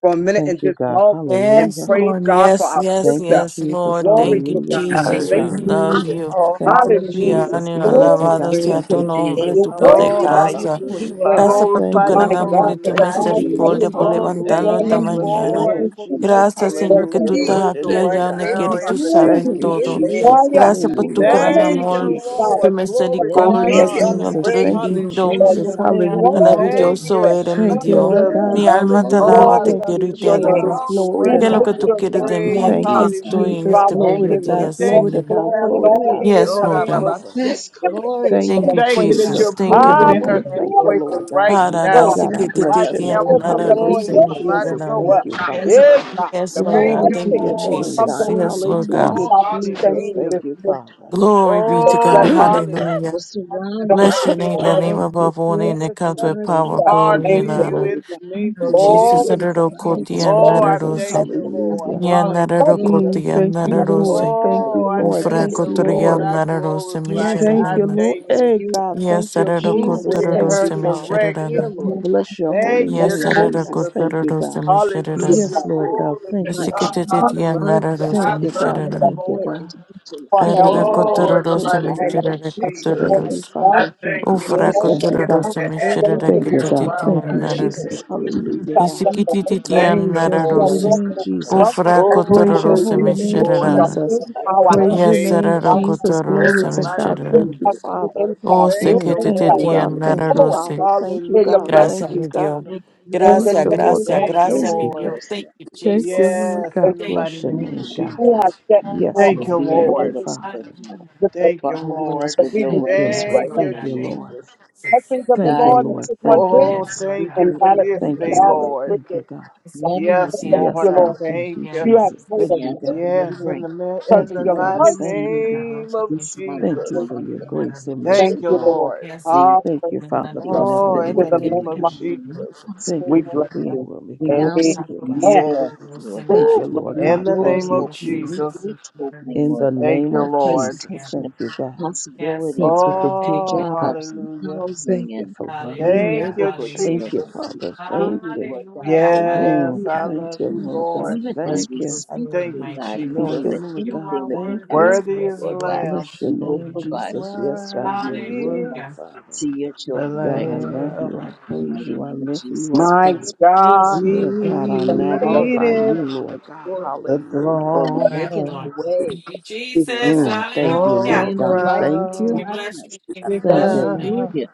Speaker 3: for a minute and
Speaker 5: Thank you,
Speaker 3: just
Speaker 5: God.
Speaker 3: halt and
Speaker 2: Yes,
Speaker 5: Hallelujah.
Speaker 3: praise
Speaker 2: Lord.
Speaker 3: God for
Speaker 2: Yes,
Speaker 3: our
Speaker 2: yes,
Speaker 5: Thank you,
Speaker 3: footsteps.
Speaker 2: yes,
Speaker 5: Jesus.
Speaker 2: Lord.
Speaker 3: Glory
Speaker 2: Thank
Speaker 3: to
Speaker 2: you,
Speaker 5: Hallelujah.
Speaker 3: God.
Speaker 5: Thank you,
Speaker 2: Jesus.
Speaker 3: Thank
Speaker 2: We
Speaker 5: God.
Speaker 3: you,
Speaker 2: love
Speaker 3: Jesus.
Speaker 6: Hallelujah.
Speaker 2: you.
Speaker 7: Oh,
Speaker 5: Thank you,
Speaker 7: hallelujah.
Speaker 2: Y
Speaker 3: Hallelujah.
Speaker 7: We
Speaker 5: Jesus. Glory
Speaker 7: Thank
Speaker 5: to
Speaker 3: Glory
Speaker 2: alabado
Speaker 5: God.
Speaker 3: to
Speaker 7: you,
Speaker 6: Praise
Speaker 3: your
Speaker 2: sea
Speaker 5: Thank
Speaker 6: your
Speaker 2: tu
Speaker 5: you,
Speaker 3: name.
Speaker 7: Jesus.
Speaker 2: nombre,
Speaker 5: Jesus.
Speaker 6: name,
Speaker 3: You're
Speaker 2: tu poder,
Speaker 7: Oh,
Speaker 3: worthy
Speaker 5: Hallelujah,
Speaker 6: glorify you
Speaker 2: gracias.
Speaker 3: to
Speaker 5: Father.
Speaker 6: who
Speaker 7: hallelujah.
Speaker 3: be
Speaker 6: you
Speaker 7: We
Speaker 3: praised.
Speaker 6: are.
Speaker 2: Gracias por tu
Speaker 5: Thank
Speaker 7: glorify
Speaker 3: My
Speaker 7: your
Speaker 5: you,
Speaker 2: gran
Speaker 5: Lord
Speaker 2: amor
Speaker 7: holy
Speaker 3: God,
Speaker 2: y
Speaker 5: God.
Speaker 3: for
Speaker 2: tu
Speaker 3: the
Speaker 5: Thank you,
Speaker 6: Like
Speaker 7: name.
Speaker 3: rising of the
Speaker 5: Jesus.
Speaker 2: misericordia por
Speaker 1: Hallelujah.
Speaker 3: sun
Speaker 7: Oh,
Speaker 3: to the
Speaker 5: Hallelujah,
Speaker 7: thank
Speaker 2: levantarlo
Speaker 3: going
Speaker 7: you,
Speaker 2: esta
Speaker 5: God.
Speaker 1: Thank
Speaker 3: down
Speaker 1: you,
Speaker 5: Bless your
Speaker 3: of
Speaker 2: mañana.
Speaker 7: Lord,
Speaker 1: Lord.
Speaker 3: the
Speaker 5: name,
Speaker 7: for
Speaker 3: sun,
Speaker 5: Jesus.
Speaker 7: moving
Speaker 2: Gracias,
Speaker 7: in
Speaker 3: there's
Speaker 7: her
Speaker 2: Señor,
Speaker 3: a
Speaker 2: que
Speaker 1: Open
Speaker 5: Hallelujah.
Speaker 2: tú
Speaker 1: it
Speaker 3: name
Speaker 1: up
Speaker 6: Jesus,
Speaker 5: Bless
Speaker 2: estás
Speaker 3: of
Speaker 5: your
Speaker 7: situation
Speaker 2: aquí,
Speaker 5: name,
Speaker 7: right
Speaker 2: allá
Speaker 3: Jesus.
Speaker 1: and
Speaker 2: donde
Speaker 5: God.
Speaker 7: now
Speaker 3: We
Speaker 6: Reba
Speaker 2: quieres,
Speaker 1: doors
Speaker 2: tú
Speaker 7: in
Speaker 3: honor
Speaker 7: the
Speaker 6: Bakshi,
Speaker 7: name
Speaker 2: sabes
Speaker 7: of
Speaker 5: Thank
Speaker 3: you.
Speaker 1: for
Speaker 5: you,
Speaker 1: the
Speaker 6: in
Speaker 2: todo.
Speaker 6: the
Speaker 7: Jesus.
Speaker 5: Jesus.
Speaker 1: faithful with
Speaker 3: Hallelujah.
Speaker 2: Gracias
Speaker 1: God
Speaker 2: por
Speaker 3: We
Speaker 1: and
Speaker 2: tu
Speaker 5: Hallelujah.
Speaker 1: our
Speaker 6: glory
Speaker 2: gran
Speaker 5: Thank
Speaker 3: honor
Speaker 6: to
Speaker 5: you,
Speaker 7: Thank
Speaker 3: you,
Speaker 1: sister
Speaker 7: you,
Speaker 2: amor,
Speaker 1: with God.
Speaker 5: Jesus.
Speaker 6: Jesus.
Speaker 2: tu
Speaker 3: Father,
Speaker 7: Lord.
Speaker 3: God, in the
Speaker 7: Glory to
Speaker 5: Thank
Speaker 3: mighty
Speaker 5: you,
Speaker 1: Yes,
Speaker 2: misericordia,
Speaker 3: name
Speaker 6: Give you
Speaker 3: of
Speaker 7: God.
Speaker 1: Lord
Speaker 6: all the
Speaker 3: Jesus
Speaker 2: Señor. Tú
Speaker 5: Jesus.
Speaker 1: God.
Speaker 2: eres
Speaker 6: praise,
Speaker 5: Thank you,
Speaker 2: lindo,
Speaker 3: that
Speaker 1: Making a
Speaker 3: we
Speaker 5: Jesus.
Speaker 7: Hallelujah.
Speaker 3: can
Speaker 1: way
Speaker 3: do
Speaker 1: out of
Speaker 3: all
Speaker 5: Hallelujah.
Speaker 1: no
Speaker 3: things
Speaker 1: way,
Speaker 7: Thank
Speaker 6: glory,
Speaker 1: Lord
Speaker 2: maravilloso
Speaker 7: you,
Speaker 3: well.
Speaker 2: eres,
Speaker 1: God.
Speaker 2: mi
Speaker 5: Thank you,
Speaker 2: Dios.
Speaker 5: Lord
Speaker 7: Jesus.
Speaker 5: God.
Speaker 2: Mi
Speaker 1: Yes,
Speaker 3: Hallelujah.
Speaker 1: it's
Speaker 2: alma te
Speaker 7: Oh,
Speaker 5: Hallelujah.
Speaker 1: all
Speaker 2: alaba,
Speaker 7: I
Speaker 3: Glory
Speaker 2: te
Speaker 5: Thank
Speaker 7: love
Speaker 3: be
Speaker 2: quiero
Speaker 5: you,
Speaker 2: y
Speaker 3: to
Speaker 7: you,
Speaker 1: into
Speaker 2: te
Speaker 3: your
Speaker 6: with
Speaker 1: you.
Speaker 7: Lord,
Speaker 3: name.
Speaker 2: adoro.
Speaker 7: because
Speaker 5: Jesus.
Speaker 6: all,
Speaker 7: you're
Speaker 5: Glory
Speaker 3: We
Speaker 6: with
Speaker 1: We
Speaker 5: to
Speaker 2: ¿Qué es
Speaker 7: worthy
Speaker 2: lo
Speaker 6: all,
Speaker 3: lift
Speaker 2: que
Speaker 7: to
Speaker 6: with
Speaker 5: God.
Speaker 2: tú
Speaker 1: will
Speaker 7: be
Speaker 3: your
Speaker 2: quieres
Speaker 1: not
Speaker 3: name
Speaker 2: de
Speaker 1: be
Speaker 2: mí?
Speaker 3: on
Speaker 1: any
Speaker 7: praised.
Speaker 6: all
Speaker 5: Thank
Speaker 1: more
Speaker 2: Aquí
Speaker 3: high.
Speaker 6: of
Speaker 5: you,
Speaker 1: God.
Speaker 2: estoy en
Speaker 7: Hallelujah.
Speaker 5: Jesus.
Speaker 2: este
Speaker 3: Father, we
Speaker 1: Thank
Speaker 5: Glory
Speaker 2: bello
Speaker 5: to
Speaker 3: give
Speaker 1: you,
Speaker 6: you.
Speaker 7: We
Speaker 3: you
Speaker 1: Lord
Speaker 2: día,
Speaker 5: God.
Speaker 1: God.
Speaker 3: all
Speaker 7: thank
Speaker 5: Glory
Speaker 7: you
Speaker 5: to
Speaker 3: the
Speaker 2: Señor.
Speaker 7: for
Speaker 5: God.
Speaker 3: glory and
Speaker 5: Glory
Speaker 7: Pastor
Speaker 5: to
Speaker 3: all
Speaker 1: Hallelujah.
Speaker 5: God.
Speaker 3: the
Speaker 7: V in
Speaker 5: Thank
Speaker 2: Yes,
Speaker 7: the
Speaker 6: Oh,
Speaker 3: honor.
Speaker 5: you,
Speaker 2: Lord
Speaker 6: Rabba
Speaker 7: name
Speaker 2: God.
Speaker 7: of
Speaker 5: Jesus.
Speaker 6: Bakshi,
Speaker 1: Yes,
Speaker 3: Give
Speaker 7: Jesus.
Speaker 3: us
Speaker 6: in
Speaker 3: the
Speaker 1: glory to
Speaker 7: We
Speaker 5: Thank
Speaker 3: and
Speaker 2: Thank
Speaker 1: your
Speaker 3: the
Speaker 5: you,
Speaker 2: you,
Speaker 6: the
Speaker 7: thank
Speaker 3: praise.
Speaker 7: you
Speaker 1: name,
Speaker 7: that
Speaker 2: Jesus.
Speaker 5: Jesus.
Speaker 1: Lord
Speaker 7: you're
Speaker 1: God.
Speaker 2: Thank you,
Speaker 7: moving
Speaker 3: Ah,
Speaker 2: Lord
Speaker 7: in
Speaker 3: we
Speaker 2: God.
Speaker 5: Hallelujah.
Speaker 7: her
Speaker 1: Thank
Speaker 6: Thank
Speaker 1: you,
Speaker 5: Thank
Speaker 3: feel
Speaker 5: you,
Speaker 1: Lord
Speaker 3: it.
Speaker 6: you, Lord,
Speaker 5: Lord
Speaker 7: situation
Speaker 1: God, for
Speaker 6: for
Speaker 7: right
Speaker 5: God.
Speaker 2: Ah, da,
Speaker 1: being
Speaker 7: now,
Speaker 3: Praise.
Speaker 2: si,
Speaker 5: God, I
Speaker 1: committed to
Speaker 6: my
Speaker 5: bless
Speaker 7: like
Speaker 6: help.
Speaker 5: your
Speaker 1: Lord
Speaker 2: ah,
Speaker 7: never
Speaker 5: name.
Speaker 3: Give
Speaker 1: God.
Speaker 2: na,
Speaker 3: them
Speaker 2: da,
Speaker 3: the
Speaker 2: do,
Speaker 1: Thank
Speaker 7: before,
Speaker 2: si,
Speaker 5: Hallelujah,
Speaker 7: in
Speaker 1: you,
Speaker 2: ni,
Speaker 7: the
Speaker 2: si,
Speaker 1: Lord
Speaker 3: praises
Speaker 1: God,
Speaker 2: da,
Speaker 7: mighty name
Speaker 5: Jesus.
Speaker 1: for
Speaker 3: go
Speaker 5: Thank
Speaker 3: up.
Speaker 7: of
Speaker 1: being
Speaker 5: you, Father.
Speaker 1: present
Speaker 7: Jesus.
Speaker 3: Hey,
Speaker 1: here.
Speaker 3: God,
Speaker 2: Yes,
Speaker 3: the
Speaker 2: Lord
Speaker 7: Thank
Speaker 5: Glory
Speaker 2: God.
Speaker 1: Thank
Speaker 7: you,
Speaker 5: to
Speaker 1: you
Speaker 2: Thank
Speaker 3: blessing
Speaker 2: you,
Speaker 5: your
Speaker 1: for
Speaker 7: Lord.
Speaker 5: name,
Speaker 3: from
Speaker 2: Jesus.
Speaker 5: God.
Speaker 3: the
Speaker 1: pouring
Speaker 2: Yes, Lord
Speaker 1: into
Speaker 2: God.
Speaker 5: Hallelujah,
Speaker 1: us
Speaker 7: Oh,
Speaker 3: Father,
Speaker 1: on
Speaker 3: we thank
Speaker 5: Jesus.
Speaker 1: today,
Speaker 3: you
Speaker 7: hallelujah.
Speaker 1: Lord.
Speaker 3: this
Speaker 5: Thank you,
Speaker 3: morning.
Speaker 5: Father.
Speaker 2: Glory be
Speaker 3: The
Speaker 2: to
Speaker 1: Yes,
Speaker 2: God.
Speaker 7: Oh,
Speaker 1: Lord
Speaker 3: blessing
Speaker 1: God.
Speaker 3: that
Speaker 7: hallelujah.
Speaker 3: you
Speaker 2: Hallelujah.
Speaker 1: For
Speaker 7: I
Speaker 1: surrounding
Speaker 7: thank
Speaker 3: don't have
Speaker 1: us
Speaker 2: Bless your
Speaker 7: you,
Speaker 1: with
Speaker 3: to
Speaker 2: name,
Speaker 1: your
Speaker 3: do
Speaker 2: the
Speaker 7: Lord.
Speaker 3: that
Speaker 2: name
Speaker 1: love, your
Speaker 3: you
Speaker 2: above all name
Speaker 1: grace,
Speaker 7: There
Speaker 2: that
Speaker 7: is
Speaker 1: and your
Speaker 2: comes
Speaker 7: nothing
Speaker 5: Mm,
Speaker 2: with
Speaker 5: Thank
Speaker 1: mercy.
Speaker 2: power,
Speaker 7: too
Speaker 5: you,
Speaker 3: shall.
Speaker 7: hard
Speaker 2: glory,
Speaker 7: for
Speaker 3: Thank
Speaker 2: and
Speaker 5: Jesus.
Speaker 1: Hallelujah.
Speaker 3: you.
Speaker 7: you
Speaker 2: honor.
Speaker 5: Glory,
Speaker 7: in
Speaker 5: God.
Speaker 7: the name
Speaker 1: Thank you,
Speaker 7: of
Speaker 1: Lord
Speaker 3: All
Speaker 1: God,
Speaker 7: Jesus.
Speaker 2: Jesus, da,
Speaker 5: Yes,
Speaker 3: the
Speaker 1: for
Speaker 6: Hallelujah.
Speaker 2: da,
Speaker 5: God.
Speaker 2: do, ko,
Speaker 1: surrounding
Speaker 5: Thank
Speaker 2: ti,
Speaker 1: us
Speaker 5: you,
Speaker 2: ah,
Speaker 1: with
Speaker 3: blessings,
Speaker 2: na,
Speaker 7: Oh,
Speaker 1: your
Speaker 7: I
Speaker 5: Jesus.
Speaker 1: peace
Speaker 7: thank
Speaker 2: si.
Speaker 3: blessings,
Speaker 7: you,
Speaker 1: that passes
Speaker 7: Lord.
Speaker 5: Hallelujah.
Speaker 1: all
Speaker 3: blessings.
Speaker 1: understanding.
Speaker 7: Hallelujah.
Speaker 5: Mm,
Speaker 2: ah,
Speaker 5: thank you,
Speaker 1: Thank
Speaker 3: Thank
Speaker 1: you,
Speaker 3: you
Speaker 5: Lord.
Speaker 1: Lord,
Speaker 2: si.
Speaker 1: for
Speaker 5: Thank
Speaker 1: your
Speaker 5: you,
Speaker 7: Oh, I
Speaker 5: Lord.
Speaker 7: thank
Speaker 2: Ufra,
Speaker 5: Thank
Speaker 1: grace,
Speaker 2: ko,
Speaker 7: you,
Speaker 5: you,
Speaker 2: tu,
Speaker 1: Lord
Speaker 2: ri, ah,
Speaker 7: Lord.
Speaker 5: Lord.
Speaker 1: God.
Speaker 7: I
Speaker 2: na, da, do, si,
Speaker 7: glorify
Speaker 1: Yes,
Speaker 7: you.
Speaker 5: Thank
Speaker 7: I
Speaker 5: you,
Speaker 1: giving us
Speaker 5: Lord.
Speaker 1: the
Speaker 7: thank you
Speaker 5: Hey,
Speaker 1: spirit,
Speaker 5: God.
Speaker 1: of-
Speaker 7: that
Speaker 2: Yes,
Speaker 5: Thank
Speaker 2: da,
Speaker 5: you,
Speaker 7: you're
Speaker 2: da,
Speaker 1: taking
Speaker 7: moving
Speaker 1: away
Speaker 5: Jesus.
Speaker 7: in
Speaker 1: that
Speaker 5: Thank
Speaker 7: her
Speaker 5: you,
Speaker 2: si,
Speaker 1: spirit of
Speaker 5: Father.
Speaker 1: fear,
Speaker 7: direction.
Speaker 1: Lord
Speaker 3: for
Speaker 1: God.
Speaker 5: Bless your holy
Speaker 7: Thank
Speaker 1: Thank
Speaker 7: you,
Speaker 1: you,
Speaker 5: name,
Speaker 1: Lord
Speaker 3: giving
Speaker 2: Yasarada
Speaker 1: God,
Speaker 5: Jesus.
Speaker 7: Jesus.
Speaker 5: Thank you,
Speaker 2: Kotorado
Speaker 5: God.
Speaker 7: Hallelujah.
Speaker 2: Samisharadan.
Speaker 5: Yes,
Speaker 3: us
Speaker 5: Lord
Speaker 1: so
Speaker 5: God.
Speaker 7: Glory to
Speaker 5: Thank you,
Speaker 7: God.
Speaker 1: much
Speaker 5: Father.
Speaker 2: Yasikatitian
Speaker 1: love,
Speaker 7: Hallelujah.
Speaker 2: Narado
Speaker 1: Lord
Speaker 5: Thank
Speaker 7: I
Speaker 5: you,
Speaker 1: God.
Speaker 7: love
Speaker 5: God.
Speaker 1: You
Speaker 7: you,
Speaker 1: have
Speaker 2: Samisharadan.
Speaker 5: Thank you,
Speaker 1: poured
Speaker 7: Lord.
Speaker 1: into
Speaker 5: God.
Speaker 1: each and every
Speaker 5: Thank you,
Speaker 1: one
Speaker 2: Arada
Speaker 5: Lord
Speaker 1: of
Speaker 7: Oh,
Speaker 1: us,
Speaker 5: God.
Speaker 7: in the
Speaker 2: Kotorado
Speaker 5: Thank
Speaker 7: mighty
Speaker 5: you,
Speaker 7: name
Speaker 1: guiding
Speaker 5: God.
Speaker 7: of
Speaker 1: and
Speaker 2: Samishara
Speaker 7: Jesus.
Speaker 1: footsteps,
Speaker 5: Thank you,
Speaker 1: Lord
Speaker 2: Kotorados.
Speaker 1: God.
Speaker 7: I
Speaker 5: Father. Thank
Speaker 7: thank
Speaker 5: you,
Speaker 7: you that
Speaker 5: God.
Speaker 2: Ufra
Speaker 7: you're
Speaker 1: Yes,
Speaker 5: Thank
Speaker 1: Lord
Speaker 5: you,
Speaker 2: Kotorado
Speaker 5: God.
Speaker 1: God.
Speaker 7: shifting the
Speaker 1: Everyone
Speaker 2: Samishara
Speaker 5: Thank you,
Speaker 1: that's
Speaker 7: atmosphere
Speaker 5: God.
Speaker 1: taking
Speaker 7: around
Speaker 5: Thank
Speaker 1: the
Speaker 2: Katitian
Speaker 5: you,
Speaker 7: her in the
Speaker 2: Narad.
Speaker 1: table
Speaker 7: name
Speaker 5: Jesus.
Speaker 7: of
Speaker 1: position to
Speaker 5: Hallelujah,
Speaker 1: our
Speaker 3: that
Speaker 7: Jesus.
Speaker 5: God.
Speaker 1: people.
Speaker 3: declaration.
Speaker 7: Thank
Speaker 2: Isikititian
Speaker 7: you,
Speaker 5: Praise your
Speaker 3: We are
Speaker 7: Lord.
Speaker 5: holy
Speaker 2: Naradosi.
Speaker 1: Yes,
Speaker 5: name,
Speaker 3: walking in
Speaker 1: and God.
Speaker 5: Jesus.
Speaker 1: But
Speaker 2: Ufra
Speaker 3: righteousness.
Speaker 1: You,
Speaker 5: Praise
Speaker 2: Kotorado
Speaker 1: you,
Speaker 5: your
Speaker 7: Oh,
Speaker 3: If
Speaker 1: Lord
Speaker 3: you
Speaker 5: holy
Speaker 7: yes,
Speaker 3: can
Speaker 5: name,
Speaker 3: make
Speaker 1: God,
Speaker 7: Lord. I love
Speaker 1: are
Speaker 3: yourself
Speaker 1: the
Speaker 2: Samisharadan.
Speaker 5: Jesus.
Speaker 3: in
Speaker 7: you.
Speaker 3: our
Speaker 7: And I
Speaker 1: Lord.
Speaker 5: Praise
Speaker 3: hands,
Speaker 5: your
Speaker 7: thank
Speaker 5: name,
Speaker 7: you.
Speaker 2: Yasarada
Speaker 3: God,
Speaker 5: Jesus.
Speaker 1: We're
Speaker 2: Kotoro
Speaker 7: In
Speaker 5: Glory
Speaker 7: the
Speaker 5: to God.
Speaker 1: in
Speaker 7: mighty name
Speaker 3: give
Speaker 1: you,
Speaker 7: of
Speaker 5: Thank
Speaker 2: Samisharadan.
Speaker 5: you,
Speaker 3: us
Speaker 1: Lord
Speaker 3: new
Speaker 1: God,
Speaker 5: Father.
Speaker 7: Jesus.
Speaker 2: O
Speaker 3: insight, new
Speaker 7: Thank
Speaker 5: Mm,
Speaker 7: the
Speaker 5: thank
Speaker 1: and
Speaker 3: insight.
Speaker 5: you,
Speaker 1: making
Speaker 7: Lord.
Speaker 5: God.
Speaker 1: the
Speaker 2: Sekatitian
Speaker 1: money
Speaker 5: Thank you,
Speaker 1: out
Speaker 3: Oh,
Speaker 1: of it.
Speaker 2: Naradosi.
Speaker 5: Father. Thank you,
Speaker 1: Lord,
Speaker 3: hear your
Speaker 5: God.
Speaker 7: Hallelujah.
Speaker 2: Gracias,
Speaker 5: Thank
Speaker 3: blessings
Speaker 2: mi
Speaker 5: you,
Speaker 3: God.
Speaker 2: Dios.
Speaker 5: God.
Speaker 1: Thank you,
Speaker 3: in
Speaker 5: Thank
Speaker 1: Lord
Speaker 3: the
Speaker 2: Gracias,
Speaker 5: you,
Speaker 1: God.
Speaker 5: Lord
Speaker 3: name
Speaker 1: for
Speaker 5: God.
Speaker 2: gracias,
Speaker 1: your
Speaker 3: of
Speaker 7: Thank you,
Speaker 5: Thank
Speaker 2: gracias, mi
Speaker 5: you.
Speaker 3: Jesus.
Speaker 7: Lord.
Speaker 2: Dios.
Speaker 1: mercy
Speaker 2: Thank
Speaker 1: on
Speaker 2: you,
Speaker 1: today,
Speaker 5: Thank
Speaker 1: Lord
Speaker 5: you,
Speaker 2: Jesus.
Speaker 1: God.
Speaker 5: Lord
Speaker 7: Yes,
Speaker 5: God.
Speaker 3: If
Speaker 7: in the
Speaker 2: Thank
Speaker 7: mighty
Speaker 5: Bless your
Speaker 2: you.
Speaker 7: name
Speaker 1: Thank
Speaker 7: of
Speaker 1: you,
Speaker 5: name,
Speaker 2: Lord.
Speaker 1: Lord
Speaker 5: God.
Speaker 3: you
Speaker 1: God,
Speaker 3: have
Speaker 7: Jesus.
Speaker 3: set
Speaker 2: Oh,
Speaker 5: Yes,
Speaker 3: before
Speaker 1: for
Speaker 7: Thank
Speaker 3: us
Speaker 7: you,
Speaker 5: Lord.
Speaker 3: the
Speaker 2: hallelujah.
Speaker 1: being
Speaker 5: Thank
Speaker 3: blessings,
Speaker 5: you,
Speaker 1: with
Speaker 7: Lord.
Speaker 3: of
Speaker 1: us, today,
Speaker 5: Father.
Speaker 1: Lord God,
Speaker 2: Hallelujah.
Speaker 3: the faith,
Speaker 7: Thank
Speaker 1: for
Speaker 7: you,
Speaker 1: holding
Speaker 7: Lord.
Speaker 1: us
Speaker 3: that
Speaker 1: with
Speaker 3: we
Speaker 1: your
Speaker 3: receive
Speaker 5: Thank you,
Speaker 3: the
Speaker 1: righteous
Speaker 2: Yes,
Speaker 5: Lord.
Speaker 1: right
Speaker 7: Thank
Speaker 3: blessings.
Speaker 2: Lord
Speaker 7: you,
Speaker 5: Thank
Speaker 1: hand,
Speaker 2: God.
Speaker 5: you,
Speaker 1: Lord
Speaker 2: Thank you,
Speaker 5: Lord.
Speaker 7: Jesus.
Speaker 2: Jesus.
Speaker 3: Blessings of the
Speaker 5: Thank
Speaker 1: God.
Speaker 5: you,
Speaker 1: is
Speaker 3: Lord
Speaker 5: Lord.
Speaker 3: maketh one
Speaker 5: Thank you,
Speaker 1: God,
Speaker 3: rich
Speaker 7: Oh,
Speaker 2: Yes,
Speaker 5: Lord.
Speaker 2: Lord
Speaker 7: thank
Speaker 2: God.
Speaker 7: you
Speaker 3: and
Speaker 1: speaking
Speaker 7: for
Speaker 3: addeth
Speaker 7: this
Speaker 3: no
Speaker 1: into
Speaker 5: Thank
Speaker 2: Hallelujah.
Speaker 5: you,
Speaker 7: day,
Speaker 1: us,
Speaker 3: sorrow
Speaker 5: Lord.
Speaker 1: Lord
Speaker 7: Lord.
Speaker 3: with
Speaker 5: Thank
Speaker 3: it.
Speaker 5: you, God.
Speaker 2: Yes, we need
Speaker 1: loving
Speaker 2: to
Speaker 7: Yes,
Speaker 1: us,
Speaker 2: see
Speaker 3: Thank
Speaker 1: Lord
Speaker 2: under the
Speaker 5: Yes,
Speaker 3: you,
Speaker 7: Lord,
Speaker 2: Lord and then
Speaker 7: I
Speaker 2: I
Speaker 5: God.
Speaker 3: Lord.
Speaker 2: don't think
Speaker 5: Thank
Speaker 7: thank
Speaker 2: we
Speaker 5: you,
Speaker 7: you.
Speaker 3: You
Speaker 2: and
Speaker 3: have
Speaker 5: Jesus.
Speaker 2: then we
Speaker 3: made
Speaker 1: God.
Speaker 2: see,
Speaker 5: Thank
Speaker 3: us
Speaker 5: you,
Speaker 1: Yes,
Speaker 3: rich
Speaker 5: God.
Speaker 2: and
Speaker 7: Yes,
Speaker 2: then
Speaker 7: in
Speaker 1: remembering
Speaker 7: the ma-
Speaker 3: because
Speaker 7: in
Speaker 5: Thank
Speaker 3: of
Speaker 7: the
Speaker 1: that
Speaker 5: you,
Speaker 3: your
Speaker 2: so
Speaker 5: God.
Speaker 2: we
Speaker 7: mighty
Speaker 1: this
Speaker 2: can,
Speaker 5: Thank
Speaker 2: and
Speaker 5: you,
Speaker 2: then I
Speaker 1: season,
Speaker 5: God.
Speaker 2: do
Speaker 7: name of
Speaker 2: we
Speaker 1: this
Speaker 2: should
Speaker 1: month
Speaker 5: Thank
Speaker 2: not
Speaker 1: is
Speaker 7: Jesus.
Speaker 5: you
Speaker 1: a
Speaker 3: mercy.
Speaker 2: work,
Speaker 5: for
Speaker 2: and
Speaker 1: month
Speaker 5: your
Speaker 1: of
Speaker 2: then I
Speaker 5: grace and
Speaker 1: completion.
Speaker 3: Thank
Speaker 7: Thank
Speaker 5: mercy,
Speaker 7: you,
Speaker 3: you,
Speaker 5: God.
Speaker 3: Lord.
Speaker 7: Lord.
Speaker 2: Yes,
Speaker 1: Things
Speaker 3: Ah,
Speaker 5: Thank
Speaker 3: thank
Speaker 5: you,
Speaker 2: and then
Speaker 5: Father,
Speaker 2: I
Speaker 1: faith
Speaker 5: for
Speaker 3: you.
Speaker 2: don't see,
Speaker 5: never
Speaker 7: Oh,
Speaker 1: that
Speaker 7: in
Speaker 2: take,
Speaker 3: To
Speaker 1: were
Speaker 7: the
Speaker 2: take,
Speaker 5: leaving
Speaker 2: take,
Speaker 3: the
Speaker 7: name
Speaker 5: me,
Speaker 2: and
Speaker 7: of
Speaker 2: then
Speaker 3: Lamb,
Speaker 5: God.
Speaker 1: infinitely
Speaker 2: I do
Speaker 1: not
Speaker 7: Jesus.
Speaker 5: Thank
Speaker 1: possible,
Speaker 3: we
Speaker 5: you
Speaker 1: Lord
Speaker 5: for
Speaker 3: bless
Speaker 1: God.
Speaker 5: being
Speaker 3: you.
Speaker 5: with me,
Speaker 1: We
Speaker 5: God.
Speaker 2: O
Speaker 1: now
Speaker 2: que
Speaker 1: see
Speaker 2: está
Speaker 5: Thank
Speaker 1: the
Speaker 5: you, God.
Speaker 3: Amen.
Speaker 2: copiando
Speaker 7: yes.
Speaker 2: por
Speaker 1: possibilities,
Speaker 2: você,
Speaker 1: Lord
Speaker 2: mas
Speaker 5: Thank
Speaker 1: God.
Speaker 5: you,
Speaker 3: Woo,
Speaker 5: Lord
Speaker 2: também
Speaker 1: New
Speaker 7: In
Speaker 5: God.
Speaker 7: the
Speaker 2: por
Speaker 5: Thank
Speaker 7: name
Speaker 1: doors
Speaker 2: tudo
Speaker 5: you,
Speaker 7: of
Speaker 1: opening,
Speaker 2: você,
Speaker 1: new
Speaker 7: Jesus,
Speaker 2: se
Speaker 5: Jesus.
Speaker 1: gates opening,
Speaker 5: In
Speaker 1: Lord
Speaker 5: the
Speaker 2: agradecer
Speaker 1: God.
Speaker 7: thank
Speaker 5: name
Speaker 7: you,
Speaker 5: of
Speaker 7: Lord.
Speaker 5: Jesus,
Speaker 1: Presentation of
Speaker 5: thank you, God.
Speaker 2: Yes,
Speaker 5: Thank
Speaker 2: Lord
Speaker 1: possibilities
Speaker 5: you
Speaker 1: with
Speaker 5: for
Speaker 2: God. Thank
Speaker 5: doing
Speaker 7: Oh,
Speaker 5: it,
Speaker 2: you.
Speaker 5: God.
Speaker 1: jobs and
Speaker 7: hallelujah.
Speaker 1: housing
Speaker 5: Thank you
Speaker 1: and
Speaker 5: for loving
Speaker 1: new
Speaker 5: me,
Speaker 7: Thank
Speaker 2: Hallelujah,
Speaker 5: God.
Speaker 7: you,
Speaker 1: neighborhoods,
Speaker 5: Thank
Speaker 1: Lord
Speaker 2: hallelujah,
Speaker 5: you,
Speaker 1: God.
Speaker 7: Jesus.
Speaker 1: We
Speaker 5: Father.
Speaker 1: thank
Speaker 5: Thank
Speaker 1: you,
Speaker 5: you.
Speaker 1: Lord God,
Speaker 2: hallelujah,
Speaker 1: for what
Speaker 7: Yes,
Speaker 5: Mm,
Speaker 1: you
Speaker 7: I
Speaker 2: hallelujah.
Speaker 1: are
Speaker 5: thank
Speaker 7: love
Speaker 5: you,
Speaker 7: you,
Speaker 1: doing.
Speaker 5: Lord
Speaker 2: This
Speaker 5: God.
Speaker 2: is
Speaker 7: Lord.
Speaker 1: Even as
Speaker 2: like
Speaker 5: Thank
Speaker 1: we
Speaker 2: you
Speaker 5: you.
Speaker 2: was
Speaker 7: I
Speaker 1: speak,
Speaker 2: worthy,
Speaker 7: thank
Speaker 1: Lord
Speaker 7: you,
Speaker 1: God,
Speaker 5: Thank
Speaker 7: Jesus.
Speaker 1: knowing
Speaker 5: you,
Speaker 1: that
Speaker 5: Lord
Speaker 2: You
Speaker 5: God.
Speaker 2: are
Speaker 1: anything that we
Speaker 5: Thank
Speaker 2: worthy
Speaker 5: you.
Speaker 1: ask
Speaker 2: to
Speaker 1: for,
Speaker 7: Worthy is the
Speaker 1: Lord
Speaker 2: receive
Speaker 1: God,
Speaker 7: Lamb.
Speaker 5: Bless your
Speaker 1: you will
Speaker 5: name,
Speaker 2: it.
Speaker 1: provide it
Speaker 5: Jesus.
Speaker 1: for
Speaker 5: Yes,
Speaker 1: us, but
Speaker 5: God,
Speaker 1: you
Speaker 5: you're
Speaker 7: Worthy
Speaker 1: don't
Speaker 7: is
Speaker 5: worthy, Father.
Speaker 1: See your
Speaker 7: the
Speaker 1: children
Speaker 5: God, I
Speaker 1: begging for
Speaker 5: love
Speaker 1: help.
Speaker 7: Lamb.
Speaker 5: you. I
Speaker 1: In the
Speaker 5: praise
Speaker 1: mighty
Speaker 5: you. I
Speaker 1: name of
Speaker 5: lift you up,
Speaker 1: Jesus, we
Speaker 3: my
Speaker 5: God.
Speaker 1: just praise
Speaker 3: God,
Speaker 1: you.
Speaker 5: Lord
Speaker 1: I
Speaker 5: God, I
Speaker 1: give
Speaker 3: thank
Speaker 1: you
Speaker 3: you,
Speaker 1: all
Speaker 3: Lord.
Speaker 1: the
Speaker 7: Seated
Speaker 5: magnify you,
Speaker 1: honor and the
Speaker 5: Lord God.
Speaker 1: glory
Speaker 7: the
Speaker 5: Hallelujah.
Speaker 1: for
Speaker 2: Yes,
Speaker 1: making a
Speaker 7: throne.
Speaker 2: Lord.
Speaker 1: way,
Speaker 2: Thank you,
Speaker 3: We
Speaker 1: Lord
Speaker 2: Jesus.
Speaker 1: God,
Speaker 5: Mm, thank you,
Speaker 2: Hallelujah.
Speaker 7: Oh,
Speaker 5: Lord
Speaker 1: being the
Speaker 5: God.
Speaker 3: we
Speaker 1: light in
Speaker 5: Thank
Speaker 1: the
Speaker 2: We
Speaker 5: you.
Speaker 7: crown
Speaker 2: bless
Speaker 1: darkness.
Speaker 2: your name. We
Speaker 7: is
Speaker 5: Thank
Speaker 2: bless
Speaker 5: you,
Speaker 2: your
Speaker 5: God.
Speaker 7: now
Speaker 2: name.
Speaker 1: Hallelujah.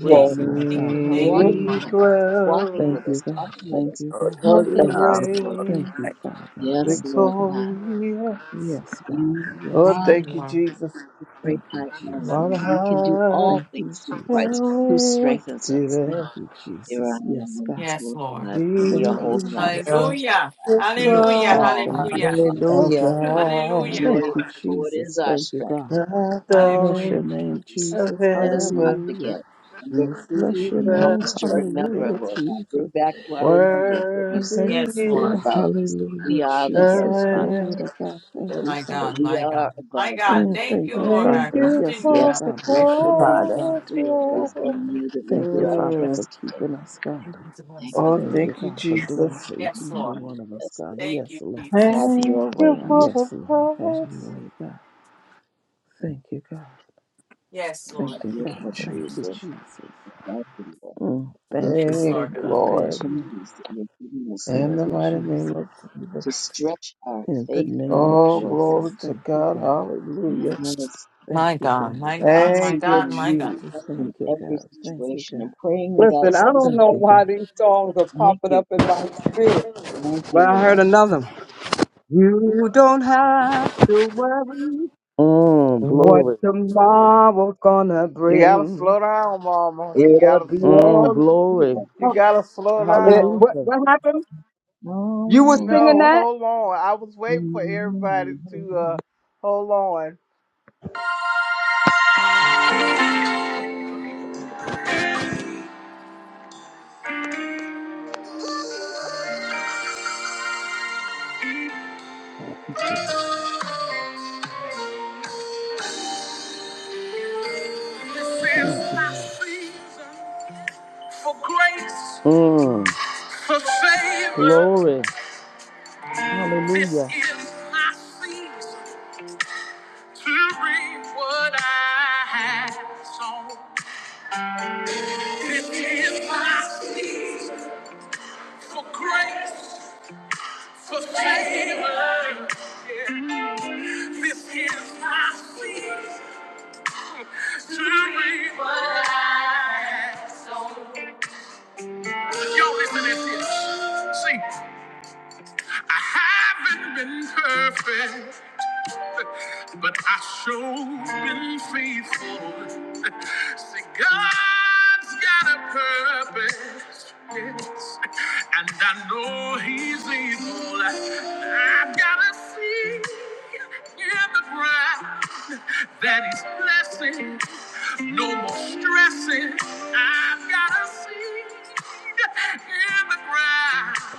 Speaker 7: with
Speaker 2: Thank you,
Speaker 5: Lord
Speaker 2: thank
Speaker 5: God.
Speaker 2: you, thank
Speaker 3: We
Speaker 2: you,
Speaker 1: Walking
Speaker 7: many
Speaker 2: Lord.
Speaker 1: us,
Speaker 5: Hallelujah.
Speaker 1: walking
Speaker 5: Thank
Speaker 1: with
Speaker 7: crowns.
Speaker 1: us,
Speaker 5: you, God.
Speaker 1: talking with
Speaker 5: Thank
Speaker 1: us,
Speaker 5: you,
Speaker 6: Glory
Speaker 5: God.
Speaker 6: for
Speaker 7: Lord,
Speaker 6: you
Speaker 7: you
Speaker 1: comforting
Speaker 3: thank you.
Speaker 1: us,
Speaker 6: now,
Speaker 1: Lord
Speaker 6: glory
Speaker 1: God.
Speaker 5: Thank
Speaker 7: reign
Speaker 5: you, Father.
Speaker 1: Yes,
Speaker 5: Thank you,
Speaker 1: Lord
Speaker 5: God.
Speaker 1: God,
Speaker 7: victorious.
Speaker 5: Yes, God.
Speaker 1: you
Speaker 7: Oh,
Speaker 5: Yes,
Speaker 1: are
Speaker 2: Thank you,
Speaker 5: God.
Speaker 7: thank you,
Speaker 2: Lord.
Speaker 7: Jesus.
Speaker 1: the great
Speaker 5: Thank
Speaker 1: I
Speaker 5: you,
Speaker 1: am,
Speaker 7: Lord,
Speaker 1: and
Speaker 5: Jesus.
Speaker 1: we can do
Speaker 7: I am
Speaker 1: all
Speaker 5: Thank you,
Speaker 1: things through Christ
Speaker 5: Jesus.
Speaker 1: who strengthens us.
Speaker 7: lifted
Speaker 5: Thank
Speaker 7: up.
Speaker 5: you,
Speaker 1: There are
Speaker 5: Jesus.
Speaker 1: no
Speaker 5: Yes,
Speaker 1: limits,
Speaker 5: God.
Speaker 2: Yes,
Speaker 1: Lord
Speaker 2: Lord.
Speaker 1: God, and you're
Speaker 5: Thank
Speaker 6: for
Speaker 5: you,
Speaker 7: Jesus
Speaker 1: holding our hand.
Speaker 5: Jesus.
Speaker 6: you.
Speaker 2: Hallelujah.
Speaker 5: Yes,
Speaker 2: Hallelujah.
Speaker 5: God.
Speaker 7: Christ,
Speaker 1: All
Speaker 5: Thank
Speaker 1: things
Speaker 5: you,
Speaker 2: Hallelujah.
Speaker 1: are
Speaker 7: our
Speaker 1: possible.
Speaker 5: Jesus.
Speaker 6: Hallelujah. Hallelujah.
Speaker 1: The
Speaker 2: Hallelujah,
Speaker 7: God,
Speaker 1: joy
Speaker 5: Thank you,
Speaker 1: of
Speaker 2: Lord.
Speaker 1: the Lord
Speaker 5: Jesus.
Speaker 1: is our
Speaker 5: Thank you,
Speaker 1: strength.
Speaker 5: God.
Speaker 7: the
Speaker 5: Bless
Speaker 2: Hallelujah.
Speaker 5: your
Speaker 7: darling
Speaker 5: name,
Speaker 1: We just-
Speaker 7: of
Speaker 5: Jesus.
Speaker 1: Let us not
Speaker 7: heaven,
Speaker 5: Hallelujah.
Speaker 1: forget. Remember,
Speaker 5: Bless
Speaker 7: receive
Speaker 5: your
Speaker 1: you help
Speaker 5: name.
Speaker 1: us
Speaker 7: the
Speaker 1: to remember,
Speaker 7: praise.
Speaker 5: Hallelujah,
Speaker 1: Lord God. Bring
Speaker 5: Jesus.
Speaker 1: back to our remembrance what you said
Speaker 7: Worthy
Speaker 2: Yes,
Speaker 7: is
Speaker 5: Hallelujah.
Speaker 2: Lord.
Speaker 1: about us.
Speaker 5: Hallelujah,
Speaker 1: We are the
Speaker 7: the
Speaker 1: head
Speaker 5: Jesus.
Speaker 1: and not the
Speaker 5: Glory
Speaker 7: Lamb.
Speaker 5: to
Speaker 1: tail,
Speaker 5: God. Thank you,
Speaker 2: My
Speaker 1: but
Speaker 2: God,
Speaker 5: Father.
Speaker 1: we
Speaker 2: my
Speaker 1: are
Speaker 2: God, my
Speaker 1: above and
Speaker 2: God.
Speaker 5: Mm,
Speaker 1: not
Speaker 2: Thank
Speaker 5: thank
Speaker 2: you,
Speaker 5: you,
Speaker 1: below.
Speaker 2: Lord
Speaker 7: Thank
Speaker 2: God.
Speaker 5: Father.
Speaker 7: you
Speaker 5: Yes,
Speaker 2: Continue to
Speaker 5: Lord
Speaker 7: for
Speaker 1: Yes,
Speaker 2: have
Speaker 7: the
Speaker 2: the
Speaker 5: God.
Speaker 2: way.
Speaker 5: Bless your name,
Speaker 6: Father.
Speaker 7: cross,
Speaker 5: God. Do it,
Speaker 1: it
Speaker 7: Lord.
Speaker 1: is
Speaker 5: God.
Speaker 1: in you that we
Speaker 5: Thank
Speaker 1: put
Speaker 5: you,
Speaker 1: our
Speaker 5: Father,
Speaker 7: Mm.
Speaker 5: for
Speaker 1: trust today.
Speaker 5: keeping us,
Speaker 2: Thank
Speaker 5: God.
Speaker 2: you, Jesus.
Speaker 1: Thank you,
Speaker 2: awesome.
Speaker 7: Oh,
Speaker 5: Thank
Speaker 1: Lord.
Speaker 5: you,
Speaker 7: thank you,
Speaker 5: God, for doing it
Speaker 7: Jesus.
Speaker 5: for each
Speaker 2: Yes,
Speaker 5: and every
Speaker 2: Lord.
Speaker 5: one of us,
Speaker 1: Yes,
Speaker 5: God.
Speaker 1: Lord.
Speaker 2: Thank
Speaker 5: Yes,
Speaker 2: you,
Speaker 5: Lord.
Speaker 1: Have
Speaker 2: Jesus.
Speaker 7: Thank
Speaker 1: your
Speaker 7: you
Speaker 1: way unto
Speaker 7: for the
Speaker 5: Yes, Lord, have your
Speaker 7: promise.
Speaker 5: way, God. Thank you, God.
Speaker 2: Yes,
Speaker 5: Thank
Speaker 1: Have
Speaker 2: Lord.
Speaker 5: you,
Speaker 1: your
Speaker 7: Thank
Speaker 5: God.
Speaker 7: you,
Speaker 1: way
Speaker 5: Thank you,
Speaker 1: unto
Speaker 7: Jesus.
Speaker 5: Jesus.
Speaker 1: Exactly, Lord.
Speaker 5: Mm, thank you,
Speaker 2: Yes,
Speaker 7: Thank
Speaker 2: Lord
Speaker 1: For
Speaker 5: thank
Speaker 7: you,
Speaker 1: The
Speaker 5: you,
Speaker 2: God.
Speaker 5: thank
Speaker 7: Lord.
Speaker 5: you.
Speaker 1: opportunities that you're giving us,
Speaker 7: In
Speaker 5: Thank
Speaker 1: Lord
Speaker 7: the
Speaker 5: you,
Speaker 1: God,
Speaker 7: mighty name
Speaker 5: Jesus.
Speaker 7: of Jesus.
Speaker 1: to stretch our
Speaker 5: In the
Speaker 1: faith
Speaker 5: name
Speaker 1: out,
Speaker 5: of
Speaker 7: Oh,
Speaker 1: Lord God.
Speaker 7: glory
Speaker 5: Jesus,
Speaker 7: to
Speaker 5: thank you,
Speaker 7: God.
Speaker 5: God.
Speaker 7: Hallelujah.
Speaker 1: Yes,
Speaker 5: Thank
Speaker 2: My
Speaker 5: you,
Speaker 2: God,
Speaker 5: God.
Speaker 2: my
Speaker 1: and
Speaker 2: God, my
Speaker 7: Thank you,
Speaker 2: God,
Speaker 1: seeking
Speaker 2: my God.
Speaker 1: you
Speaker 7: Jesus.
Speaker 5: Thank
Speaker 1: in
Speaker 5: you,
Speaker 1: every
Speaker 5: God. Thank you,
Speaker 1: situation
Speaker 5: God.
Speaker 1: and praying
Speaker 3: Lord.
Speaker 1: without
Speaker 3: Listen, I don't
Speaker 1: ceasing.
Speaker 5: Thank
Speaker 3: know
Speaker 5: you,
Speaker 3: why
Speaker 5: God.
Speaker 3: these songs are
Speaker 1: Thank
Speaker 3: popping
Speaker 1: you.
Speaker 3: up in my spirit,
Speaker 1: Thank
Speaker 3: but
Speaker 1: you,
Speaker 3: I heard
Speaker 1: Lord.
Speaker 3: another one. You don't have to worry
Speaker 5: Mm,
Speaker 3: what
Speaker 5: glory.
Speaker 3: tomorrow's gonna
Speaker 7: You gotta
Speaker 3: bring.
Speaker 7: slow down, Mama. You
Speaker 3: It'll
Speaker 7: gotta,
Speaker 3: be
Speaker 5: Mm,
Speaker 3: all.
Speaker 5: glory.
Speaker 1: Hallelujah.
Speaker 7: you
Speaker 3: Oh,
Speaker 7: gotta slow
Speaker 3: it,
Speaker 7: down.
Speaker 3: what,
Speaker 5: Hallelujah.
Speaker 3: what happened? You were
Speaker 1: Oh,
Speaker 3: singing
Speaker 7: No,
Speaker 3: that?
Speaker 7: hold on. I was waiting for everybody to uh,
Speaker 1: mm,
Speaker 7: hold on. This
Speaker 5: Thank
Speaker 7: is my
Speaker 5: you,
Speaker 7: season for grace,
Speaker 5: Lord. Mm,
Speaker 7: for favor.
Speaker 5: glory.
Speaker 7: This
Speaker 5: Hallelujah.
Speaker 7: is my season to reap what I have sown. This is my season for grace, for favor. This is my season to reap what I. have. Y'all listen to this. See, I haven't been perfect. but I sure's been faithful. See, God's got a purpose, yes, and I know He's able. I've got to see in the ground that He's blessing. No more stressing. I've got to see in the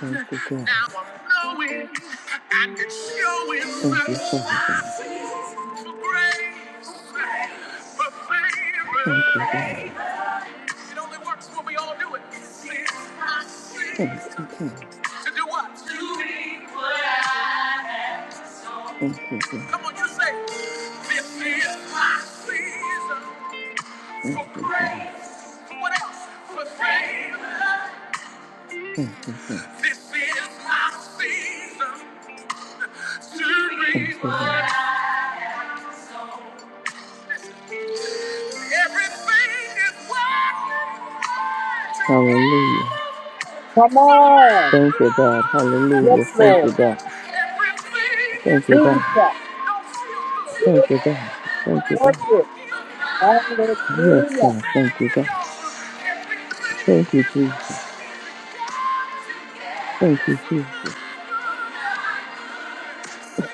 Speaker 5: Thank you, God.
Speaker 7: Now I'm knowing and it's showing
Speaker 5: Thank
Speaker 7: that
Speaker 5: you, Father.
Speaker 7: life is for grace, for
Speaker 5: Thank you,
Speaker 7: favor.
Speaker 5: God.
Speaker 7: It only works when we all do it.
Speaker 5: Thank you, God.
Speaker 7: To do what? To be glad.
Speaker 5: Thank you, God.
Speaker 7: Come on, you say, this is my season
Speaker 5: Thank
Speaker 7: for
Speaker 5: you, God.
Speaker 7: grace. For What else? For favor.
Speaker 5: Thank you, God.
Speaker 7: This is my season.
Speaker 5: Thank
Speaker 7: Surely what
Speaker 5: you, Lord.
Speaker 7: I- Everything is working
Speaker 5: Hallelujah.
Speaker 7: together
Speaker 3: Come on.
Speaker 5: Thank you, God.
Speaker 3: Yes,
Speaker 5: Hallelujah. Thank you,
Speaker 3: Lord.
Speaker 5: God. Thank you, God.
Speaker 3: Jesus.
Speaker 7: Don't feel
Speaker 5: Thank you,
Speaker 7: good,
Speaker 5: God.
Speaker 7: but
Speaker 5: Thank you,
Speaker 7: it's
Speaker 3: Work
Speaker 5: God.
Speaker 3: it.
Speaker 7: working for my
Speaker 5: Yes,
Speaker 3: Hallelujah.
Speaker 5: God. Thank you, God.
Speaker 7: y'all. Everything is
Speaker 5: Thank you, Jesus.
Speaker 7: working
Speaker 5: Thank you, Jesus.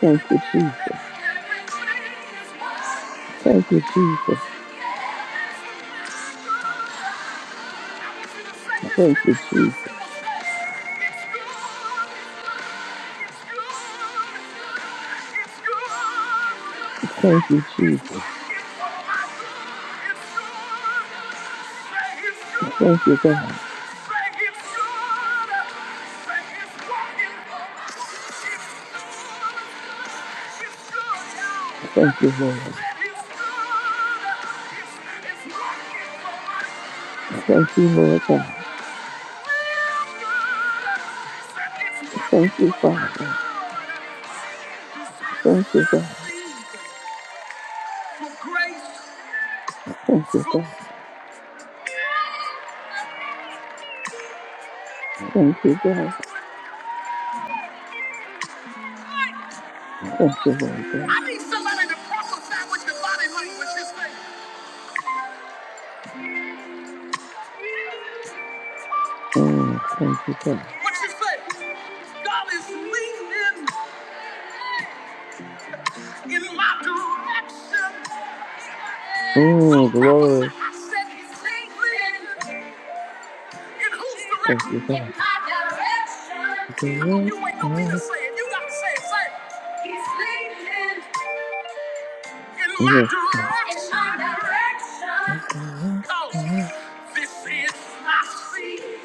Speaker 5: Thank you, Jesus. Thank you, Jesus. Thank you, Jesus. Thank you, Jesus.
Speaker 7: it's
Speaker 5: Thank you,
Speaker 7: good. For
Speaker 5: God. Thank you, Lord. Thank you, Lord God. Thank you, Father. Thank you, God.
Speaker 7: grace,
Speaker 5: Thank you, God. Thank you, God.
Speaker 7: for
Speaker 5: Thank you, Lord God.
Speaker 7: I need somebody to prophesy with your body language. Just say,
Speaker 5: Mm, thank you, God.
Speaker 7: what you say? God is leading in my direction.
Speaker 5: Mm,
Speaker 7: Don't prophesy.
Speaker 5: glory.
Speaker 7: I said he's leading. In whose
Speaker 5: Thank
Speaker 7: direction?
Speaker 5: you,
Speaker 7: In
Speaker 5: God.
Speaker 7: my direction. Come on, you ain't no me to
Speaker 5: Direction.
Speaker 7: say it. You gotta say it. Say it. He's leading in my
Speaker 5: Yes, God.
Speaker 7: direction. In my direction. Cause
Speaker 5: Direction
Speaker 7: this is my season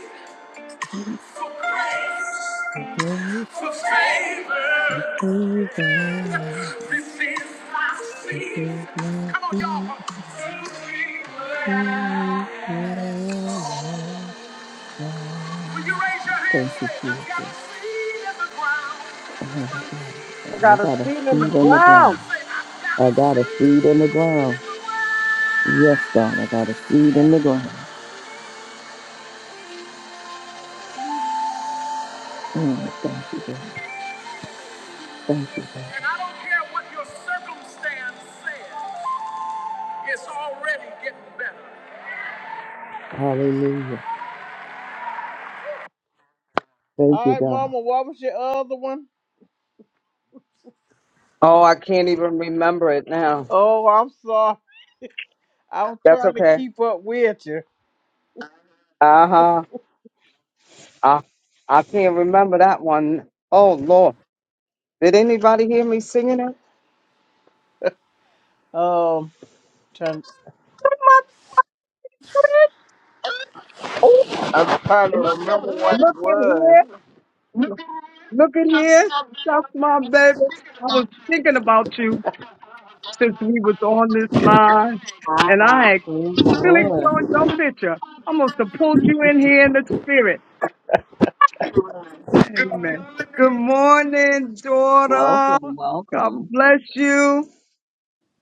Speaker 7: for grace.
Speaker 5: for grace
Speaker 7: for favor.
Speaker 5: and favor.
Speaker 7: This is my
Speaker 5: This
Speaker 7: season.
Speaker 5: is my
Speaker 7: Come on,
Speaker 5: season.
Speaker 7: y'all. For favor. Will you raise your hand and
Speaker 5: Thank you,
Speaker 7: say, I've
Speaker 5: Jesus.
Speaker 7: got a seed in the ground
Speaker 5: Oh, my
Speaker 7: for
Speaker 5: God.
Speaker 3: I
Speaker 7: me?
Speaker 5: I
Speaker 3: got a
Speaker 5: got a
Speaker 3: seed in
Speaker 7: Come
Speaker 5: seed
Speaker 3: the
Speaker 7: on,
Speaker 5: in the
Speaker 7: open your mouth
Speaker 5: ground.
Speaker 3: ground.
Speaker 7: and say, I've got
Speaker 5: I
Speaker 7: a
Speaker 5: got a seed in the
Speaker 7: seed in
Speaker 5: ground.
Speaker 7: the
Speaker 5: Yes, God, I
Speaker 7: ground.
Speaker 5: got a seed in the ground. Mm, thank you, God. Thank you, God.
Speaker 7: And I don't care what your circumstance says, it's already getting better.
Speaker 5: Hallelujah.
Speaker 7: All
Speaker 5: Thank you,
Speaker 7: right,
Speaker 5: God.
Speaker 7: Mama, what was your other one?
Speaker 3: Oh, I can't even remember it now.
Speaker 7: Oh, I'm sorry. I'll
Speaker 3: That's
Speaker 7: trying to
Speaker 3: okay.
Speaker 7: keep up with you.
Speaker 3: Uh huh. I, I can't remember that one. Oh, Lord. Did anybody hear me singing it?
Speaker 7: Um, trying,
Speaker 3: My
Speaker 7: I'm trying to remember what it
Speaker 3: Look at
Speaker 7: was.
Speaker 3: here. Look at here. That's my baby. I was thinking about you since we was on this line and I had
Speaker 1: praise the
Speaker 3: clicked
Speaker 1: Lord.
Speaker 3: on your picture. I must have pulled you in here in the spirit. Amen. Good morning, daughter.
Speaker 1: Welcome,
Speaker 3: God
Speaker 1: welcome.
Speaker 3: bless you.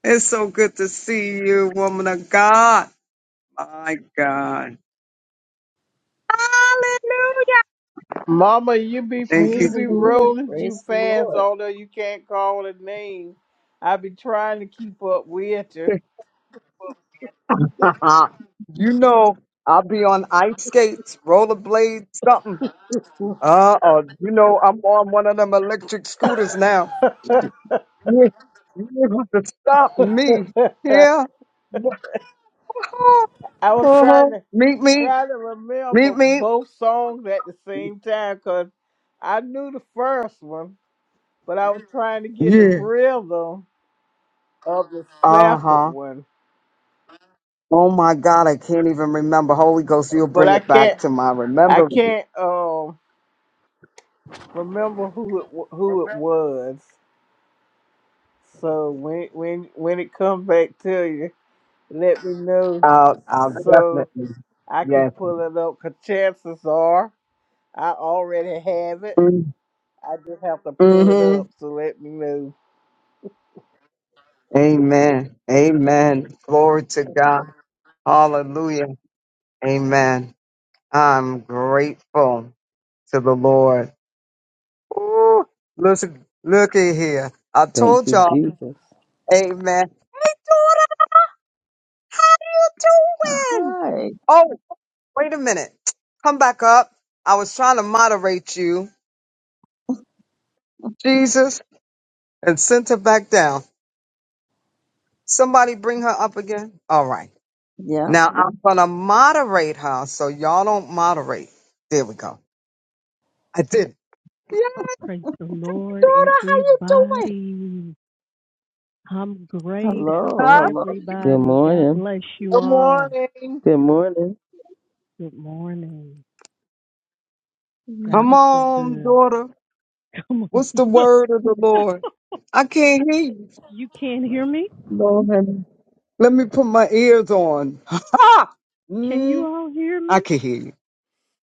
Speaker 3: It's so good to see you, woman of God. My God. Hallelujah.
Speaker 7: Mama, you be
Speaker 3: Thank
Speaker 7: you
Speaker 1: Praise
Speaker 3: you,
Speaker 7: be
Speaker 1: the
Speaker 3: Jesus.
Speaker 1: Lord.
Speaker 7: rolling
Speaker 1: Praise
Speaker 7: too
Speaker 1: the
Speaker 7: fast,
Speaker 1: Lord.
Speaker 7: although you can't call a name. I be trying to keep up with you.
Speaker 3: you know, I'll be on ice skates, rollerblades, something. Uh, or you know, I'm on one of them electric scooters now. Yeah, you able to stop me? Yeah.
Speaker 7: I was
Speaker 3: Uh-huh.
Speaker 7: trying to
Speaker 3: Meet me.
Speaker 7: try to remember
Speaker 3: Meet me.
Speaker 7: both songs at the same time because I knew the first one, but I was trying to get the
Speaker 3: Yeah.
Speaker 7: rhythm of the
Speaker 3: Uh
Speaker 7: second
Speaker 3: huh.
Speaker 7: one.
Speaker 3: Oh my God, I can't even remember. Holy Ghost, you'll
Speaker 7: But
Speaker 3: bring
Speaker 7: I
Speaker 3: it
Speaker 7: can't.
Speaker 3: back to my
Speaker 7: I
Speaker 3: remembrance.
Speaker 7: can't. um, remember who it wa- who it was. So when when when it come back to you, let me know
Speaker 3: I'll, I'll
Speaker 7: so
Speaker 3: definitely.
Speaker 7: I can
Speaker 3: Yes.
Speaker 7: pull it up. Cause chances are I already have it.
Speaker 3: Mm-hmm.
Speaker 7: I just have to pull it up. So let me know.
Speaker 3: Amen. Amen. Glory to God. Hallelujah. Amen. I'm grateful to the Lord. Ooh, listen, look at here. I
Speaker 5: Thank
Speaker 3: told
Speaker 5: you,
Speaker 3: y'all,
Speaker 5: Jesus.
Speaker 3: amen. Hey, daughter, how you doing?
Speaker 1: Hi.
Speaker 3: Oh, wait a minute. Come back up. I was trying to moderate you, Jesus, and sent her back down. Somebody bring her up again. All right.
Speaker 1: Yeah.
Speaker 3: Now I'm going to moderate her so y'all don't moderate. There we go. I did. Yeah,
Speaker 8: Praise the Lord,
Speaker 3: daughter, how you doing?
Speaker 8: everybody. I'm great. How's
Speaker 3: Huh?
Speaker 1: Hello.
Speaker 5: Good
Speaker 8: everybody? God
Speaker 5: morning.
Speaker 8: bless you
Speaker 7: Good
Speaker 8: all.
Speaker 7: morning.
Speaker 5: Good morning.
Speaker 8: Good morning. God
Speaker 1: Hello.
Speaker 3: Come
Speaker 8: is so
Speaker 3: on,
Speaker 8: good.
Speaker 3: daughter.
Speaker 8: Come
Speaker 3: What's the
Speaker 8: on.
Speaker 3: word of the Lord? I can't hear you.
Speaker 8: you can't hear me?
Speaker 3: Lord, have let me put my ears on. Ha!
Speaker 8: Can you
Speaker 3: Mm,
Speaker 8: all hear
Speaker 3: I
Speaker 8: me?
Speaker 3: can hear you.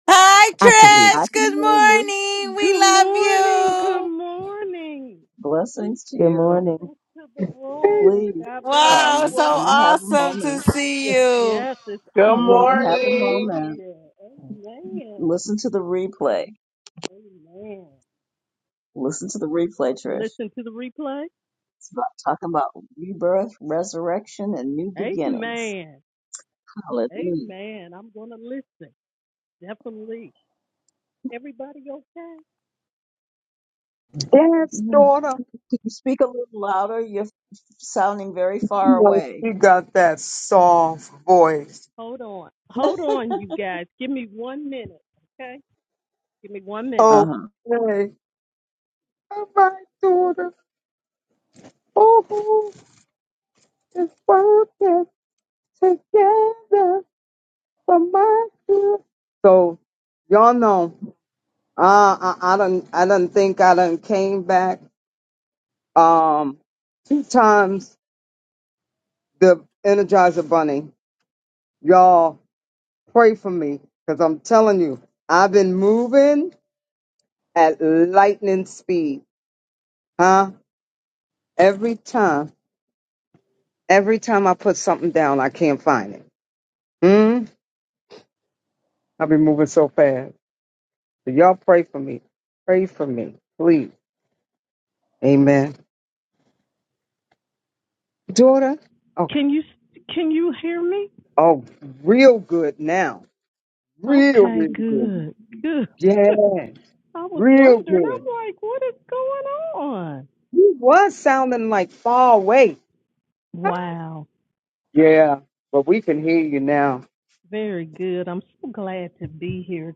Speaker 2: Hi,
Speaker 3: I can
Speaker 1: Yeah,
Speaker 3: hear
Speaker 1: I
Speaker 2: Trish.
Speaker 1: can
Speaker 2: Good
Speaker 1: hear you.
Speaker 2: morning. We
Speaker 8: Good
Speaker 2: love
Speaker 8: morning. Good
Speaker 2: you.
Speaker 8: morning.
Speaker 1: Blessings to
Speaker 5: Good
Speaker 1: you.
Speaker 5: morning.
Speaker 8: Blessings to the
Speaker 3: you.
Speaker 8: room.
Speaker 1: Please,
Speaker 8: God bless
Speaker 2: Wow,
Speaker 8: you
Speaker 1: um,
Speaker 2: so
Speaker 1: when
Speaker 8: all.
Speaker 1: you have a
Speaker 2: awesome to
Speaker 1: moment,
Speaker 2: see you.
Speaker 8: Yes, it's
Speaker 7: Good
Speaker 1: when
Speaker 8: awesome
Speaker 1: you
Speaker 8: to
Speaker 1: have a
Speaker 8: be
Speaker 7: morning.
Speaker 1: moment,
Speaker 8: here. Amen.
Speaker 1: listen to the replay.
Speaker 8: Amen.
Speaker 1: Listen to the replay, Trish.
Speaker 8: Listen to the replay.
Speaker 1: It's about talking about rebirth, resurrection, and new beginnings.
Speaker 8: Amen.
Speaker 1: Hallelujah.
Speaker 8: Amen. I'm going to listen. Definitely. Everybody okay?
Speaker 3: Yes,
Speaker 1: Mhm.
Speaker 3: daughter.
Speaker 1: Could you speak a little louder? You're sounding very far
Speaker 3: Well,
Speaker 1: away.
Speaker 3: You got that soft voice.
Speaker 8: Hold on. Hold on, you guys. Give me one minute, okay? Give me one minute.
Speaker 1: Uh
Speaker 3: Okay.
Speaker 1: huh.
Speaker 3: All right, daughter. Oh, it's working together for my good. So, y'all know. Uh, I, I don't, I don't think I done came back. Um, two times the Energizer Bunny. Y'all pray for me, cause I'm telling you, I've been moving at lightning speed, huh? Every time, every time I put something down, I can't find it. Hmm. I've been moving so fast. So y'all pray for me. Pray for me, please. Amen. Daughter. Okay.
Speaker 8: Can you can you hear me?
Speaker 3: Oh, real good now. Real,
Speaker 8: Okay,
Speaker 3: real good.
Speaker 8: good. Good.
Speaker 3: Yeah,
Speaker 8: I was
Speaker 3: real
Speaker 8: wondering. I'm
Speaker 3: good.
Speaker 8: like, what is going on?
Speaker 3: You was sounding like far away.
Speaker 8: Wow.
Speaker 3: Yeah, but we can hear you now.
Speaker 8: Very good. I'm so glad to be here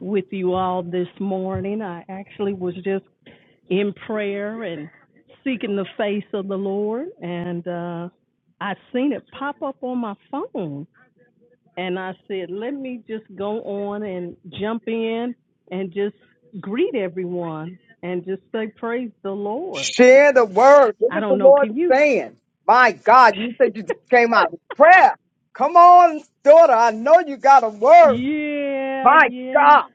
Speaker 8: with you all this morning. I actually was just in prayer and seeking the face of the Lord. And uh, I seen it pop up on my phone. And I said, let me just go on and jump in and just greet everyone and just say, praise the Lord.
Speaker 3: Share the word. What
Speaker 8: I
Speaker 3: is the
Speaker 8: don't know.
Speaker 3: Lord
Speaker 8: Can you?
Speaker 3: saying? My God, you said you just came out of prayer. Come on, daughter. I know you got a word.
Speaker 8: yeah,
Speaker 3: My
Speaker 8: yeah.
Speaker 3: God.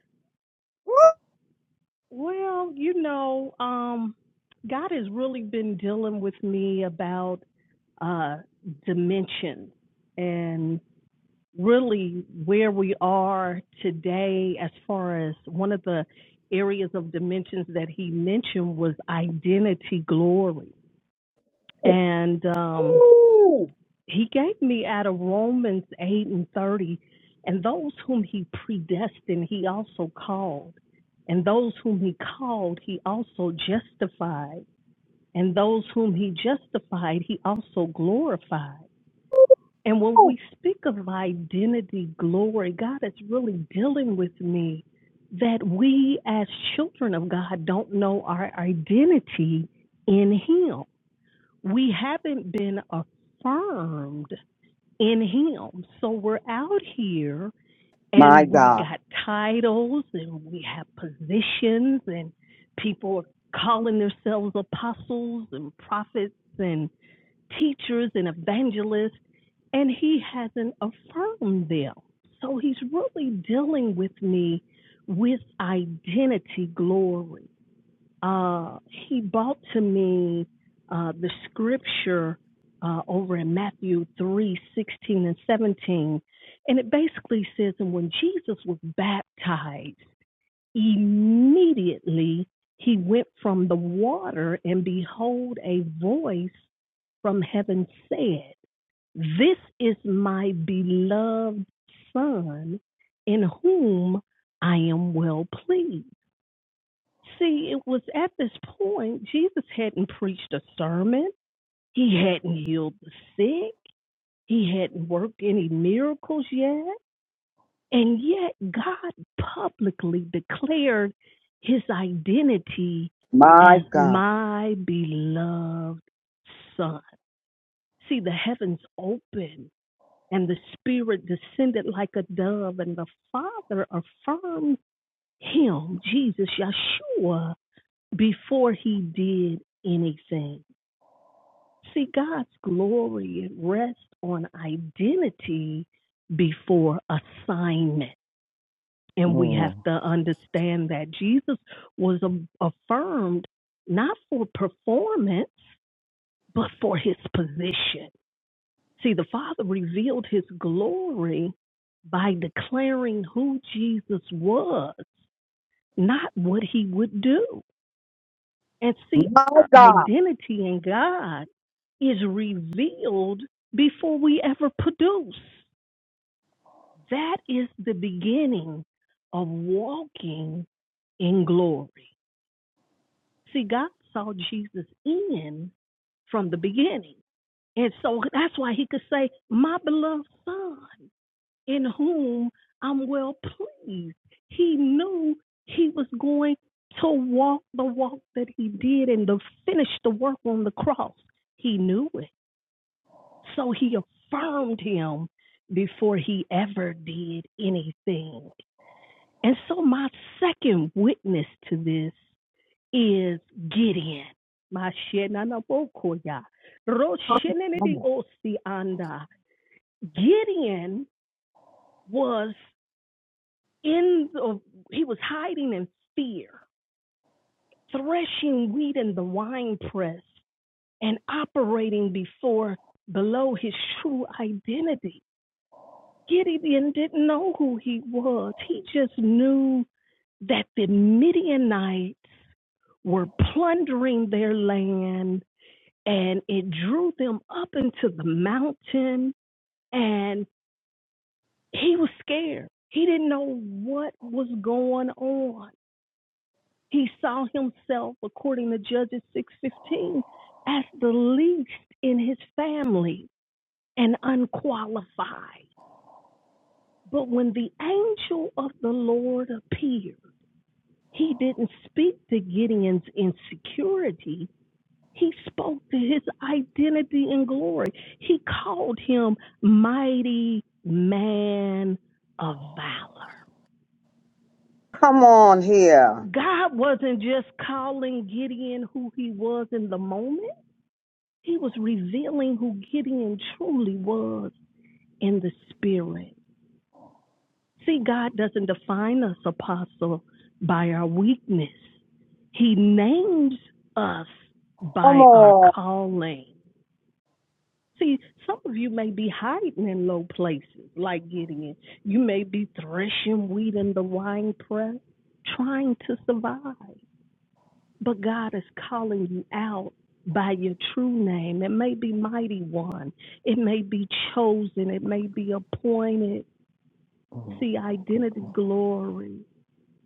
Speaker 3: Woo!
Speaker 8: Well, you know, um, God has really been dealing with me about uh, dimension and really where we are today as far as one of the areas of dimensions that he mentioned was identity glory. And um,
Speaker 3: Ooh.
Speaker 8: he gave me out of Romans 8 and 30, and those whom he predestined, he also called. And those whom he called, he also justified. And those whom he justified, he also glorified. And when
Speaker 3: Ooh.
Speaker 8: we speak of identity glory, God is really dealing with me that we as children of God don't know our identity in him. We haven't been affirmed in Him. So we're out here
Speaker 3: My
Speaker 8: and we
Speaker 3: God.
Speaker 8: got titles and we have positions and people are calling themselves apostles and prophets and teachers and evangelists and he hasn't affirmed them. So he's really dealing with me with identity glory. Uh, he brought to me uh, the scripture uh, over in Matthew three sixteen and 17. And it basically says, And when Jesus was baptized, immediately he went from the water, and behold, a voice from heaven said, This is my beloved Son, in whom I am well pleased. See, it was at this point Jesus hadn't preached a sermon. He hadn't healed the sick. He hadn't worked any miracles yet. And yet God publicly declared his identity
Speaker 3: My
Speaker 8: as
Speaker 3: God.
Speaker 8: my beloved son. See, the heavens opened and the spirit descended like a dove and the father affirmed him, Jesus, Yeshua before he did anything. See, God's glory rests on identity before assignment. And we have
Speaker 5: Mm,
Speaker 8: to understand that Jesus was affirmed not for performance, but for his position. See, the Father revealed his glory by declaring who Jesus was, not what he would do. And see,
Speaker 3: My
Speaker 8: our
Speaker 3: God.
Speaker 8: identity in God is revealed before we ever produce. That is the beginning of walking in glory. See, God saw Jesus in from the beginning. And so that's why he could say, My beloved son in whom I'm well pleased. He knew he was going to walk the walk that he did and to finish the work on the cross. He knew it. So he affirmed him before he ever did anything. And so my second witness to this is Gideon. My shenanabokoya.
Speaker 3: Come
Speaker 8: Roshenenidi
Speaker 3: on
Speaker 8: osianda. Gideon was in the, he was hiding in fear, threshing wheat in the winepress, and operating before below his true identity. Gideon didn't know who he was. He just knew that the Midianites were plundering their land and it drew them up into the mountain and he was scared. He didn't know what was going on. He saw himself, according to Judges 6:15, as the least in his family and unqualified. But when the angel of the Lord appeared, he didn't speak to Gideon's insecurity. He spoke to his identity and glory. He called him mighty man of valor.
Speaker 3: Come on here.
Speaker 8: God wasn't just calling Gideon who he was in the moment. He was revealing who Gideon truly was in the spirit. See, God doesn't define us, apostle, by our weakness. He names us
Speaker 3: Come
Speaker 8: by our
Speaker 3: on.
Speaker 8: calling. See, some of you may be hiding in low places like Gideon. You may be threshing wheat in the wine press, trying to survive. But God is calling you out by your true name. It may be Mighty One, it may be chosen, it may be appointed.
Speaker 5: mm,
Speaker 8: See,
Speaker 5: good
Speaker 8: identity
Speaker 5: God,
Speaker 8: glory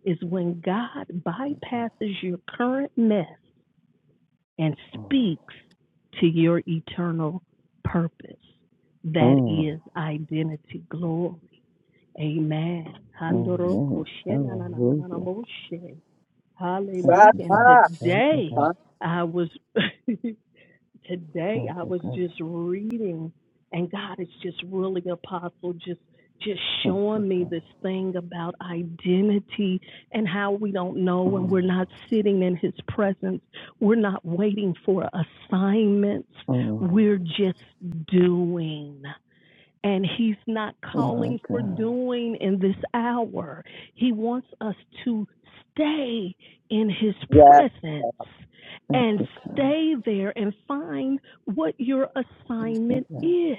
Speaker 8: is when God
Speaker 5: good God.
Speaker 8: bypasses your current mess and
Speaker 5: Mm,
Speaker 8: speaks to your eternal purpose. That
Speaker 5: mm,
Speaker 8: is identity glory. Amen.
Speaker 5: amen.
Speaker 8: Hallelujah.
Speaker 5: Hallelujah. Thank you,
Speaker 8: And
Speaker 5: God. Thank you,
Speaker 8: today
Speaker 5: God.
Speaker 8: I was. today
Speaker 5: Thank
Speaker 8: I
Speaker 5: you,
Speaker 8: was
Speaker 5: God.
Speaker 8: just reading and God is just really apostle just just
Speaker 5: Thank you,
Speaker 8: showing me
Speaker 5: God.
Speaker 8: this thing about identity and how we don't know when we're
Speaker 5: Mm,
Speaker 8: not sitting in his presence. We're not waiting for assignments.
Speaker 5: mm,
Speaker 8: We're just doing. And he's not
Speaker 5: Oh, my
Speaker 8: calling for
Speaker 5: God.
Speaker 8: doing in this hour. He wants us to stay in his presence
Speaker 5: Thank
Speaker 8: and
Speaker 5: you, God.
Speaker 8: stay there and find what your
Speaker 5: Thank
Speaker 8: assignment
Speaker 5: you, God.
Speaker 8: is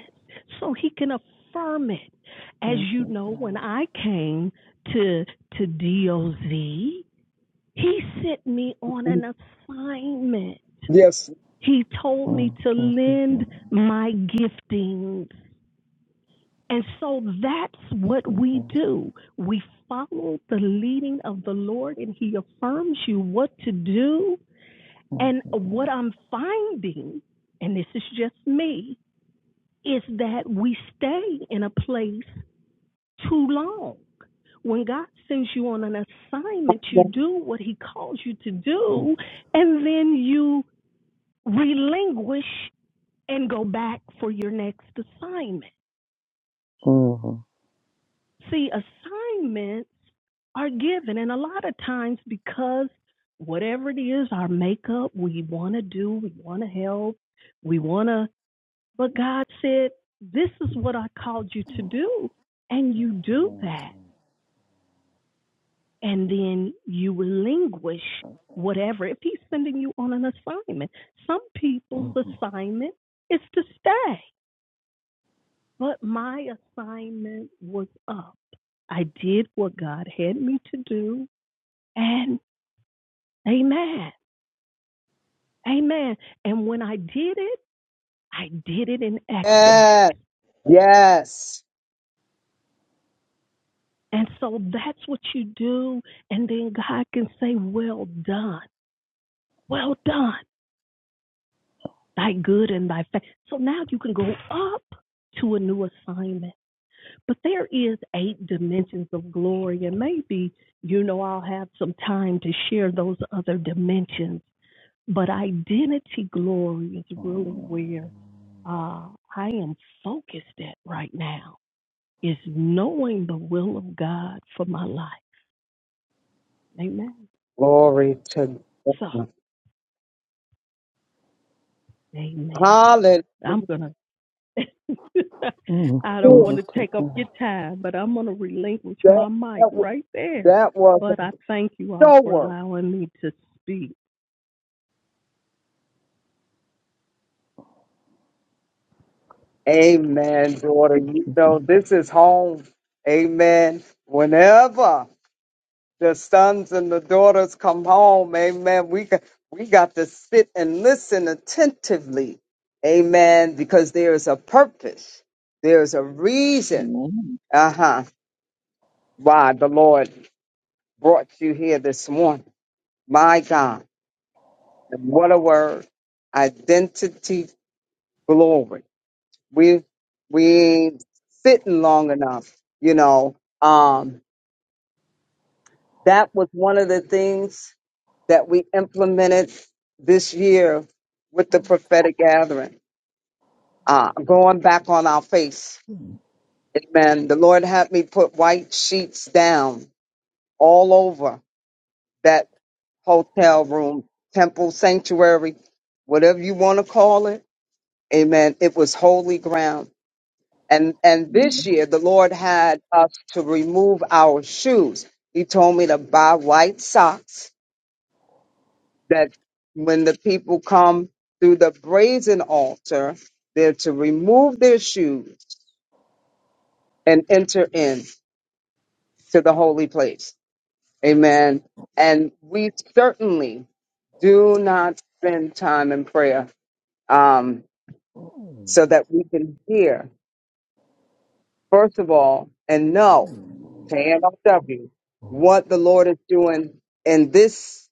Speaker 8: so he can affirm it. As
Speaker 5: Thank
Speaker 8: you
Speaker 5: you,
Speaker 8: know, when
Speaker 5: God.
Speaker 8: I came to to DOZ, he sent me on
Speaker 3: Yes.
Speaker 8: an assignment.
Speaker 3: Yes.
Speaker 8: He told me
Speaker 5: Mm,
Speaker 8: to
Speaker 5: thank you,
Speaker 8: lend
Speaker 5: God.
Speaker 8: my giftings and so that's
Speaker 5: Thank
Speaker 8: what
Speaker 5: you,
Speaker 8: we
Speaker 5: God.
Speaker 8: do. We follow the leading of the Lord, and He affirms you what to do.
Speaker 5: Thank
Speaker 8: And
Speaker 5: you,
Speaker 8: what
Speaker 5: God.
Speaker 8: I'm finding, and this is just me, is that we stay in a place too long. When God sends you on an assignment, you do what He calls you to
Speaker 5: Mm.
Speaker 8: do, and then you relinquish and go back for your next assignment.
Speaker 5: Mhm.
Speaker 8: See, assignments are given, and a lot of times because whatever it is, our makeup, we want to do, we want to help, we want to, but God said, This is what I called you to do. And you do that. And then you relinquish whatever. If He's sending you on an assignment, some people's
Speaker 5: Mhm.
Speaker 8: assignment is to stay. But my assignment was up. I did what God had me to do. And amen. Amen. And when I did it, I did it in excellence.
Speaker 3: Yes. Yes.
Speaker 8: And so that's what you do. And then God can say, Well done. Well done. Thy good and thy faith. So now you can go up to a new assignment. But there is eight dimensions of glory. And maybe, you know, I'll have some time to share those other dimensions. But identity glory is really where uh, I am focused at right now is knowing the will of God for my life. Amen.
Speaker 3: Glory to
Speaker 8: So,
Speaker 3: God.
Speaker 8: amen.
Speaker 3: Hallelujah.
Speaker 8: I'm going to,
Speaker 5: Mhm.
Speaker 8: I don't want
Speaker 5: Glory
Speaker 8: to
Speaker 5: to
Speaker 8: take up your
Speaker 5: God.
Speaker 8: time, but I'm going to relinquish
Speaker 3: That,
Speaker 8: my mic
Speaker 3: that was
Speaker 8: right there.
Speaker 3: that was
Speaker 8: But I
Speaker 3: a
Speaker 8: thank you all for
Speaker 3: shower.
Speaker 8: allowing me to speak.
Speaker 3: Amen, daughter. You
Speaker 5: Thank
Speaker 3: know,
Speaker 5: you.
Speaker 3: this is home. Amen. Whenever the sons and the daughters come home, amen, we got, we got to sit and listen attentively. Amen. Because there is a purpose. There's a reason.
Speaker 1: Amen.
Speaker 3: Uh-huh. Why the Lord. brought you here this morning. My God, and what a word. Identity glory. We we ain't sitting long enough, you know. Um, that was one of the things that we implemented this year with the prophetic gathering. Uh, going back on our face. Amen. The Lord had me put white sheets down all over that hotel room, temple, sanctuary, whatever you want to call it. Amen. It was holy ground. And and this
Speaker 1: Amen.
Speaker 3: year the Lord had us to remove our shoes. He told me to buy white socks that when the people come through the brazen altar, they're to remove their shoes and enter in to the holy place. Amen. And we certainly do not spend time in prayer. Um, so that we can hear, first of all, and know, KNOW, what the Lord is doing in this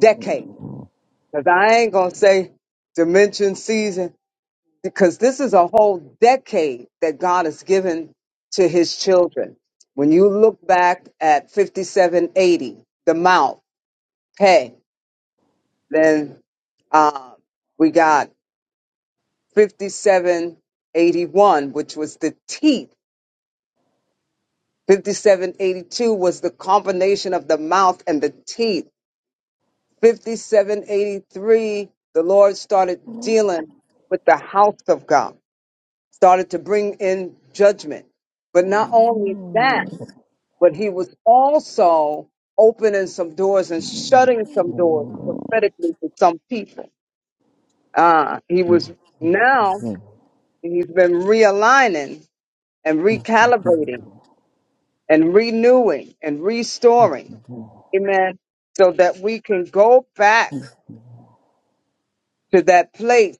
Speaker 3: decade. Because I ain't going to say dimension season, because this is a whole decade that God has given to his children. When you look back at 5780, the mouth, hey, then uh, we got 5781, which was the teeth 5782 was the combination of the mouth and the teeth. 5783, the Lord started dealing with the house of God, started to bring in judgment. But not only that,
Speaker 5: Mhm.
Speaker 3: but he was also opening some doors and shutting some doors prophetically to some people. Uh, he was now, he's been realigning and
Speaker 5: Thank you for your
Speaker 3: recalibrating and renewing and restoring.
Speaker 5: love.
Speaker 3: Amen. So that we can go back to that place,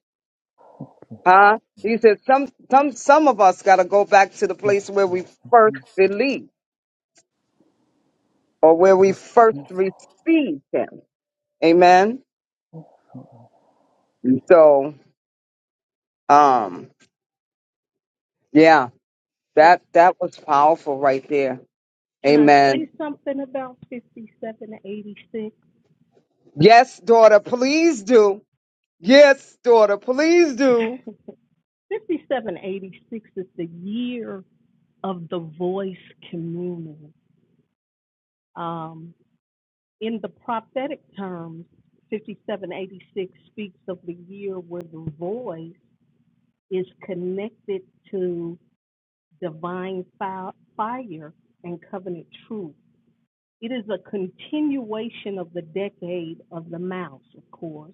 Speaker 3: huh? He said some some some of us gotta go back to the place where we first
Speaker 5: Thank
Speaker 3: believed or where we first
Speaker 5: you.
Speaker 3: received him. Amen. And so um yeah,
Speaker 8: Can
Speaker 3: that that was powerful right there.
Speaker 8: I say
Speaker 3: Amen.
Speaker 8: something about 5786?
Speaker 3: Yes, daughter, please do. Yes, daughter, please do.
Speaker 8: 5786 is the year of the voice community. Um, In the prophetic terms, 5786 speaks of the year where the voice is connected to divine fi- fire and covenant truth. It is a continuation of the decade of the mouse, of course,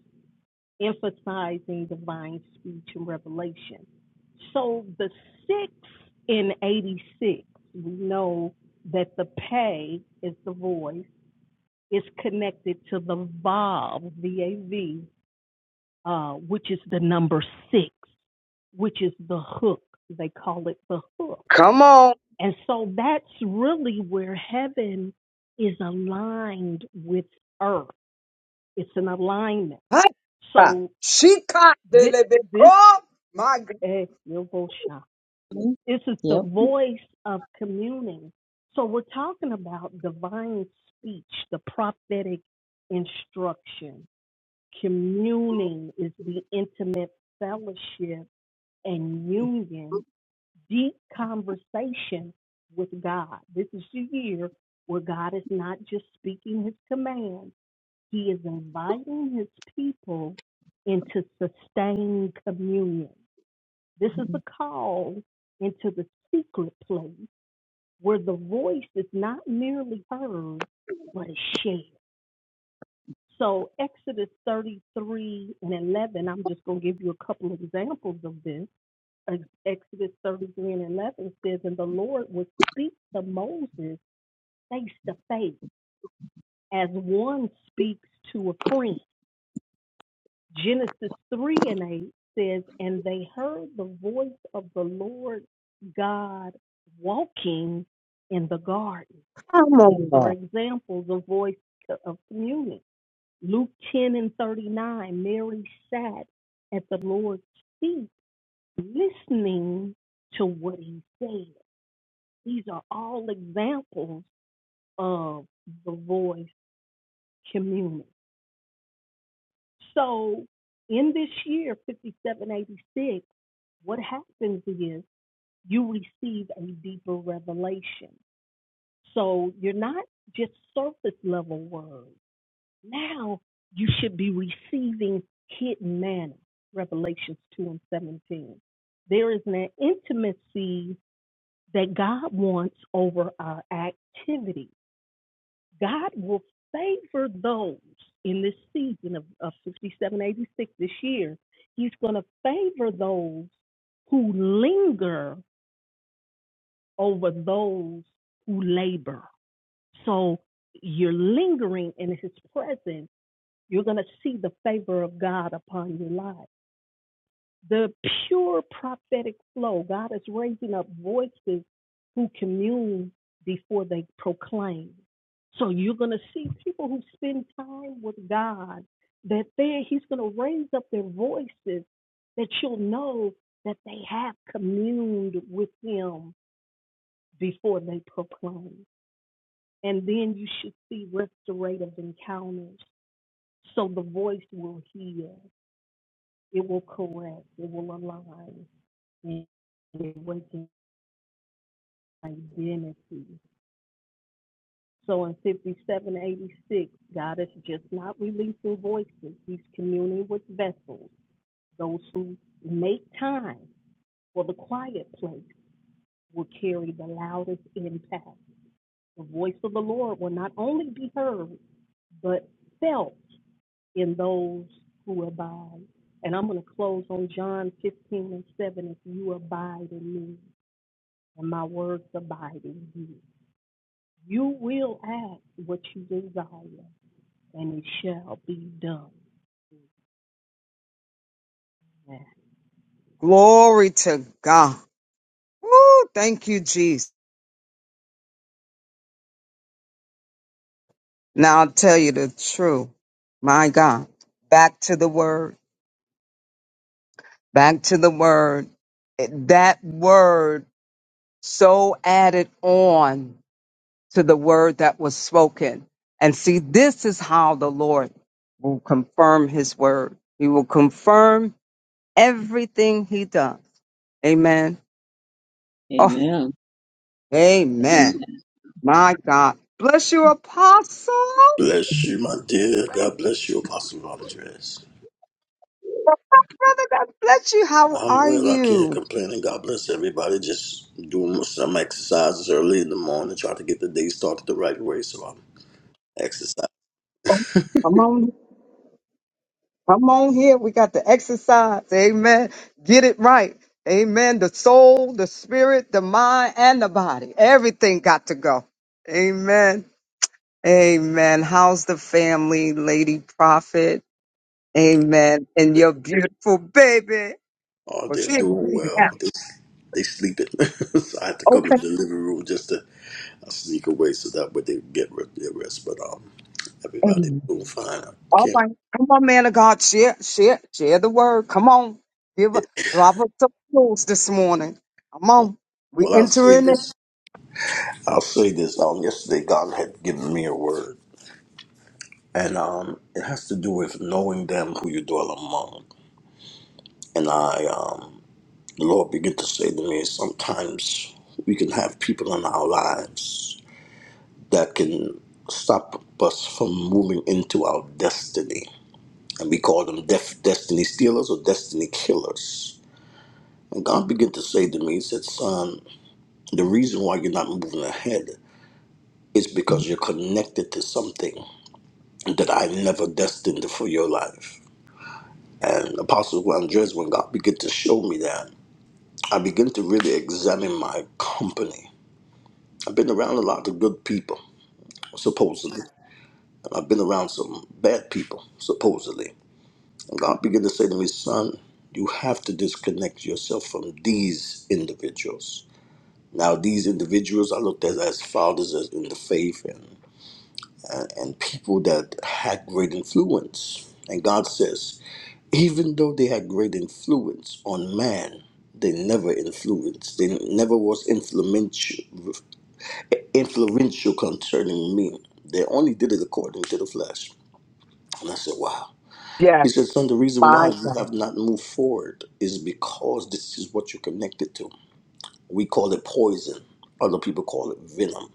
Speaker 8: emphasizing divine speech and revelation. So the six in 86, we know that the pay is the voice is connected to the VAV, V-A-V, uh, which is the number six, which is the hook. They call it the hook.
Speaker 3: Come on.
Speaker 8: And so that's really where heaven is aligned with earth. It's an alignment. So
Speaker 3: She caught the
Speaker 8: this,
Speaker 3: little bit.
Speaker 8: this,
Speaker 3: Oh, my God.
Speaker 8: eh, this is the
Speaker 1: Yep.
Speaker 8: voice of communing. So we're talking about divine speech, the prophetic instruction Communing is the intimate fellowship and union, deep conversation with God. This is the year where God is not just speaking his commands, he is inviting his people into sustained communion. This is the call into the secret place where the voice is not merely heard, but is shared. So Exodus 33 and 11, I'm just going to give you a couple examples of this. Ex- Exodus 33 and 11 says, And the Lord would speak to Moses face to face as one speaks to a friend. Genesis 3 and 8 says, And they heard the voice of the Lord God walking in the garden.
Speaker 3: Come
Speaker 8: These
Speaker 3: on.
Speaker 8: are examples of voice of communion. Luke 10 and 39, Mary sat at the Lord's feet listening to what he said. These are all examples of the voice community. So in this year, 5786, what happens is you receive a deeper revelation. So you're not just surface level words. Now you should be receiving hidden manna, Revelations 2 and 17. There is an intimacy that God wants over our activity. God will favor those in this season of, of 5786 this year. He's going to favor those who linger over those who labor. So you're lingering in his presence You're going to see the favor of God upon your life. The pure prophetic flow, God is raising up voices who commune before they proclaim. So you're going to see people who spend time with God, that they, He's going to raise up their voices that you'll know that they have communed with Him before they proclaim. And then you should see restorative encounters so the voice will heal. It will correct. It will align and awaken identity. So in 5786, God is just not releasing voices. He's communing with vessels. Those who make time for the quiet place will carry the loudest impact. The voice of the Lord will not only be heard, but felt in those who abide. And I'm going to close on John 15 and 7. If you abide in me and my words abide in you. You will ask what you desire, and it shall be done.
Speaker 3: Glory to God. Woo, thank you, Jesus. Now I'll tell you the truth. My God. Back to the word. Back to the word. It- That word so added on to the word that was spoken. And see, this is how the Lord will confirm his word. He will confirm everything he does. Amen. Oh,
Speaker 1: Amen.
Speaker 3: amen. My God. Bless you, apostle.
Speaker 9: Bless you, my dear. God bless you, Apostle Andres.
Speaker 3: Brother, God bless you. How
Speaker 9: I'm
Speaker 3: are
Speaker 9: well. I can't
Speaker 3: you?
Speaker 9: complain. And God bless everybody. Just doing some exercises early in the morning, trying to get the day started the right way. So I'm exercising
Speaker 3: Oh, Come on, come on here. We got the exercise. Amen. Get it right. Amen. The soul, the spirit, the mind, and the body. Everything got to go. Amen. Amen. How's the family, Lady Prophet? Amen. And your beautiful baby.
Speaker 9: all
Speaker 3: Well, she
Speaker 9: day,
Speaker 3: ain't a
Speaker 9: doing
Speaker 3: baby
Speaker 9: well.
Speaker 3: now.
Speaker 9: They, they sleeping. so I had to come in the
Speaker 3: Okay.
Speaker 9: living room just to I sneak away so that way they get re- their rest. But um, everybody's doing fine. I
Speaker 3: All
Speaker 9: can't.
Speaker 3: right. Come on, man of God. Share, share, share the word. Come on. Give a drop us some clues this morning. Come on. We
Speaker 9: Well, I'll say
Speaker 3: entering it.
Speaker 9: this. I'll say this. Um, yesterday God had given me a word. and um, it has to do with knowing them who you dwell among. And I, um, the Lord began to say to me, sometimes we can have people in our lives that can stop us from moving into our destiny, and we call them def- destiny stealers or destiny killers. And God began to say to me, He said, "Son, the reason why you're not moving ahead is because you're connected to something that I never destined for your life." And Apostle Andres, when God began to show me that, I began to really examine my company. I've been around a lot of good people, supposedly, and I've been around some bad people, supposedly. And God began to say to me, son, you have to disconnect yourself from these individuals. Now, these individuals I looked at as fathers as in the faith and, and people that had great influence. And God says, even though they had great influence on man, they never influenced. They never was influential, influential concerning me. They only did it according to the flesh. And I said, wow. He
Speaker 3: Yes,
Speaker 9: said, son, the reason
Speaker 3: by
Speaker 9: why you
Speaker 3: God.
Speaker 9: have not moved forward is because this is what you're connected to. We call it poison. Other people call it venom.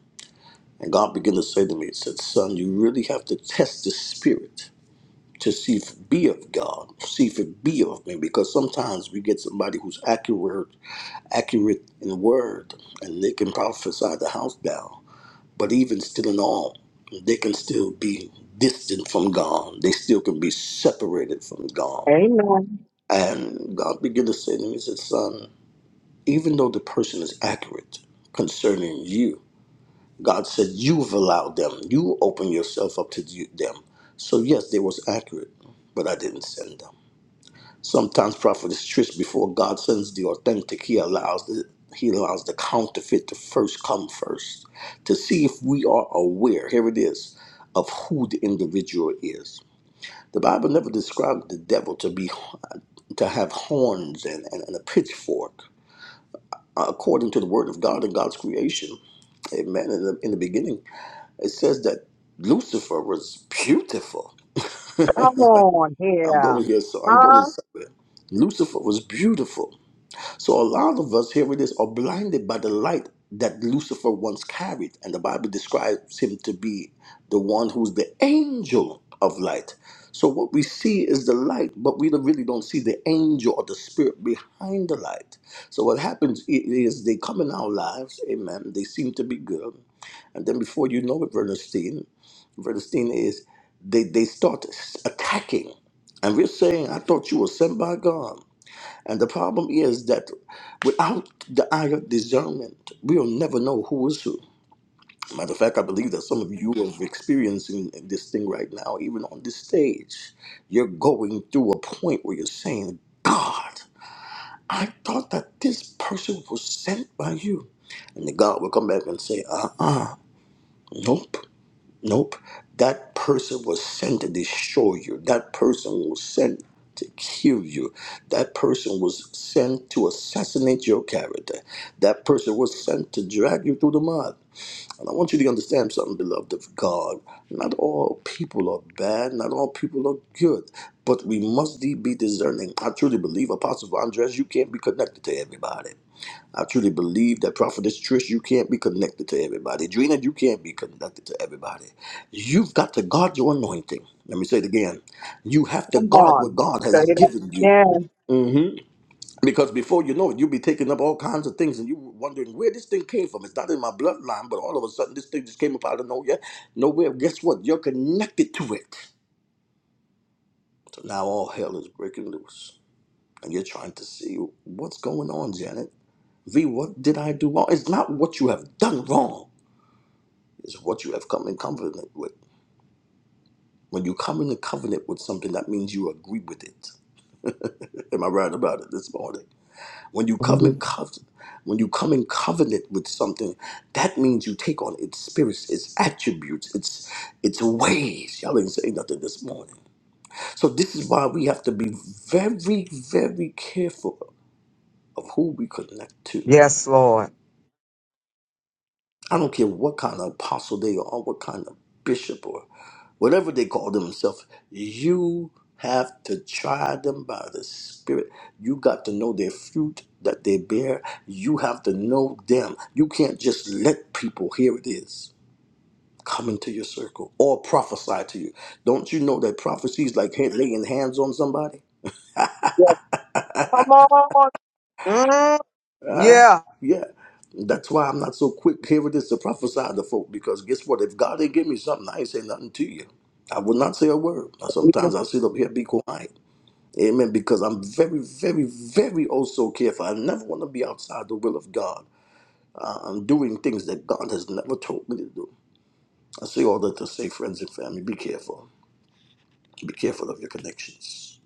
Speaker 9: And God began to say to me, he said, son, you really have to test the spirit to see if it be of God, see if it be of me, because sometimes we get somebody who's accurate, accurate in word, and they can prophesy the house down. But even still in all, they can still be distant from God. They still can be separated from God.
Speaker 3: Amen.
Speaker 9: And God began to say to me, He said, Son, even though the person is accurate concerning you, God said, You've allowed them. You open yourself up to you- them. So, yes, they was accurate, but I didn't send them. Sometimes prophet is tricked before God sends the authentic. He allows the he allows the counterfeit to first come first to see if we are aware. Here it is of who the individual is. The Bible never described the devil to be to have horns and, and, and a pitchfork. Uh, according to the word of God and God's creation, Amen. In the, in the beginning, it says that Lucifer was beautiful.
Speaker 3: Come on
Speaker 9: I'm going
Speaker 3: here.
Speaker 9: here, so I'm
Speaker 3: Huh?
Speaker 9: going somewhere. Lucifer was beautiful So a lot of us, here it is, are blinded by the light that Lucifer once carried. And the Bible describes him to be the one who's the angel of light. So what we see is the light, but we don't- really don't see the angel or the spirit behind the light. So what happens i- is they come in our lives, amen. They seem to be good. And then before you know it, Bernstein, Bernstein is they, they start attacking. And we're saying, I thought you were sent by God. And the problem is that without the eye of discernment, we will never know who is who. Matter of fact, I believe that some of you are experiencing this thing right now, even on this stage. You're going through a point where you're saying, God, I thought that this person was sent by you. And then God will come back and say, uh uh nope. Nope. That person was sent to destroy you. That person was sent to kill you. That person was sent to assassinate your character. That person was sent to drag you through the mud. And I want you to understand something, beloved of God. Not all people are bad, not all people are good, but we must be discerning. I truly believe, Apostle Andres, you can't be connected to everybody. I truly believe that Prophetess Trish, you can't be connected to everybody. Drina, you can't be connected to everybody. You've got to guard your anointing. Let me say it again. You have to
Speaker 3: Come
Speaker 9: guard
Speaker 3: on.
Speaker 9: what God has
Speaker 3: Say that
Speaker 9: given you.
Speaker 3: again.
Speaker 9: hmm Because before you know it, you'll be taking up all kinds of things and you wondering where this thing came from. It's not in my bloodline, but all of a sudden this thing just came up out of nowhere. Nowhere. Guess what? You're connected to it. So now all hell is breaking loose. And you're trying to see what's going on, Janet. V, what did I do wrong? It's not what you have done wrong. is what you have come in covenant with. When you come in covenant with something, that means you agree with it. Am I right about it this morning? When you come in
Speaker 3: Mhm.
Speaker 9: covenant, when you come in covenant with something, that means you take on its spirits, its attributes, its its ways. Y'all ain't saying nothing this morning. So this is why we have to be very, very careful of who we connect to.
Speaker 3: Yes, Lord.
Speaker 9: I don't care what kind of apostle they are, or what kind of bishop, or whatever they call themselves. You have to try them by the Spirit. You got to know their fruit that they bear. You have to know them. You can't just let people, here it is, come into your circle or prophesy to you. Don't you know that prophecy is like hand- laying hands on somebody?
Speaker 3: Yes. Come on. Mm.
Speaker 9: Uh,
Speaker 3: Yeah.
Speaker 9: yeah. That's why I'm not so quick here it is to prophesy to folk because guess what? If God didn't give me something, I ain't say nothing to you. I would not say a word. Now, sometimes I sit up here be quiet. Amen. Because I'm very, very, very also careful. I never want to be outside the will of God. Uh, I'm doing things that God has never told me to do. I say all that to say, friends and family, be careful. Be careful of your connections.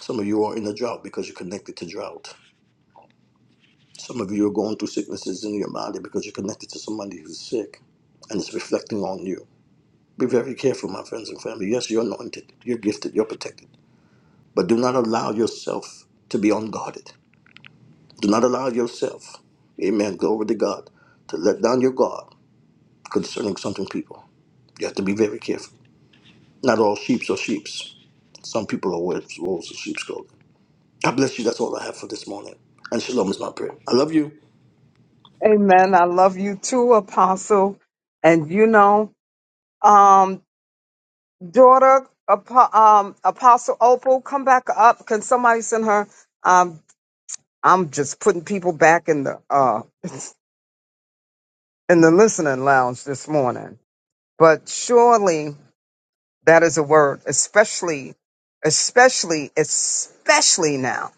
Speaker 9: Some of you are in a drought because you're connected to drought. Some of you are going through sicknesses in your body because you're connected to somebody who's sick and it's reflecting on you. Be very careful, my friends and family. Yes, you're anointed, you're gifted, you're protected, but do not allow yourself to be unguarded. Do not allow yourself, amen, glory to God, to let down your guard concerning something people. You have to be very careful. Not all sheeps are sheeps. Some people are wolves, wolves in sheep's clothing. God bless you. That's all I have for this morning. And shalom is my prayer. I love you.
Speaker 3: Amen. I love you too, Apostle. And you know, um, daughter, Apo- um, Apostle Opal, come back up. Can somebody send her? Um, I'm just putting people back in the uh, in the listening lounge this morning. But surely that is a word, especially, especially, especially now,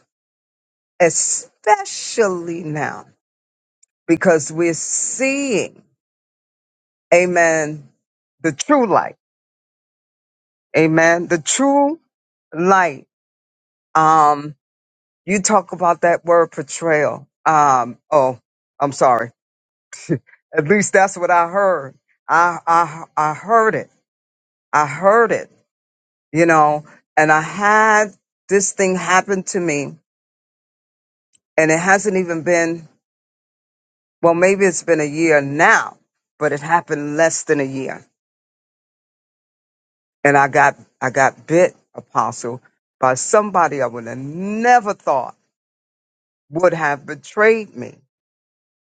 Speaker 3: especially now, because we're seeing, Amen, the true light, Amen, the true light. Um, you talk about that word portrayal. Um, oh, I'm sorry. At least that's what I heard. I, I, I heard it. I heard it, you know, and I had this thing happen to me and it hasn't even been, well, maybe it's been a year now, but it happened less than a year. And I got, I got bit, apostle, by somebody I would have never thought would have betrayed me.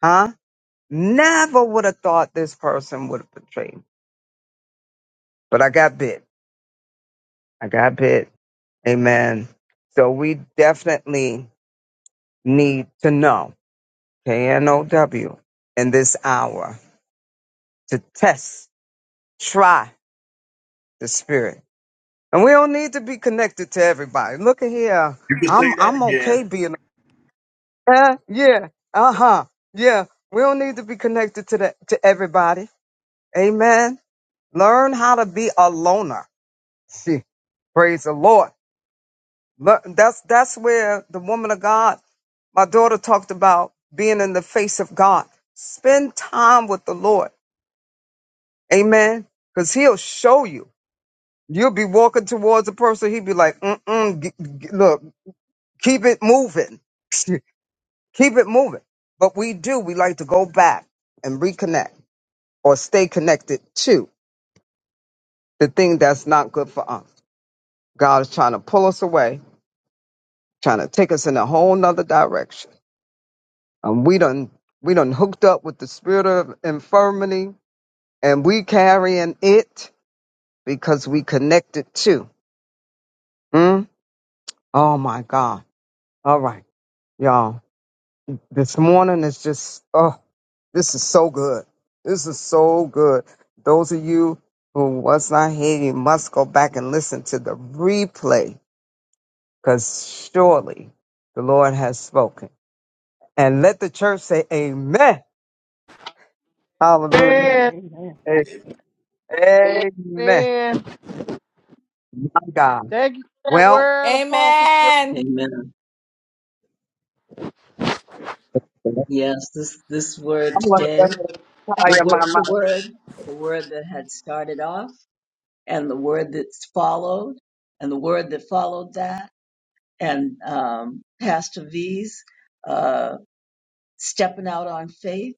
Speaker 3: Huh? Never would have thought this person would have betrayed me but I got bit. I got bit. Amen. So we definitely need to know, KNOW, in this hour to test, try the spirit. And we don't need to be connected to everybody. Look at here. I'm I'm okay being yeah, yeah, uh-huh. Yeah. We don't need to be connected to the to everybody. Amen. Learn how to be a loner. Praise the Lord. Lear- That's that's where the woman of God, my daughter talked about being in the face of God. Spend time with the Lord. Amen. Because he'll show you. You'll be walking towards a person. He'll be like, mm-mm, g- g- look, keep it moving. keep it moving. But we do. We like to go back and reconnect or stay connected to the thing that's not good for us. God is trying to pull us away, trying to take us in a whole nother direction. Um, we done we done hooked up with the spirit of infirmity, and we carrying it because we connected too. Mm? Oh my God! All right, y'all. This morning is just oh, this is so good. This is so good. Those of you who was not here, you must go back and listen to the replay, because surely the Lord has spoken. And let the church say, Amen. Hallelujah.
Speaker 7: Man,
Speaker 8: Amen.
Speaker 3: A- Amen.
Speaker 7: man.
Speaker 3: My God.
Speaker 7: Thank you for that
Speaker 3: Well,
Speaker 7: word, Apostle. Fred.
Speaker 2: Amen.
Speaker 1: Amen.
Speaker 3: I'm
Speaker 1: Yes, this this word
Speaker 3: going to go
Speaker 1: today.
Speaker 3: ahead and
Speaker 1: the
Speaker 3: tire my
Speaker 1: word the
Speaker 3: mouth.
Speaker 1: word the word that had started off and the word that's followed and the word that followed that and um, pastor v's uh, stepping out on faith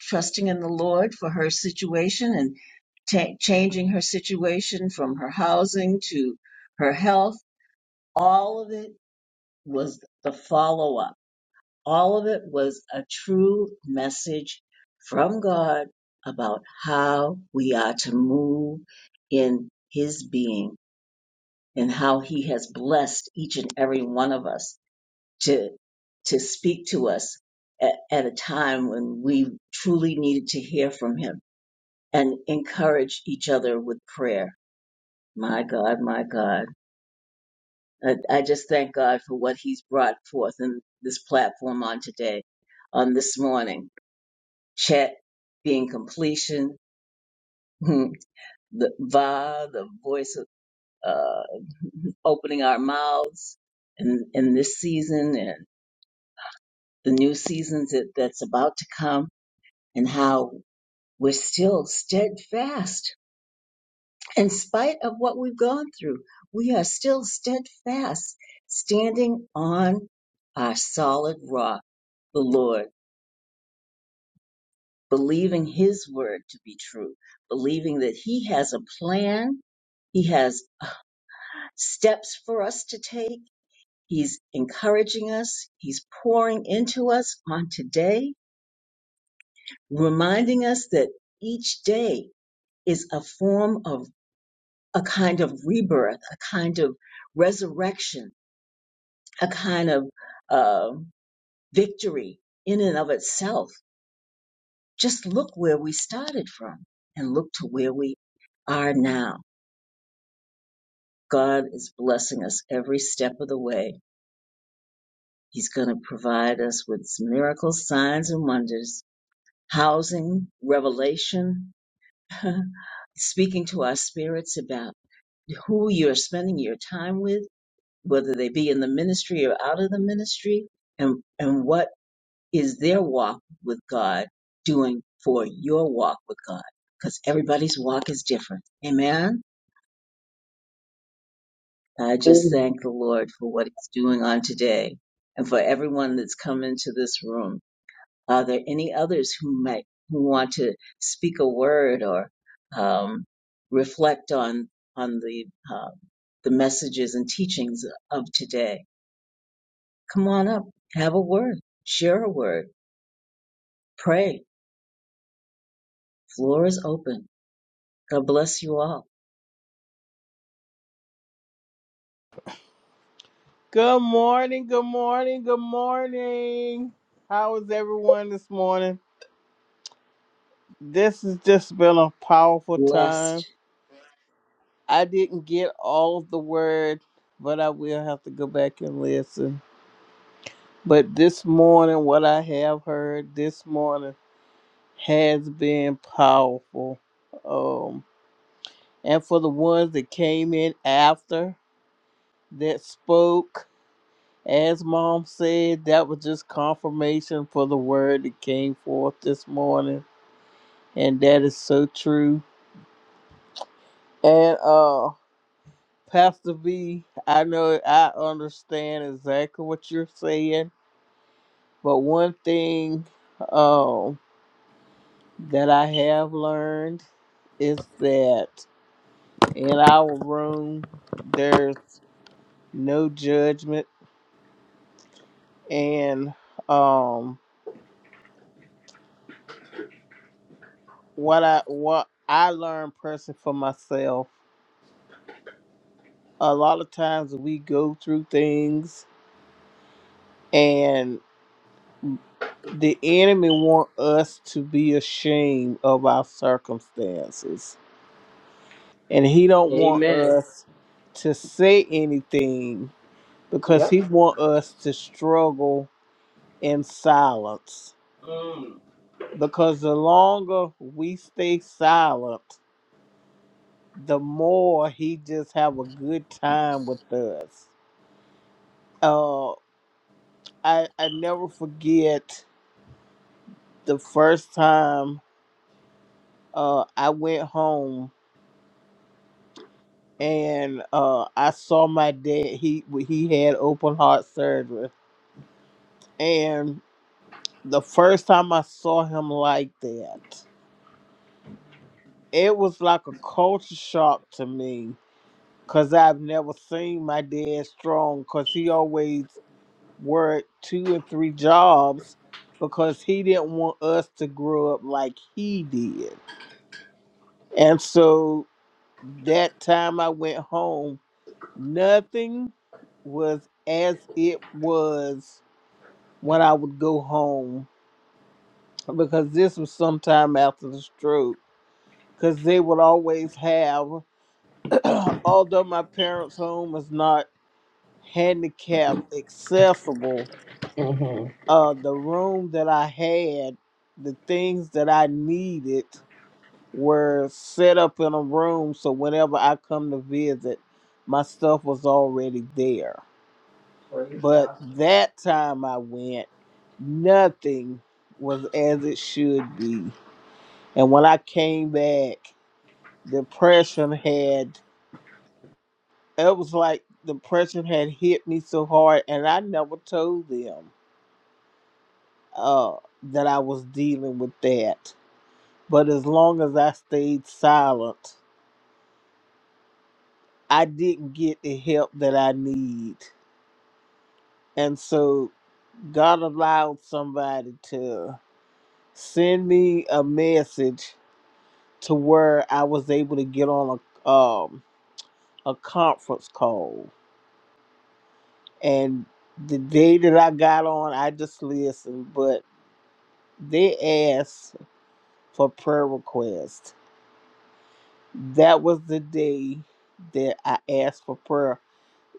Speaker 1: trusting in the lord for her situation and ta changing her situation from her housing to her health all of it was the follow-up All of it was a true message from God about how we are to move in His being and how He has blessed each and every one of us to, to speak to us at, at a time when we truly needed to hear from Him and encourage each other with prayer. My God, my God. I, I just thank God for what He's brought forth in this platform on today, on this morning. Chet being completion, the va, the voice of uh, opening our mouths in, in this season and the new seasons that, that's about to come, and how we're still steadfast in spite of what we've gone through. We are still steadfast, standing on our solid rock, the Lord, believing His word to be true, believing that He has a plan He has. steps for us to take. He's encouraging us. He's pouring into us on today, reminding us that each day is a form of a kind of rebirth, a kind of resurrection, a kind of uh, victory in and of itself. Just look where we started from and look to where we are now. God is blessing us every step of the way. He's going to provide us with miracles, signs, and wonders housing, revelation, speaking to our spirits about who you're spending your time with, whether they be in the ministry or out of the ministry, and, and what is their walk with God doing for your walk with God? Because everybody's walk is different. Amen. I just
Speaker 3: It's
Speaker 1: thank the Lord for what He's doing on today and for everyone that's come into this room. Are there any others who might who want to speak a word or um, reflect on on the uh, the messages and teachings of today? Come on up, have a word, share a word, pray. Floor is open. God bless you all.
Speaker 7: Good morning. Good morning. Good morning. How is everyone this morning? this has just been a powerful time.
Speaker 1: Blessed.
Speaker 7: I didn't get all of the word, but I will have to go back and listen. But this morning, what I have heard this morning has been powerful. Um, and for the ones that came in after that spoke, as mom said, that was just confirmation for the word that came forth this morning. And that is so true. And uh Pastor V, I know I understand exactly what you're saying, but one thing um, that I have learned is that in our room there's no judgment, and um, what I what I learned personally for myself, a lot of times we go through things and the enemy want us to be ashamed of our circumstances and he don't want
Speaker 5: Amen.
Speaker 7: us to say anything because he
Speaker 5: Yep.
Speaker 7: want us to struggle in silence
Speaker 5: Mm.
Speaker 7: because the longer we stay silent the more he just have a good time with us uh i i never forget the first time uh i went home and uh i saw my dad he he had open heart surgery and the first time I saw him like that, it was like a culture shock to me because I've never seen my dad strong because he always worked two and three jobs because he didn't want us to grow up like he did. And so that time I went home, nothing was as it was when I would go home because this was sometime after the stroke because they would always have, although my parents' home was not handicap accessible,
Speaker 5: hmm
Speaker 7: uh, the room that I had, the things that I needed were set up in a room. So whenever I come to visit, my stuff was already there.
Speaker 5: Praise
Speaker 7: But
Speaker 5: God.
Speaker 7: that time I went, nothing was as it should be. And when I came back, depression had it was like depression had hit me so hard and i never told them uh, that i was dealing with that but as long as i stayed silent i didn't get the help that i need and so god allowed somebody to send me a message to where i was able to get on a um, a conference call and the day that i got on i just listened but they asked for prayer requests. That was the day that I asked for prayer.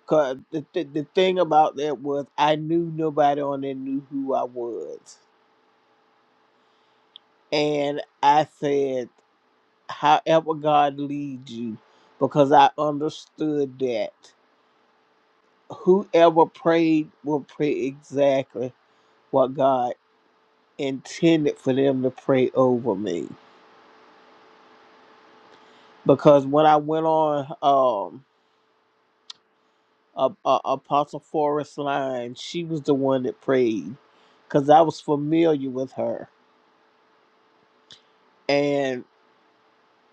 Speaker 7: Cause the, the, the thing about that was I knew nobody on there knew who I was. And I said, however God leads you, because I understood that whoever prayed will pray exactly what God intended for them to pray over me. Because when I went on um. uh, uh, Apostle Forrest Line. She was the one that prayed because I was familiar with her. And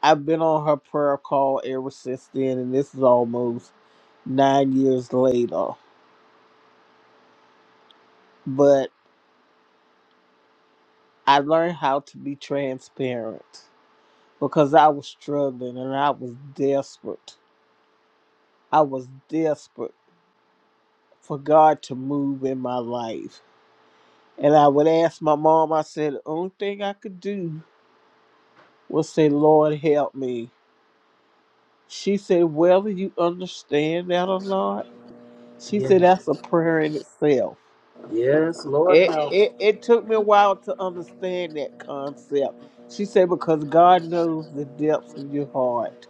Speaker 7: I've been on her prayer call ever since then. And this is almost nine years later. But I learned how to be transparent because I was struggling and I was desperate. I was desperate for God to move in my life. And I would ask my mom, I said, the only thing I could do was say, Lord, help me She said, whether you understand that or not, she said
Speaker 5: Yeah.
Speaker 7: that's a prayer in itself.
Speaker 5: Yes, Lord
Speaker 7: It,
Speaker 5: help.
Speaker 7: it it took me a while to understand that concept. She said because God knows the depths of your heart,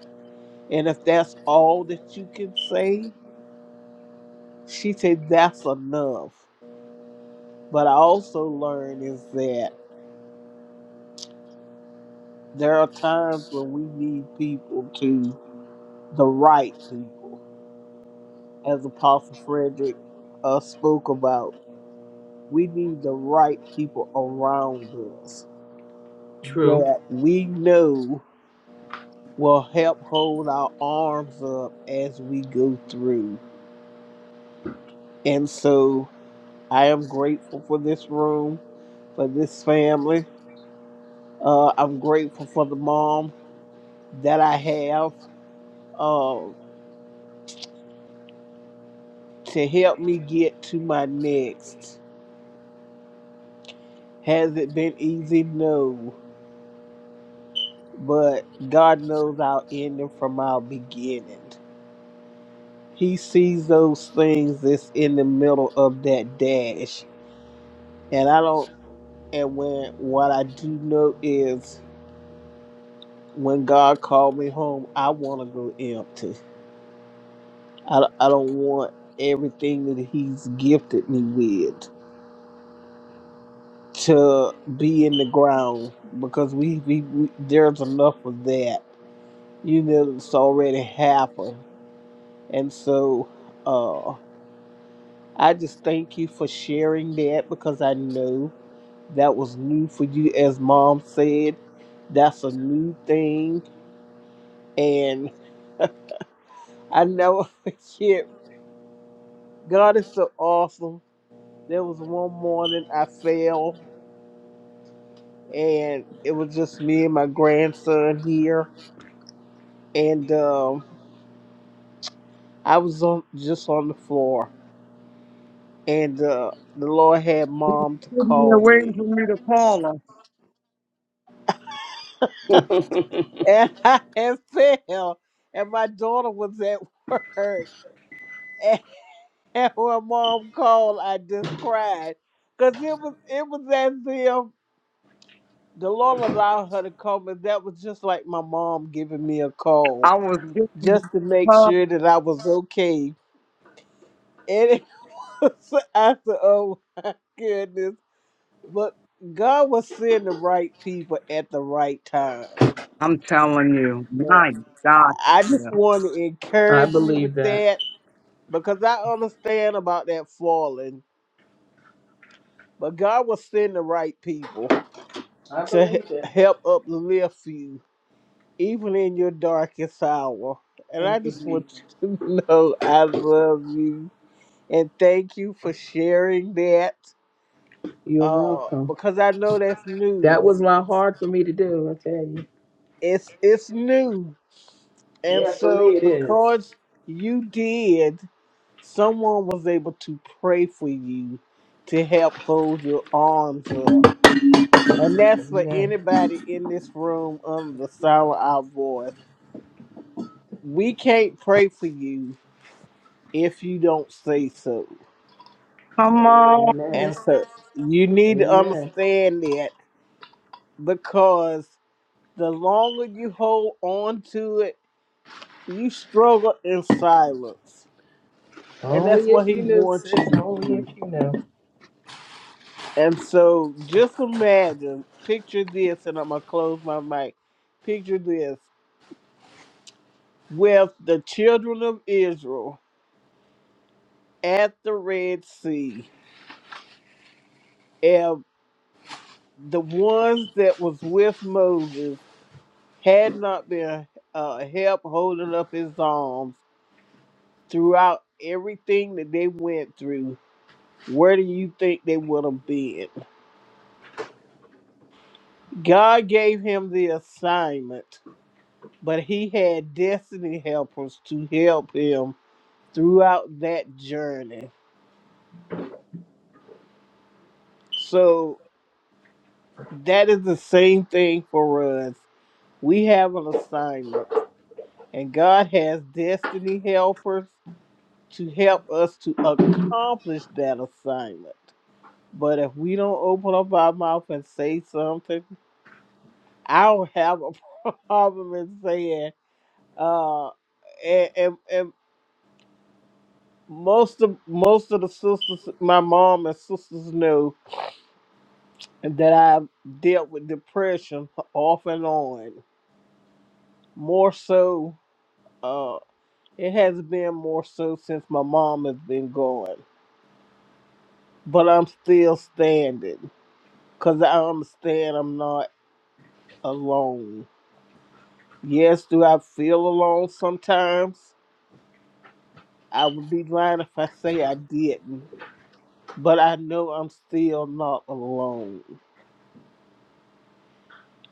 Speaker 7: and if that's all that you can say, she said that's enough. But I also learned is that there are times when we need people to the right people, as Apostle Frederick uh, spoke about. we need the right people around us
Speaker 5: True.
Speaker 7: that we know will help hold our arms up as we go through. And so I am grateful for this room, for this family. Uh, I'm grateful for the mom that I have uh, to help me get to my next. Has it been easy? No. But God knows our ending from our beginning. He sees those things that's in the middle of that dash. And I don't and when what I do know is when God called me home, I want to go empty. I, I don't want everything that he's gifted me with to be in the ground because we, we, we there's enough of that. You know, it's already happened. And so uh I just thank you for sharing that because I know. that was new for you as mom said that's a new thing and i never forget god is so awesome there was one morning i fell and it was just me and my grandson here and um, i was on just on the floor and uh, the lord had mom to
Speaker 3: sitting there
Speaker 7: call
Speaker 3: waiting
Speaker 7: me
Speaker 3: for me to call her.
Speaker 7: and i had fell and my daughter was at work And when mom called, I just cried. Cause it was it was as if the Lord allowed her to come and that was just like my mom giving me a call
Speaker 3: I was
Speaker 7: just
Speaker 3: getting
Speaker 7: to make
Speaker 3: her.
Speaker 7: sure that I was okay. And it was I said, oh my goodness. But God was sending the right people at the right time.
Speaker 3: I'm telling you,
Speaker 7: And
Speaker 3: my God.
Speaker 7: I just
Speaker 3: Yeah.
Speaker 7: want to
Speaker 5: I
Speaker 7: encourage you
Speaker 5: believe
Speaker 7: with
Speaker 5: that.
Speaker 7: that because I understand about that falling. But God was sending the right people.
Speaker 5: I
Speaker 7: to he-
Speaker 5: believe it.
Speaker 7: help uplift you, even in your darkest hour. And I
Speaker 5: Thank you,
Speaker 7: just want
Speaker 5: Jesus.
Speaker 7: you to know I love you and thank you for sharing that
Speaker 5: You're
Speaker 7: uh,
Speaker 5: welcome.
Speaker 7: because I know that's new.
Speaker 5: That was not hard for me to do, I tell you.
Speaker 7: It's it's new, and
Speaker 5: Yeah, for
Speaker 7: so
Speaker 5: me it is.
Speaker 7: because you did, someone was able to pray for you to help hold your arms up. And that's for
Speaker 5: Amen.
Speaker 7: anybody in this room under the sound of our voice. we can't pray for you if you don't say so.
Speaker 3: Come on.
Speaker 5: Amen.
Speaker 7: And so you need to
Speaker 5: Amen.
Speaker 7: understand that because the longer you hold on to it, you struggle in silence. And that's
Speaker 5: Only
Speaker 7: what
Speaker 5: if
Speaker 7: he
Speaker 5: you knew, sis.
Speaker 7: wants you to
Speaker 5: Only if
Speaker 7: do.
Speaker 5: you knew.
Speaker 7: And so just imagine, picture this, and I'm going to close my mic. Picture this with the children of Israel at the Red Sea. And the ones that was with Moses had not been uh, help holding up his arms throughout everything that they went through, where do you think they would have been? God gave him the assignment, but he had destiny helpers to help him throughout that journey. So that is the same thing for us. We have an assignment, and God has destiny helpers to help us to accomplish that assignment. But if we don't open up our mouth and say something, I don't have a problem in saying. Uh, and, and, and most of most of the sisters, my mom and sisters know that I dealt with depression off and on. More so, uh, it has been more so since my mom has been gone. But I'm still standing because I understand I'm not alone. Yes, do I feel alone sometimes? I would be lying if I say I didn't. But I know I'm still not alone.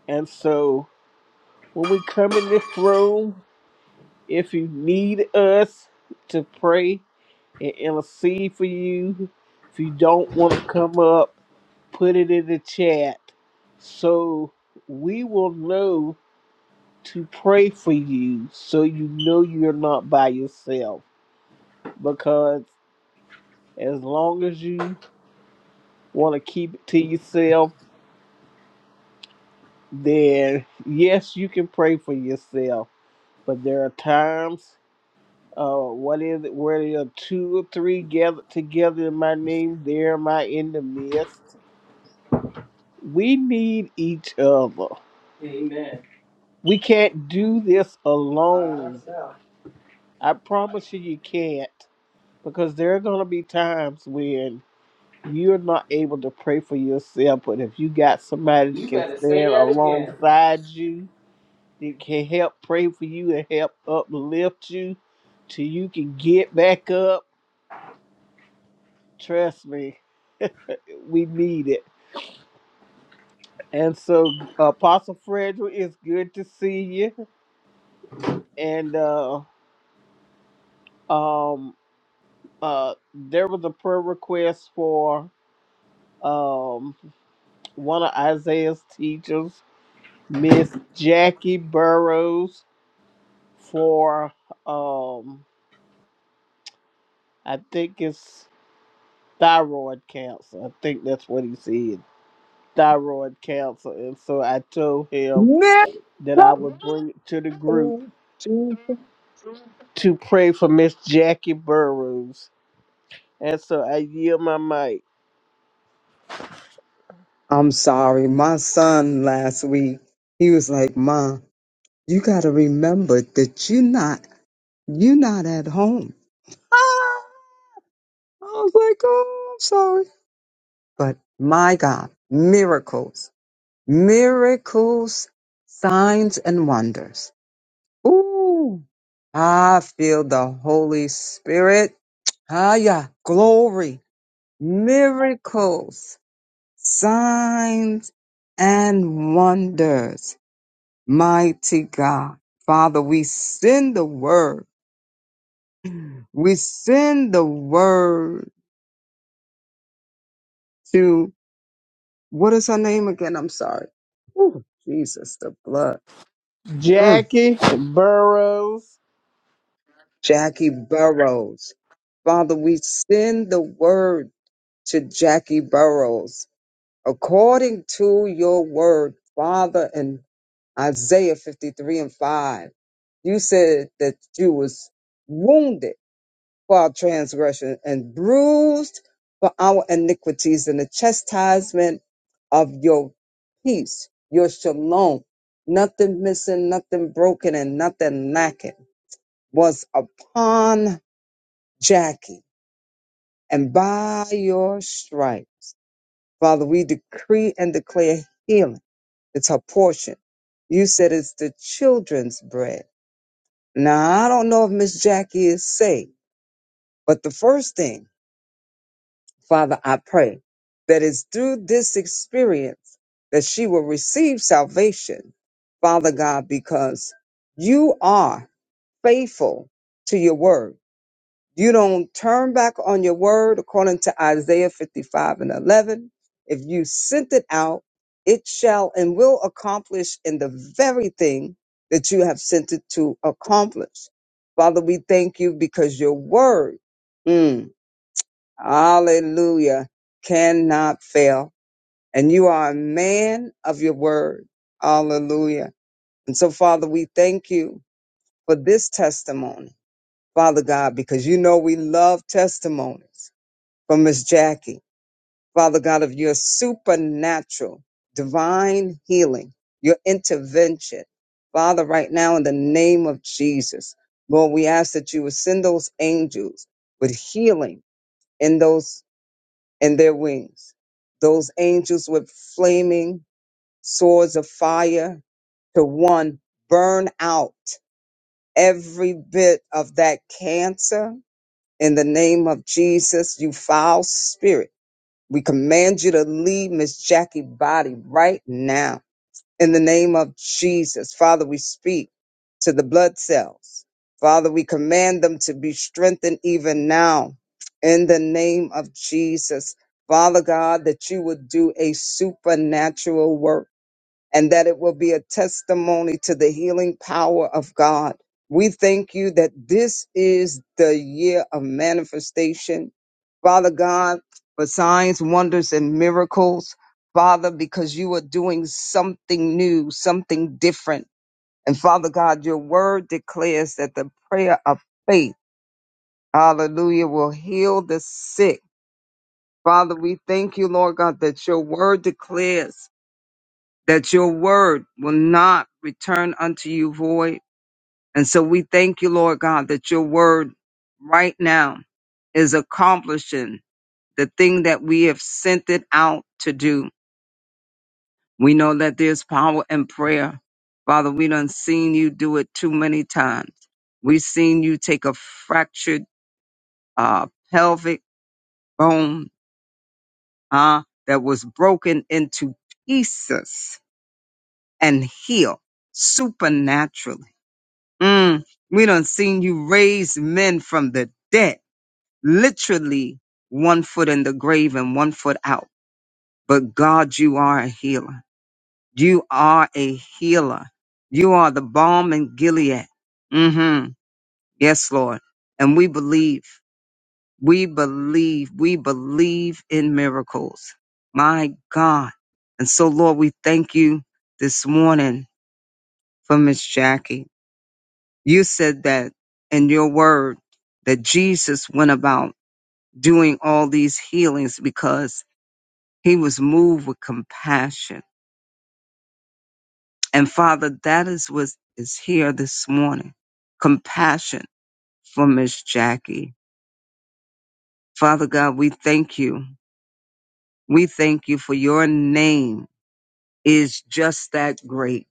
Speaker 7: And so when we come in this room, if you need us to pray and intercede for you, if you don't want to come up, put it in the chat so we will know to pray for you so you know you're not by yourself. because. As long as you want to keep it to yourself, then yes, you can pray for yourself. But there are times, uh, what is it, where there are two or three gathered together in my name, there am I in the midst. We need each other.
Speaker 5: Amen.
Speaker 7: We can't do this
Speaker 5: By
Speaker 7: alone.
Speaker 5: herself.
Speaker 7: I promise you, you can't. Because there are going to be times when you're not able to pray for yourself, but if you got somebody that
Speaker 5: You
Speaker 7: can
Speaker 5: better
Speaker 7: stand
Speaker 5: say that again.
Speaker 7: alongside you, It can help pray for you and help uplift you till you can get back up. Trust me, we need it. And so, Apostle Frederick, it's good to see you. And uh, um, uh, there was a prayer request for um, one of Isaiah's teachers, Miss Jackie Burrows, for um, I think it's thyroid cancer. I think that's what he said thyroid cancer. And so I told him
Speaker 3: Miss
Speaker 7: that I would bring it to the group
Speaker 3: Something, Jesus.
Speaker 7: to pray for Miss Jackie Burroughs. And so I yield my mic.
Speaker 3: I'm sorry. My son last week, he was like, Mom, you got to remember that you're not, you're not at home. Ah! I was like, oh, I'm sorry. But my God, miracles. miracles, signs, and wonders. Ooh, I feel the Holy Spirit. Ah, yeah, glory, miracles, signs, and wonders. Mighty God, Father, we send the word. We send the word to what is her name again? I'm sorry. Ooh, Jesus, the blood. Mm.
Speaker 7: Jackie Burroughs.
Speaker 3: Jackie Burroughs. Father, we send the word to Jackie Burroughs according to your word, Father, in Isaiah 53 and 5. You said that you was wounded for our transgression and bruised for our iniquities and the chastisement of your peace, your shalom. Nothing missing, nothing broken, and nothing lacking was upon Jackie, and by your stripe, Father, we decree and declare healing. It's her portion. You said it's the children's bread. Now, I don't know if Miss Jackie is saved, but the first thing, Father, I pray that it's through this experience that she will receive salvation, Father God, because you are faithful to your word. You don't turn back on your word according to Isaiah 55 and 11. If you sent it out, it shall and will accomplish in the very thing that you have sent it to accomplish. Father, we thank you because your word, mm, hallelujah, cannot fail. And you are a man of your word. Hallelujah. And so, Father, we thank you for this testimony, Father God, because you know we love testimonies for Miss Jackie. Father God, of your supernatural, divine healing, your intervention. Father, right now, in the name of Jesus, Lord, we ask that you would send those angels with healing in those in their wings, those angels with flaming swords of fire to one burn out every bit of that cancer in the name of Jesus, you foul spirit we command you to leave Miss Jackie body right now in the name of Jesus. Father, we speak to the blood cells. Father, we command them to be strengthened even now in the name of Jesus. Father God, that you would do a supernatural work and that it will be a testimony to the healing power of God. We thank you that this is the year of manifestation. Father God, for signs, wonders, and miracles. Father, because you are doing something new, something different. And Father God, your word declares that the prayer of faith, hallelujah, will heal the sick. Father, we thank you, Lord God, that your word declares that your word will not return unto you void. And so we thank you, Lord God, that your word right now is accomplishing the thing that we have sent it out to do. We know that there's power in prayer. Father, we done seen you do it too many times. We've seen you take a fractured uh, pelvic bone uh, that was broken into pieces and heal supernaturally. Mm, we done seen you raise men from the dead, literally one foot in the grave and one foot out. But God, you are a healer. You are a healer. You are the balm in Gilead. Mm-hmm. Yes, Lord. And we believe, we believe, we believe in miracles. My God. And so, Lord, we thank you this morning for Miss Jackie. You said that in your word that Jesus went about doing all these healings because he was moved with compassion. And Father, that is what is here this morning. Compassion for Miss Jackie. Father God, we thank you. We thank you for your name is just that great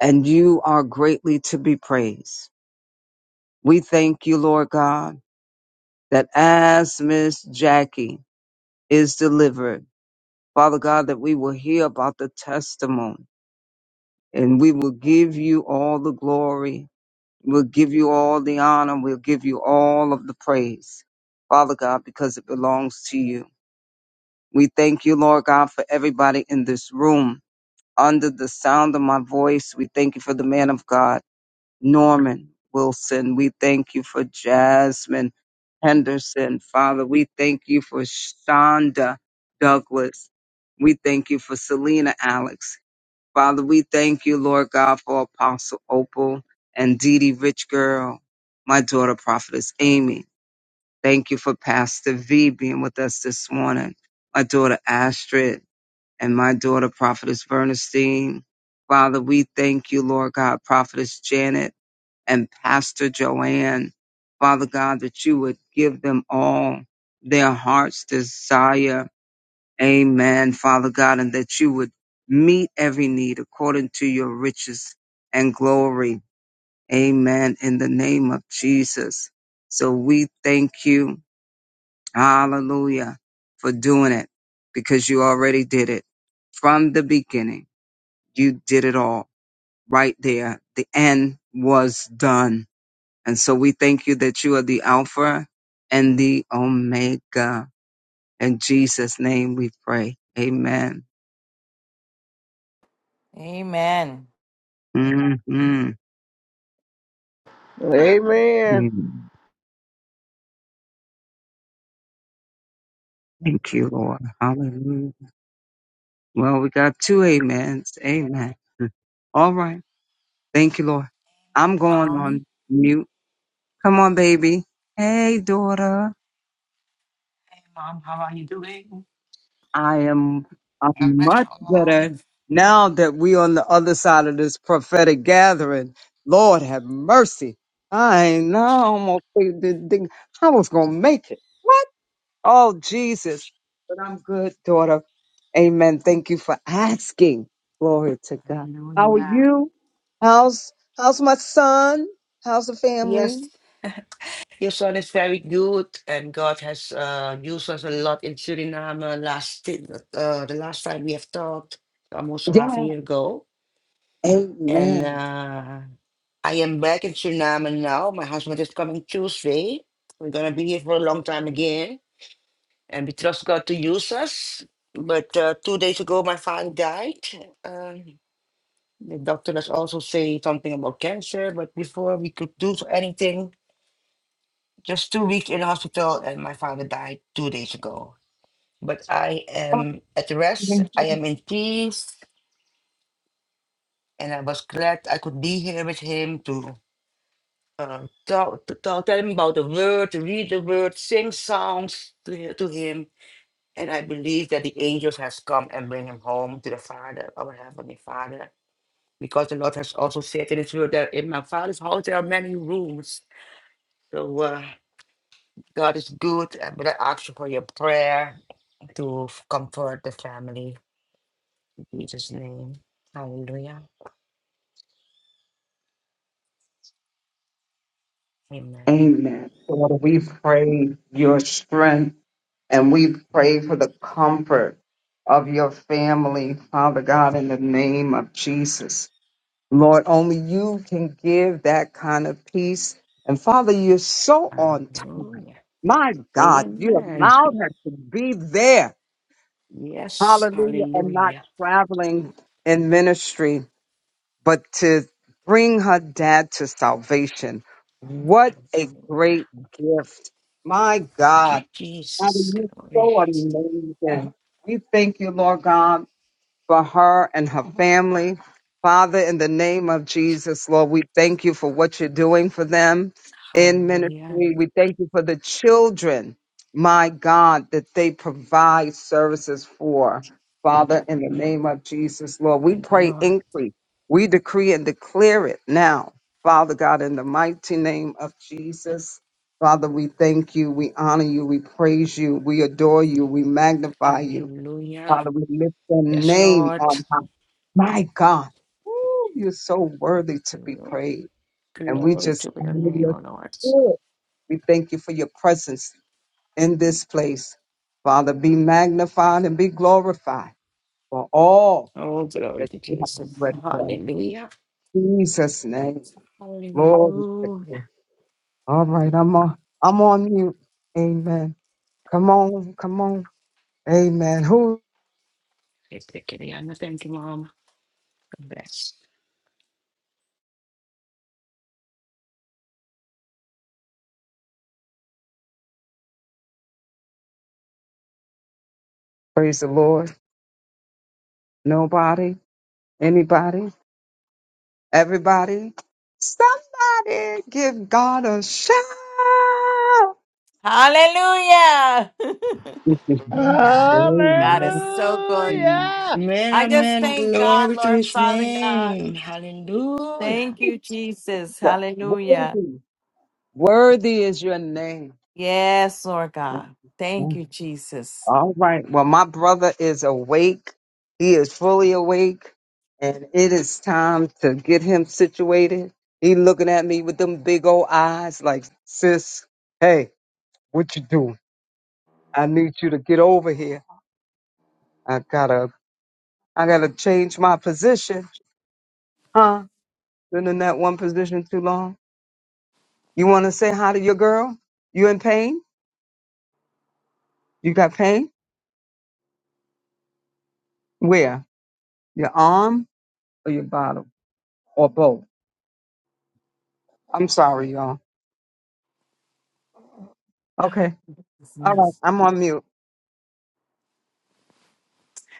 Speaker 3: and you are greatly to be praised. We thank you, Lord God, that as Miss Jackie is delivered, Father God, that we will hear about the testimony and we will give you all the glory. We'll give you all the honor. We'll give you all of the praise, Father God, because it belongs to you. We thank you, Lord God, for everybody in this room. Under the sound of my voice, we thank you for the man of God, Norman Wilson. We thank you for Jasmine Henderson, Father. We thank you for Shonda Douglas. We thank you for Selena Alex. Father, we thank you, Lord God, for Apostle Opal and Dee Dee Rich Girl, my daughter, Prophetess Amy. Thank you for Pastor V being with us this morning, my daughter Astrid, and my daughter, Prophetess Bernstein. Father, we thank you, Lord God, Prophetess Janet and Pastor Joanne. Father God, that you would give them all their heart's desire Amen, Father God, and that you would meet every need according to your riches and glory. Amen. In the name of Jesus. So we thank you. Hallelujah for doing it because you already did it from the beginning. You did it all right there. The end was done. And so we thank you that you are the Alpha and the Omega. In Jesus' name we pray. Amen.
Speaker 2: Amen.
Speaker 3: Mhm.
Speaker 7: Amen.
Speaker 3: Amen. Thank you, Lord. Hallelujah. Well, we got two amens. Amen. All right. Thank you, Lord. I'm going
Speaker 6: Mom.
Speaker 3: on mute. Come on, baby. Hey, daughter.
Speaker 6: Hey, Mom, how are you doing?
Speaker 3: I am I'm
Speaker 6: God bless
Speaker 3: much
Speaker 6: you all.
Speaker 3: better now that we on the other side of this prophetic gathering. Lord have mercy. I know I almost think- think- think I was gonna make it. Oh, Jesus. But I'm good, daughter. Amen. Thank you for asking. Glory to God. How are
Speaker 6: Hallelujah.
Speaker 3: you? How's how's my son? How's the family?
Speaker 6: Yes, your son is very good, and God has uh, used us a lot in Suriname. Last ti- uh, the last time we have talked, almost half a
Speaker 3: Yeah.
Speaker 6: year ago, and
Speaker 3: Amen.
Speaker 6: uh, I am back in Suriname now. My husband is coming Tuesday. We're gonna be here for a long time again, and we trust God to use us. But uh, two days ago, my father died. Um The doctor has also say something about cancer, but before we could do anything, just two weeks in the hospital, and my father died two days ago. But I am at rest. I am in peace, and I was glad I could be here with him to uh, tell, to talk, tell him about the word, to read the word, sing songs to hi- to him. And I believe that the angels has come and bring him home to the Father, our heavenly Father, because the Lord has also said in His word that in my Father's house there are many rooms So uh, God is good. I'm going to ask you for your prayer to f- comfort the family. In Jesus' name. Hallelujah. Amen.
Speaker 3: Amen. Daughter, we pray your strength and we pray for the comfort of your family, Father God, in the name of Jesus. Lord, only you can give that kind of peace. And Father, you're so on time.
Speaker 6: Hallelujah.
Speaker 3: My God, you
Speaker 6: Amen.
Speaker 3: allowed her to be there.
Speaker 6: Yes.
Speaker 3: Hallelujah. And not
Speaker 6: Hallelujah.
Speaker 3: traveling in ministry, but to bring her dad to salvation. What a
Speaker 6: Hallelujah.
Speaker 3: great gift. My
Speaker 6: Thank you,
Speaker 3: God. I
Speaker 6: Jesus.
Speaker 3: you're
Speaker 6: Glory.
Speaker 3: so amazing. We thank you, Lord God for her and her family. Father, in the name of Jesus, Lord, we thank you for what you're doing for them in
Speaker 6: Hallelujah.
Speaker 3: ministry. We thank you for the children, my God, that they provide services for. Father, in the name of Jesus, Lord, we
Speaker 6: Thank you,
Speaker 3: pray
Speaker 6: Lord.
Speaker 3: increase. We decree and declare it now. Father God, in the mighty name of Jesus, Father, we thank you. We honor you. We praise you. We adore you. We magnify you.
Speaker 6: Hallelujah.
Speaker 3: Father, we lift the
Speaker 6: Yes,
Speaker 3: name
Speaker 6: Lord.
Speaker 3: on high. My God, Woo, you're so worthy to be
Speaker 6: Lord.
Speaker 3: praised. And we
Speaker 6: Glory
Speaker 3: just
Speaker 6: to your
Speaker 3: honor
Speaker 6: name,
Speaker 3: your
Speaker 6: O Lord.
Speaker 3: spirit. We thank you for your presence in this place. Father, be magnified and be glorified for all
Speaker 6: Oh, glory
Speaker 3: that
Speaker 6: to
Speaker 3: you have
Speaker 6: Jesus.
Speaker 3: already done.
Speaker 6: Hallelujah.
Speaker 3: In Jesus' name. Glory to
Speaker 6: Hallelujah.
Speaker 3: God. All right, I'm on I'm on mute. Amen. Come on, come on. Amen. Who
Speaker 6: Thank you, Mom. Bless.
Speaker 3: praise the Lord? Nobody? Anybody? Everybody, somebody give God a shout.
Speaker 2: Hallelujah. God is
Speaker 3: Amen.
Speaker 2: so good.
Speaker 6: Amen,
Speaker 7: Hallelujah.
Speaker 2: I just
Speaker 6: amen.
Speaker 2: thank God,
Speaker 6: Glory to
Speaker 2: Lord
Speaker 6: his
Speaker 2: Father God.
Speaker 6: name. Hallelujah.
Speaker 2: Thank you, Jesus. Hallelujah.
Speaker 3: Worthy. Worthy is your name.
Speaker 2: Yeah. Thanks.
Speaker 3: All right. Well, my brother is awake. He is fully awake, and it is time to get him situated. He looking at me with them big old eyes, like, sis, hey, what you doing? I need you to get over here. I gotta, I gotta change my position, huh? Been in that one position too long. You want to say hi to your girl? You in pain? You got pain? Where? Your arm or your bottom or both? I'm sorry, y'all. Okay. All right. I'm on mute.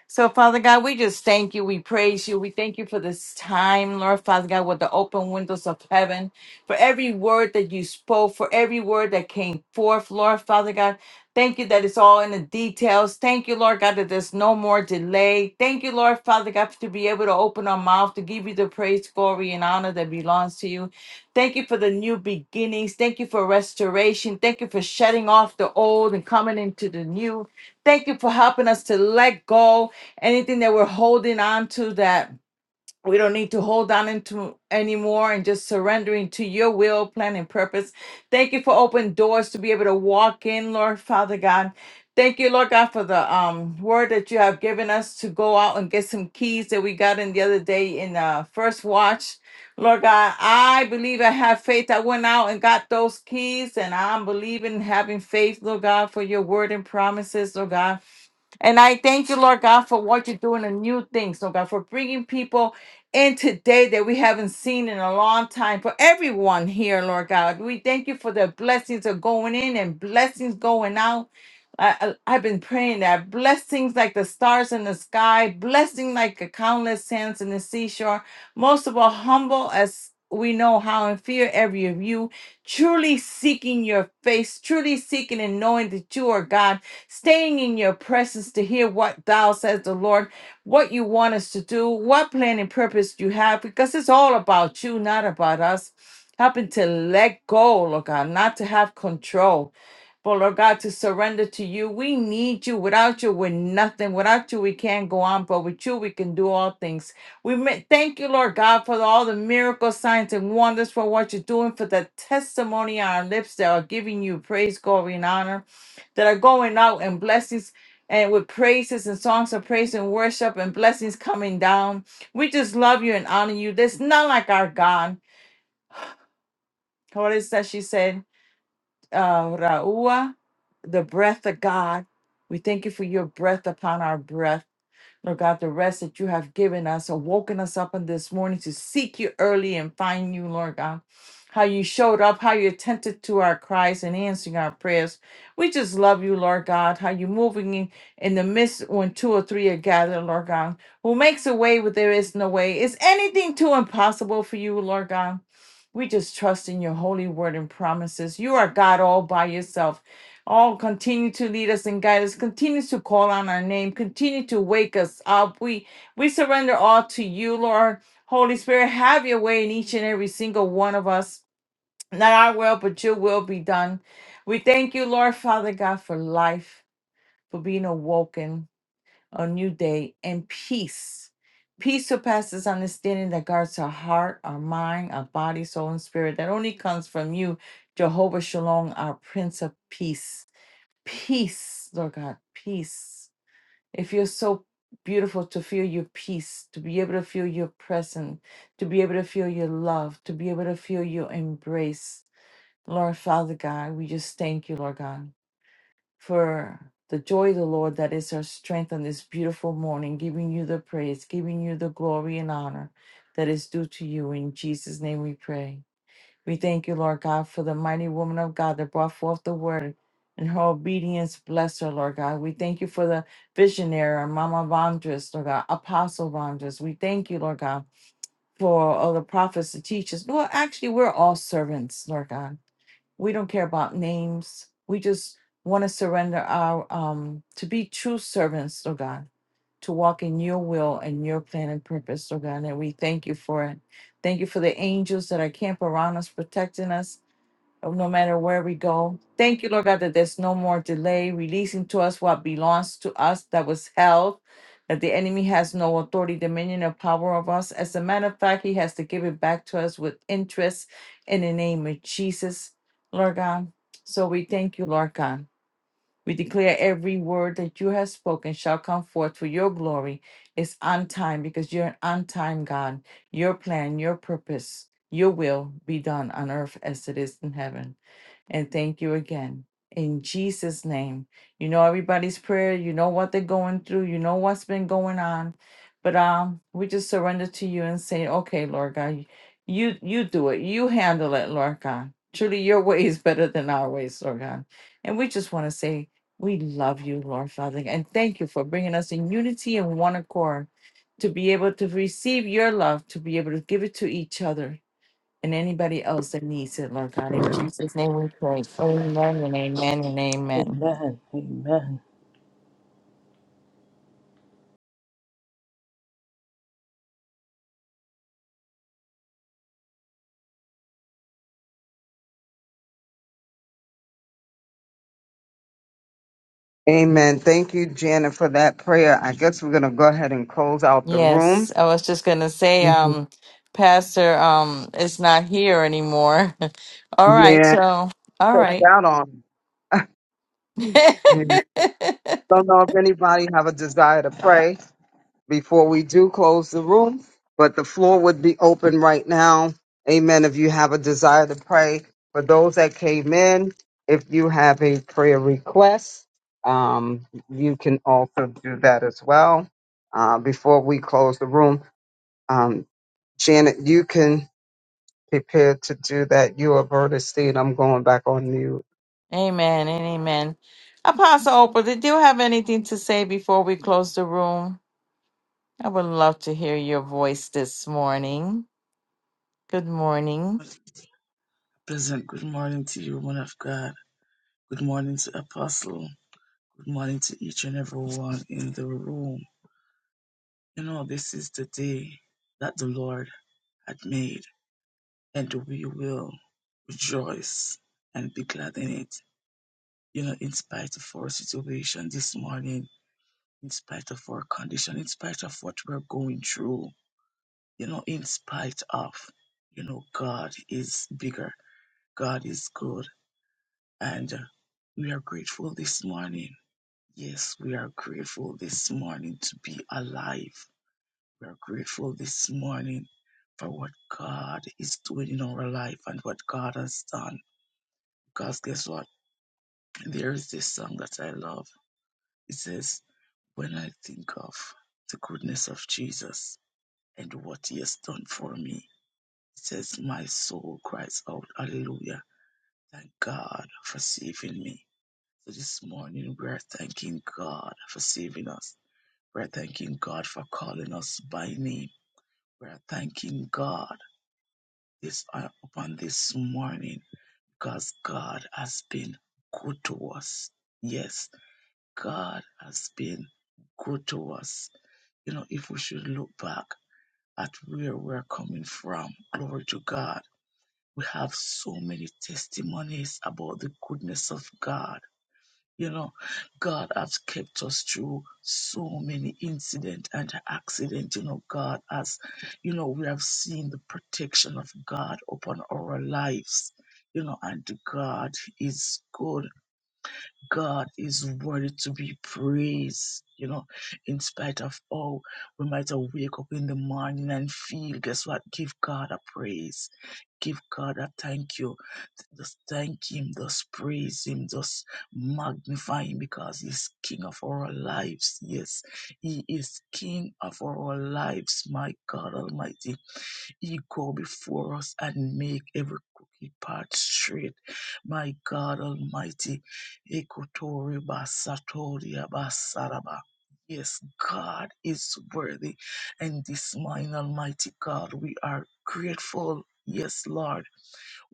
Speaker 2: So, Father God, we just thank you. We praise you. We thank you for this time, Lord Father God, with the open windows of heaven, for every word that you spoke, for every word that came forth, Lord Father God. Thank you that it's all in the details. Thank you, Lord God, that there's no more delay. Thank you, Lord Father God, to be able to open our mouth to give you the praise, glory, and honor that belongs to you. Thank you for the new beginnings. Thank you for restoration. Thank you for shutting off the old and coming into the new. Thank you for helping us to let go anything that we're holding on to that we don't need to hold on into anymore and just surrendering to your will, plan, and purpose. Thank you for open doors to be able to walk in, Lord Father God. Thank you, Lord God, for the um, word that you have given us to go out and get some keys that we got in the other day in uh, First Watch. Lord God, I believe I have faith. I went out and got those keys, and I'm believing, having faith, Lord God, for your word and promises, Lord God. And I thank you, Lord God, for what you're doing and new things, Lord God, for bringing people in today that we haven't seen in a long time. For everyone here, Lord God, we thank you for the blessings are going in and blessings going out. I, I- I've been praying that blessings like the stars in the sky, blessing like the countless sands in the seashore, most of all, humble as we know how and fear every of you, truly seeking your face, truly seeking and knowing that you are God staying in your presence to hear what thou says the Lord, what you want us to do, what plan and purpose you have, because it's all about you, not about us. Helping to let go, Lord God, not to have control, but Lord God, to surrender to you. We need you. Without you, we're nothing. Without you, we can't go on, but with you, we can do all things. We ma- thank you, Lord God, for all the miracles, signs, and wonders for what you're doing, for the testimony on our lips that are giving you praise, glory, and honor that are going out and blessings and with praises and songs of praise and worship and blessings coming down. We just love you and honor you. There's none like our God. What is that she said? Uh, Ra'ua, the breath of God. We thank you for your breath upon our breath. Lord God, the rest that you have given us, awoken us up on this morning to seek you early and find you, Lord God. how you showed up, how you attended to our cries and answering our prayers. We just love you, Lord God, how you're moving in, in the midst when two or three are gathered, Lord God, who makes a way where there is no way. Is anything too impossible for you, Lord God? We just trust in your holy word and promises. You are God all by yourself. All continue to lead us and guide us. Continue to call on our name. Continue to wake us up. We we surrender all to you, Lord. Holy Spirit, have your way in each and every single one of us. Not our will, but your will be done. We thank you, Lord Father God, for life, for being awoken, a new day, and peace. Peace surpasses understanding that guards our heart, our mind, our body, soul, and spirit. That only comes from you, Jehovah Shalom, our Prince of Peace. Peace, Lord God, peace. It feels so beautiful to feel your peace, to be able to feel your presence, to be able to feel your love, to be able to feel your embrace. Lord Father God, we just thank you, Lord God, for the joy of the Lord that is our strength on this beautiful morning, giving you the praise, giving you the glory and honor that is due to you. In Jesus' name we pray. We thank you, Lord God, for the mighty woman of God that brought forth the word and her obedience. Bless her, Lord God. We thank you for the visionary, Mama Vondras, Lord God, Apostle Vondras. We thank you, Lord God, for all the prophets, the teachers. Well, actually, we're all servants, Lord God. We don't care about names. We just want to surrender our um to be true servants, oh God, to walk in your will and your plan and purpose, oh God. And we thank you for it. Thank you for the angels that are camp around us, protecting us of no matter where we go. Thank you, Lord God, that there's no more delay, releasing to us what belongs to us that was held, that the enemy has no authority, dominion, or power of us. As a matter of fact, he has to give it back to us with interest in the name of Jesus, Lord God. So we thank you, Lord God. We declare every word that you have spoken shall come forth for your glory. It's on time because you're an on time God. Your plan, your purpose, your will be done on earth as it is in heaven. And thank you again. In Jesus' name. You know everybody's prayer. You know what they're going through. You know what's been going on. But um, we just surrender to you and say, okay, Lord God, you you do it. You handle it, Lord God. Truly, your way is better than our ways, Lord God. And we just want to say we love you, Lord Father, and thank you for bringing us in unity and one accord to be able to receive your love, to be able to give it to each other and anybody else that needs it, Lord God. In Jesus' name we pray. Amen and amen and amen.
Speaker 5: Amen. Amen.
Speaker 3: Amen. Thank you, Janet, for that prayer. I guess we're going to go ahead and close out the
Speaker 2: Yes,
Speaker 3: room.
Speaker 2: I was just going to say,
Speaker 3: Mhm.
Speaker 2: um, Pastor um, is not here anymore. all right,
Speaker 3: Yeah.
Speaker 2: so, all
Speaker 3: Check
Speaker 2: right.
Speaker 3: out on. And don't know if anybody have a desire to pray. before we do close the room, but the floor would be open right now. Amen. If you have a desire to pray for those that came in, if you have a prayer request, um, you can also do that as well. Uh, before we close the room, um, Janet, you can prepare to do that. You are Bertha Steed. I'm going back on you.
Speaker 2: Amen and amen. Apostle Opal, did you have anything to say before we close the room? I would love to hear your voice this morning. Good morning.
Speaker 10: Pleasant good morning to you, woman of God. Good morning to Apostle. Good morning to each and every one in the room. You know, this is the day that the Lord had made, and we will rejoice and be glad in it. You know, in spite of our situation this morning, in spite of our condition, in spite of what we're going through, you know, in spite of, you know, God is bigger. God is good And uh, we are grateful this morning. Yes, we are grateful this morning to be alive. We are grateful this morning for what God is doing in our life and what God has done. Because guess what? There is this song that I love. It says, When I think of the goodness of Jesus and what he has done for me, it says, My soul cries out, Hallelujah. Thank God for saving me. So this morning we're thanking God for saving us. We're thanking God for calling us by name. We're thanking God this uh, upon this morning because God has been good to us. Yes, God has been good to us. You know, if we should look back at where we're coming from, glory to God. We have so many testimonies about the goodness of God You know, God has kept us through so many incident and accident. You know, God has, you know, we have seen the protection of God upon our lives. You know, and God is good. God is worthy to be praised. You know, in spite of all, we might have wake up in the morning and feel, guess what? Give God a praise. Give God a thank you just thank Him, just praise Him, just magnify Him because He's King of our lives. Yes, He is King of our lives, my God Almighty. He go before us and make every crooked path straight, my God Almighty. Ekotori basatori abasaraba. Yes, God is worthy, and this mine, Almighty God, we are grateful. Yes, Lord.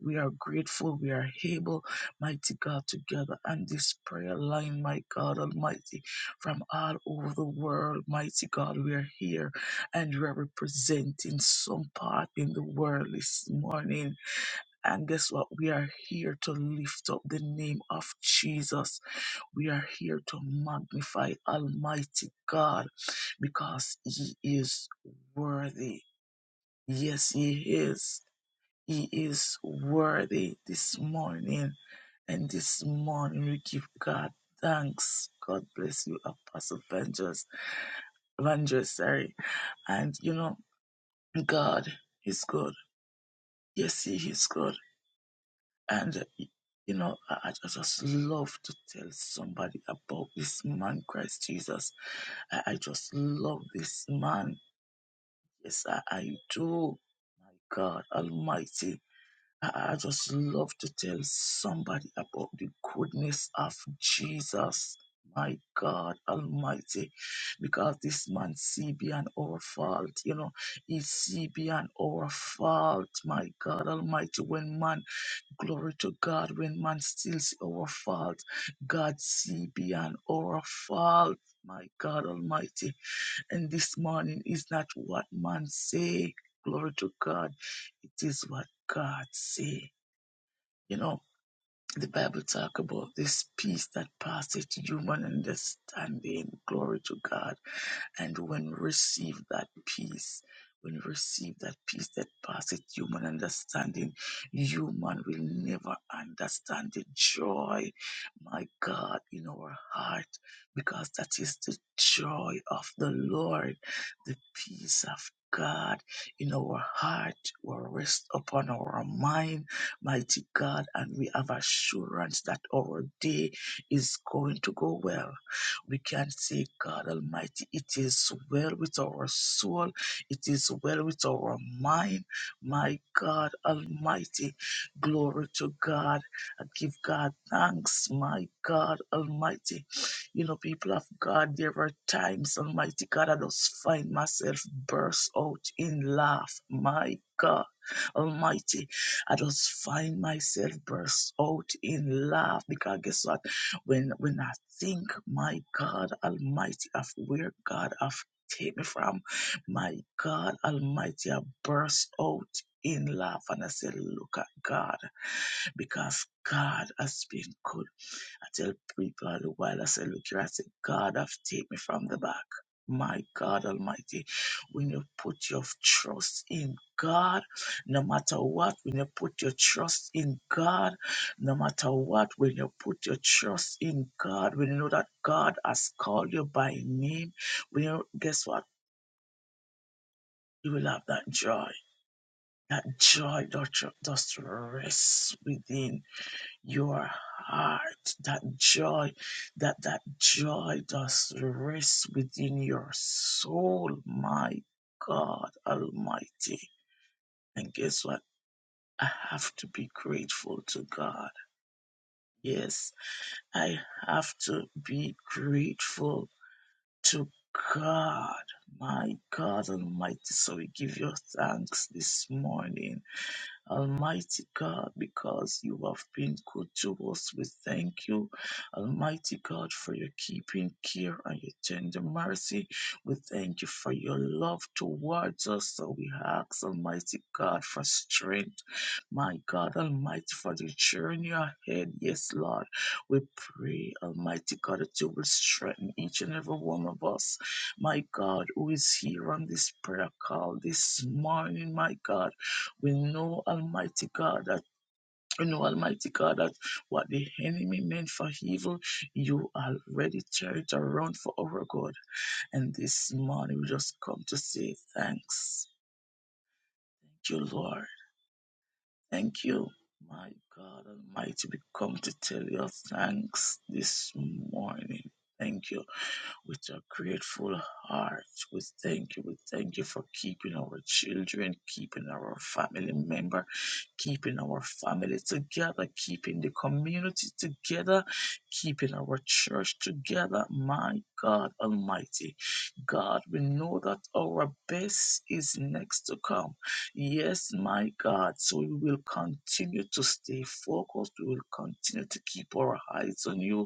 Speaker 10: We are grateful. We are able, mighty God, together and this prayer line, my God Almighty, from all over the world, mighty God, we are here and we are representing some part in the world this morning. And guess what? We are here to lift up the name of Jesus. We are here to magnify Almighty God because He is worthy. Yes, He is. He is worthy this morning. And this morning we give God thanks. God bless you, Apostle Vengers. Vengers, sorry. And you know, God is good. Yes, He is good. And you know, I, I just love to tell somebody about this man, Christ Jesus. I, I just love this man. Yes, I, I do. My God Almighty. I just love to tell somebody about the goodness of Jesus, my God Almighty, because this man see beyond our fault, you know, he see beyond our fault, my God Almighty. When man, glory to God, when man steals our fault, God see beyond our fault, my God Almighty. And this morning is not what man say, glory to God, it is what God say you know, the Bible talk about this peace that passeth human understanding. Glory to God. And when we receive that peace, when we receive that peace that passeth human understanding, human will never understand the joy, my God, in our heart, because that is the joy of the Lord, the peace of God in our heart will rest upon our mind, mighty God, and we have assurance that our day is going to go well we can say, God Almighty, it is well with our soul, it is well with our mind. My God Almighty, glory to God. I give God thanks, my God Almighty. You know, people of God, there are times, Almighty God, I just find myself burst out in laugh. My God Almighty, I just find myself burst out in laugh because guess what? When when I think, my God Almighty, of where God have taken me from, my God Almighty, I burst out in love and I say, Look at God, because God has been good. I tell people all the while, I say, look here, I say, God have taken me from the back. My God Almighty, when you put your trust in God, no matter what, when you put your trust in God, no matter what, when you put your trust in God, when you know that God has called you by name, when you guess what, you will have that joy. That joy that ju- just rests within your heart that joy that that joy does rest within your soul my god almighty and guess what i have to be grateful to god yes i have to be grateful to god my god almighty so we give you thanks this morning Almighty God, because you have been good to us, we thank you. Almighty God, for your keeping care and your tender mercy. We thank you for your love towards us. So we ask, Almighty God, for strength. My God, Almighty, for the journey ahead. Yes, Lord. We pray, Almighty God, that you will strengthen each and every one of us. My God, who is here on this prayer call this morning, my God. We know, Almighty God, that we know, Almighty God, that what the enemy meant for evil, you already turned it around for our good. And this morning, we just come to say thanks. Thank you, Lord. Thank you. My God Almighty, we come to tell you thanks this morning. Thank you. with a grateful heart. We thank you. We thank you for keeping our children, keeping our family member, keeping our family together, keeping the community together, keeping our church together. My God Almighty. God, we know that our best is next to come. Yes, my God. So we will continue to stay focused. We will continue to keep our eyes on you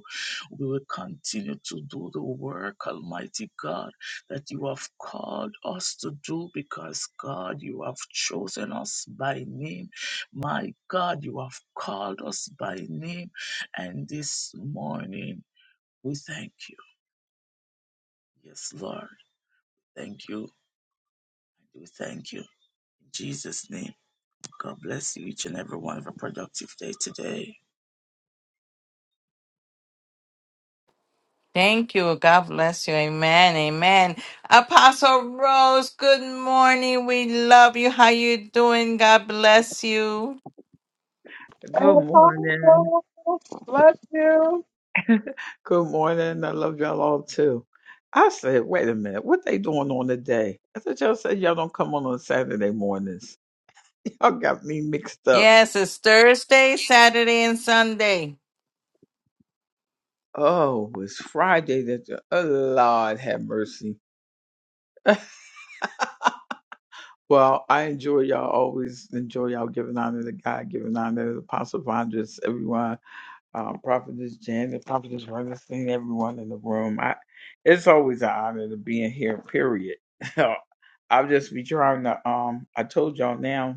Speaker 10: we will continue to do the work, Almighty God, that you have called us to do because, God, you have chosen us by name. My God, you have called us by name. And this morning, we thank you. Yes, Lord. Thank you. We thank you. In Jesus' name, God bless you each and every one. Have a productive day today.
Speaker 2: Thank you. God bless you. Amen. Amen. Apostle Rose, good morning. We love you. How you doing? God bless you.
Speaker 11: Good morning. Good morning. I love y'all all too. I said, wait a minute, what they doing on the day? I said, y'all said y'all don't come on on Saturday mornings. Y'all got me mixed up.
Speaker 2: Yes, it's Thursday, Saturday, and Sunday.
Speaker 11: Oh, it's Friday that you, oh Lord have mercy. Well, I enjoy y'all always enjoy y'all giving honor to God, giving honor to Apostle Vondress, everyone. um, Prophetess Janet, Prophetess Ernestine, everyone in the room. I, it's always an honor to be in here, period. I'll just be trying to, um, I told y'all now,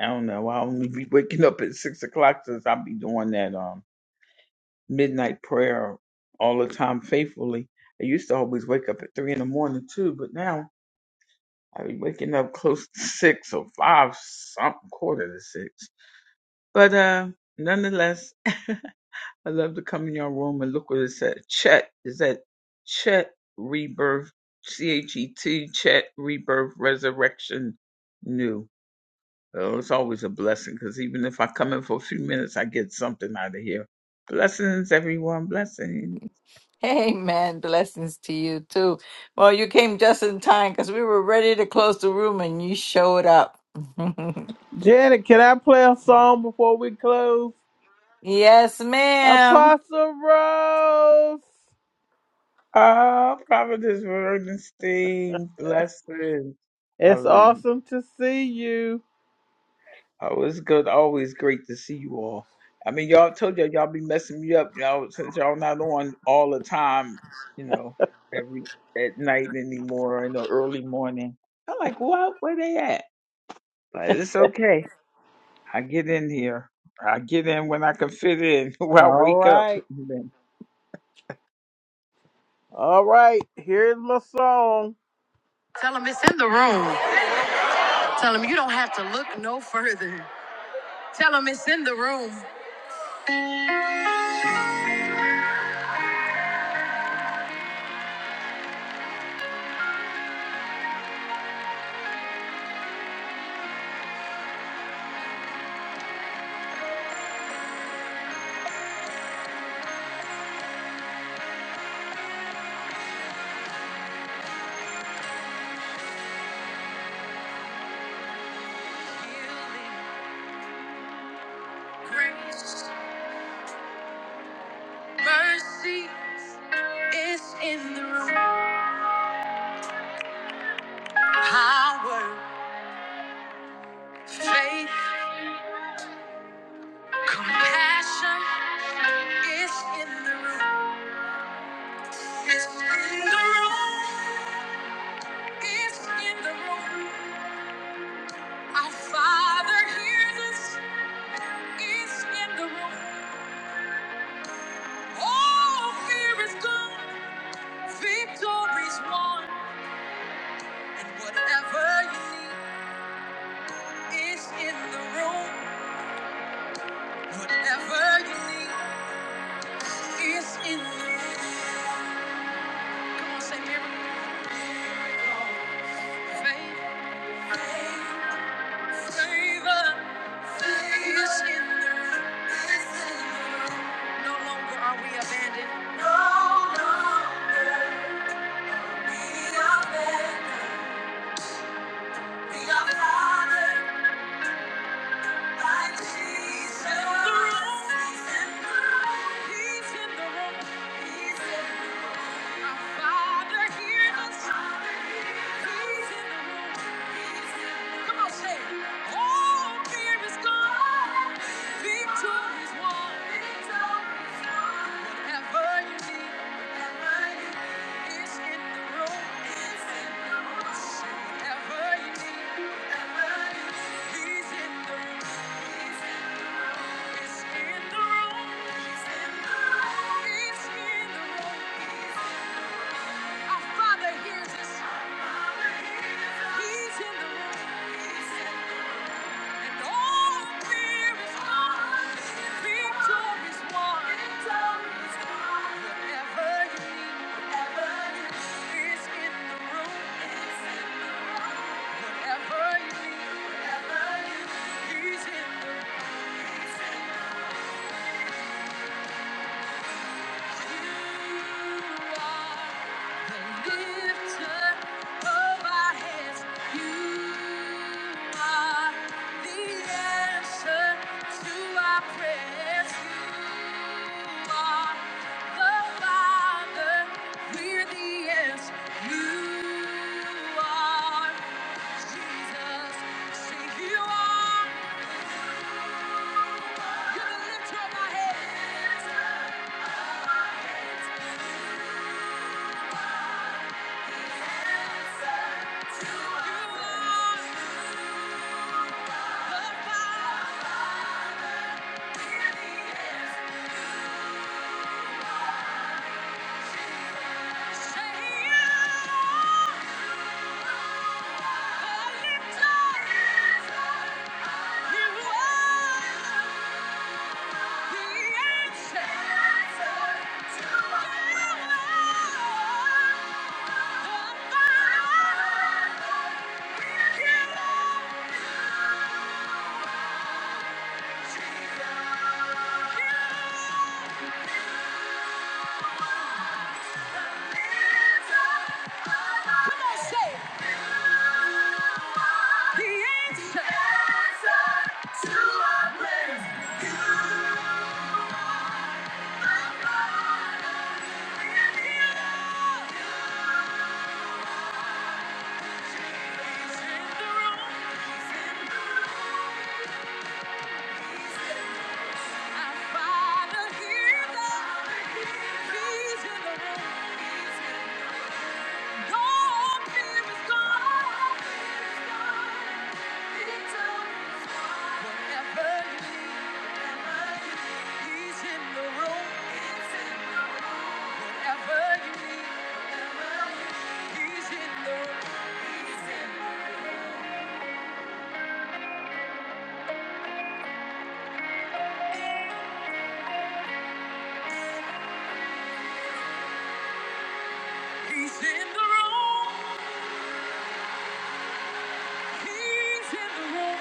Speaker 11: I don't know, I'll only be waking up at six o'clock since I'll be doing that um, midnight prayer all the time faithfully. I used to always wake up at three in the morning too, but now I be waking up close to six or five, something quarter to six. But uh, nonetheless, I love to come in your room and look what it said. Chet is that Chet Rebirth, C H E T, Chet Rebirth Resurrection New. Oh, it's always a blessing because even if I come in for a few minutes, I get something out of here. Blessings, everyone. Blessings.
Speaker 2: Amen. Blessings to you too. Well, you came just in time because we were ready to close the room and you showed up.
Speaker 7: Janet, can I play a song before we close?
Speaker 2: yeah.
Speaker 7: Apostle Rose.
Speaker 11: Ah, Providence Bernstein. Blessings.
Speaker 7: It's
Speaker 11: Hallelujah.
Speaker 7: awesome to see you.
Speaker 11: Oh, it's good. Always great to see you all. I mean, y'all told y'all y'all be messing me up, y'all. Since y'all not on all the time, you know, every at night anymore in the early morning. I'm like, what? Where they at? But it's okay. I get in here. I get in when I can fit in. When I
Speaker 7: All
Speaker 11: wake up.
Speaker 7: right. All right. Here's my song. Tell them it's in the room. Tell them you don't have to look no further. Tell them it's in the room. Grace, mercy is in the room. Power, faith, compassion is in the room. It's in the room. It's in the room. Our Father hears us. It's in the room. All fear is gone. Victory's won. And whatever you need is in the room. Whatever you need is in the room. Come on, say miracle. Faith, faith, favor. is in the room. Is in the room. No longer are we abandoned. No longer we are abandoned. We are fathered. Whatever you need, whatever you need. Father hears us. He's in the room. And all fear is gone. Victory is won. Victory is won. Whatever you need, whatever you need is in the room. It's in the room. Whatever you need, whatever you need, he's in the room. He's in the room. You are Jesus, say you are. You're gonna lift up my head. You are the fire. Say you are the lifter. You are. The answer to our prayers. He's in the room. He's in the room. He's in the room. He's in the room. He's in the room.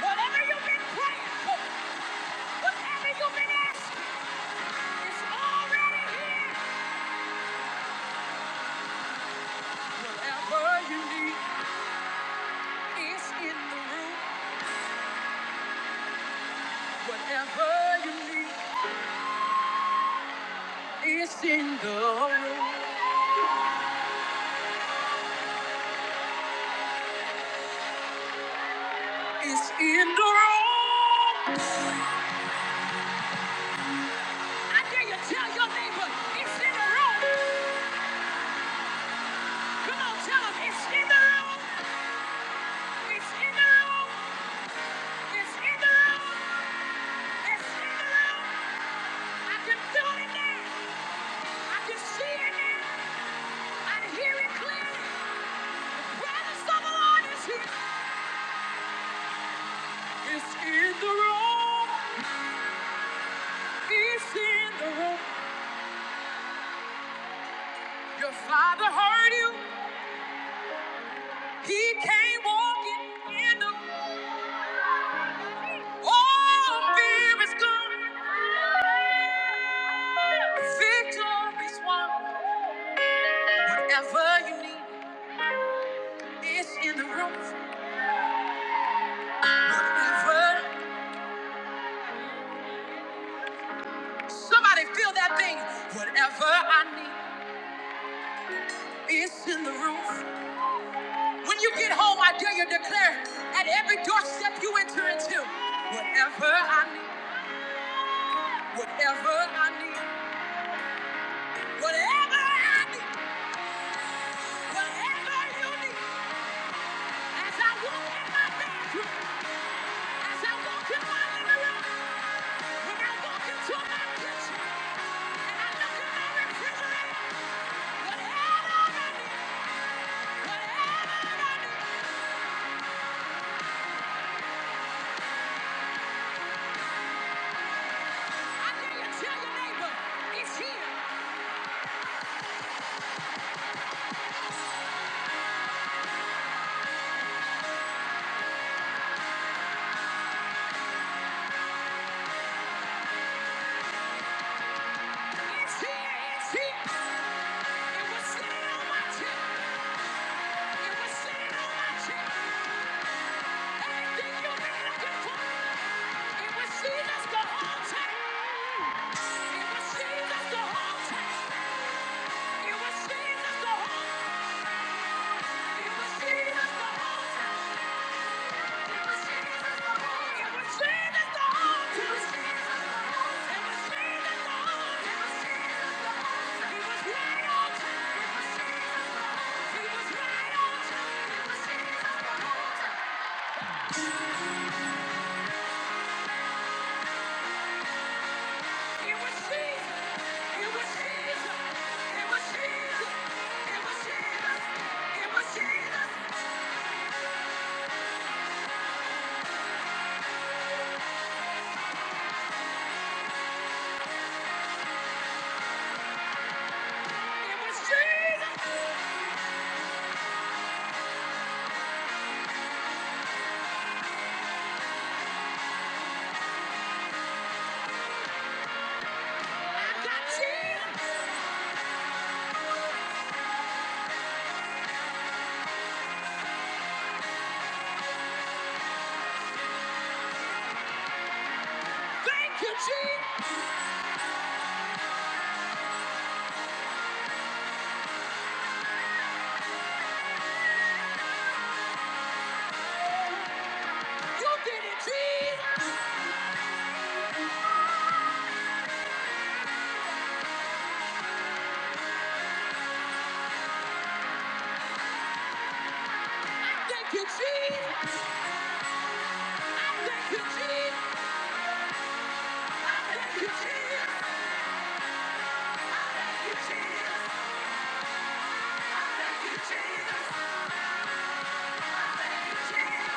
Speaker 7: Whatever you've been praying for, whatever you've been asking, it's already here. Whatever you need. It's in the room. Whatever you need, it's in the room. It's in the room. I dare you tell your neighbor, it's in the room. Come on, tell them, it's in the room. It's in the room. It's in the room. It's in the room. I can feel it now. I can see it now. I hear it clearly. Brothers of the Lord is here. It's in the room. It's in the room. Your father heard you. He came walking in the All fear is gone. Victory's won. Whatever you need is in the room. Whatever. Somebody feel that thing. Whatever I need is in the room. When you get home, I dare you declare at every doorstep you enter into. Whatever I need. Whatever I need. Whatever I need. Whatever you need, as I walk in my bedroom, as I walk in my living room, when I walk into my kitchen, and I look in my refrigerator, whatever I need, whatever I need, I dare you tell your neighbor, it's here, it's here, it's here. It was sitting on my chair, it was sitting on my chair. Everything you've been looking for, it was Jesus the whole time. It was Jesus the whole time. It was Jesus! I got Jesus! Thank you, Chief. You did it, Chief. Thank you, Chief. Thank you, Chief. Thank you, Chief. Thank you, Chief. Thank you, Chief.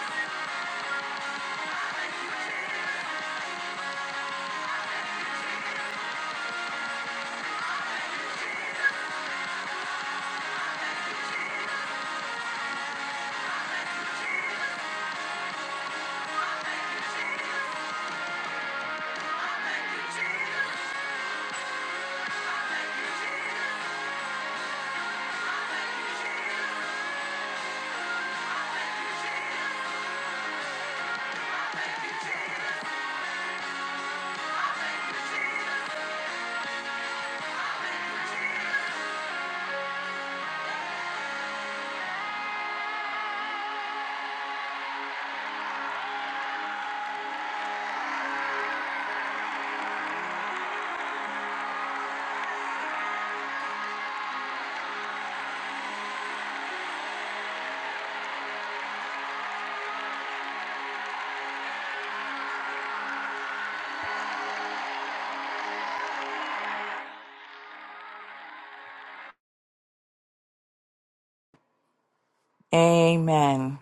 Speaker 2: Amen.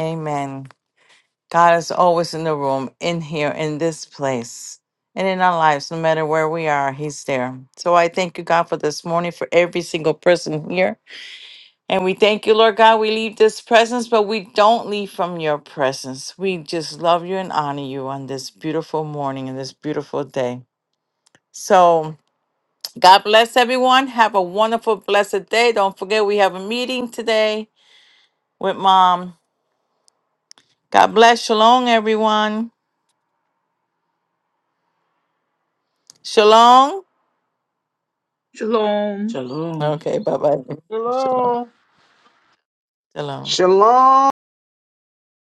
Speaker 2: Amen. God is always in the room, in here, in this place, and in our lives, no matter where we are, He's there. So I thank you, God, for this morning, for every single person here. And we thank you, Lord God, we leave this presence, but we don't leave from your presence. We just love you and honor you on this beautiful morning and this beautiful day. So God bless everyone. Have a wonderful, blessed day. Don't forget, we have a meeting today with mom. God bless. Shalom, everyone. Shalom.
Speaker 11: Shalom.
Speaker 10: Shalom.
Speaker 2: Okay, bye bye. Shalom.
Speaker 7: Hello.
Speaker 2: Shalom.
Speaker 3: Shalom.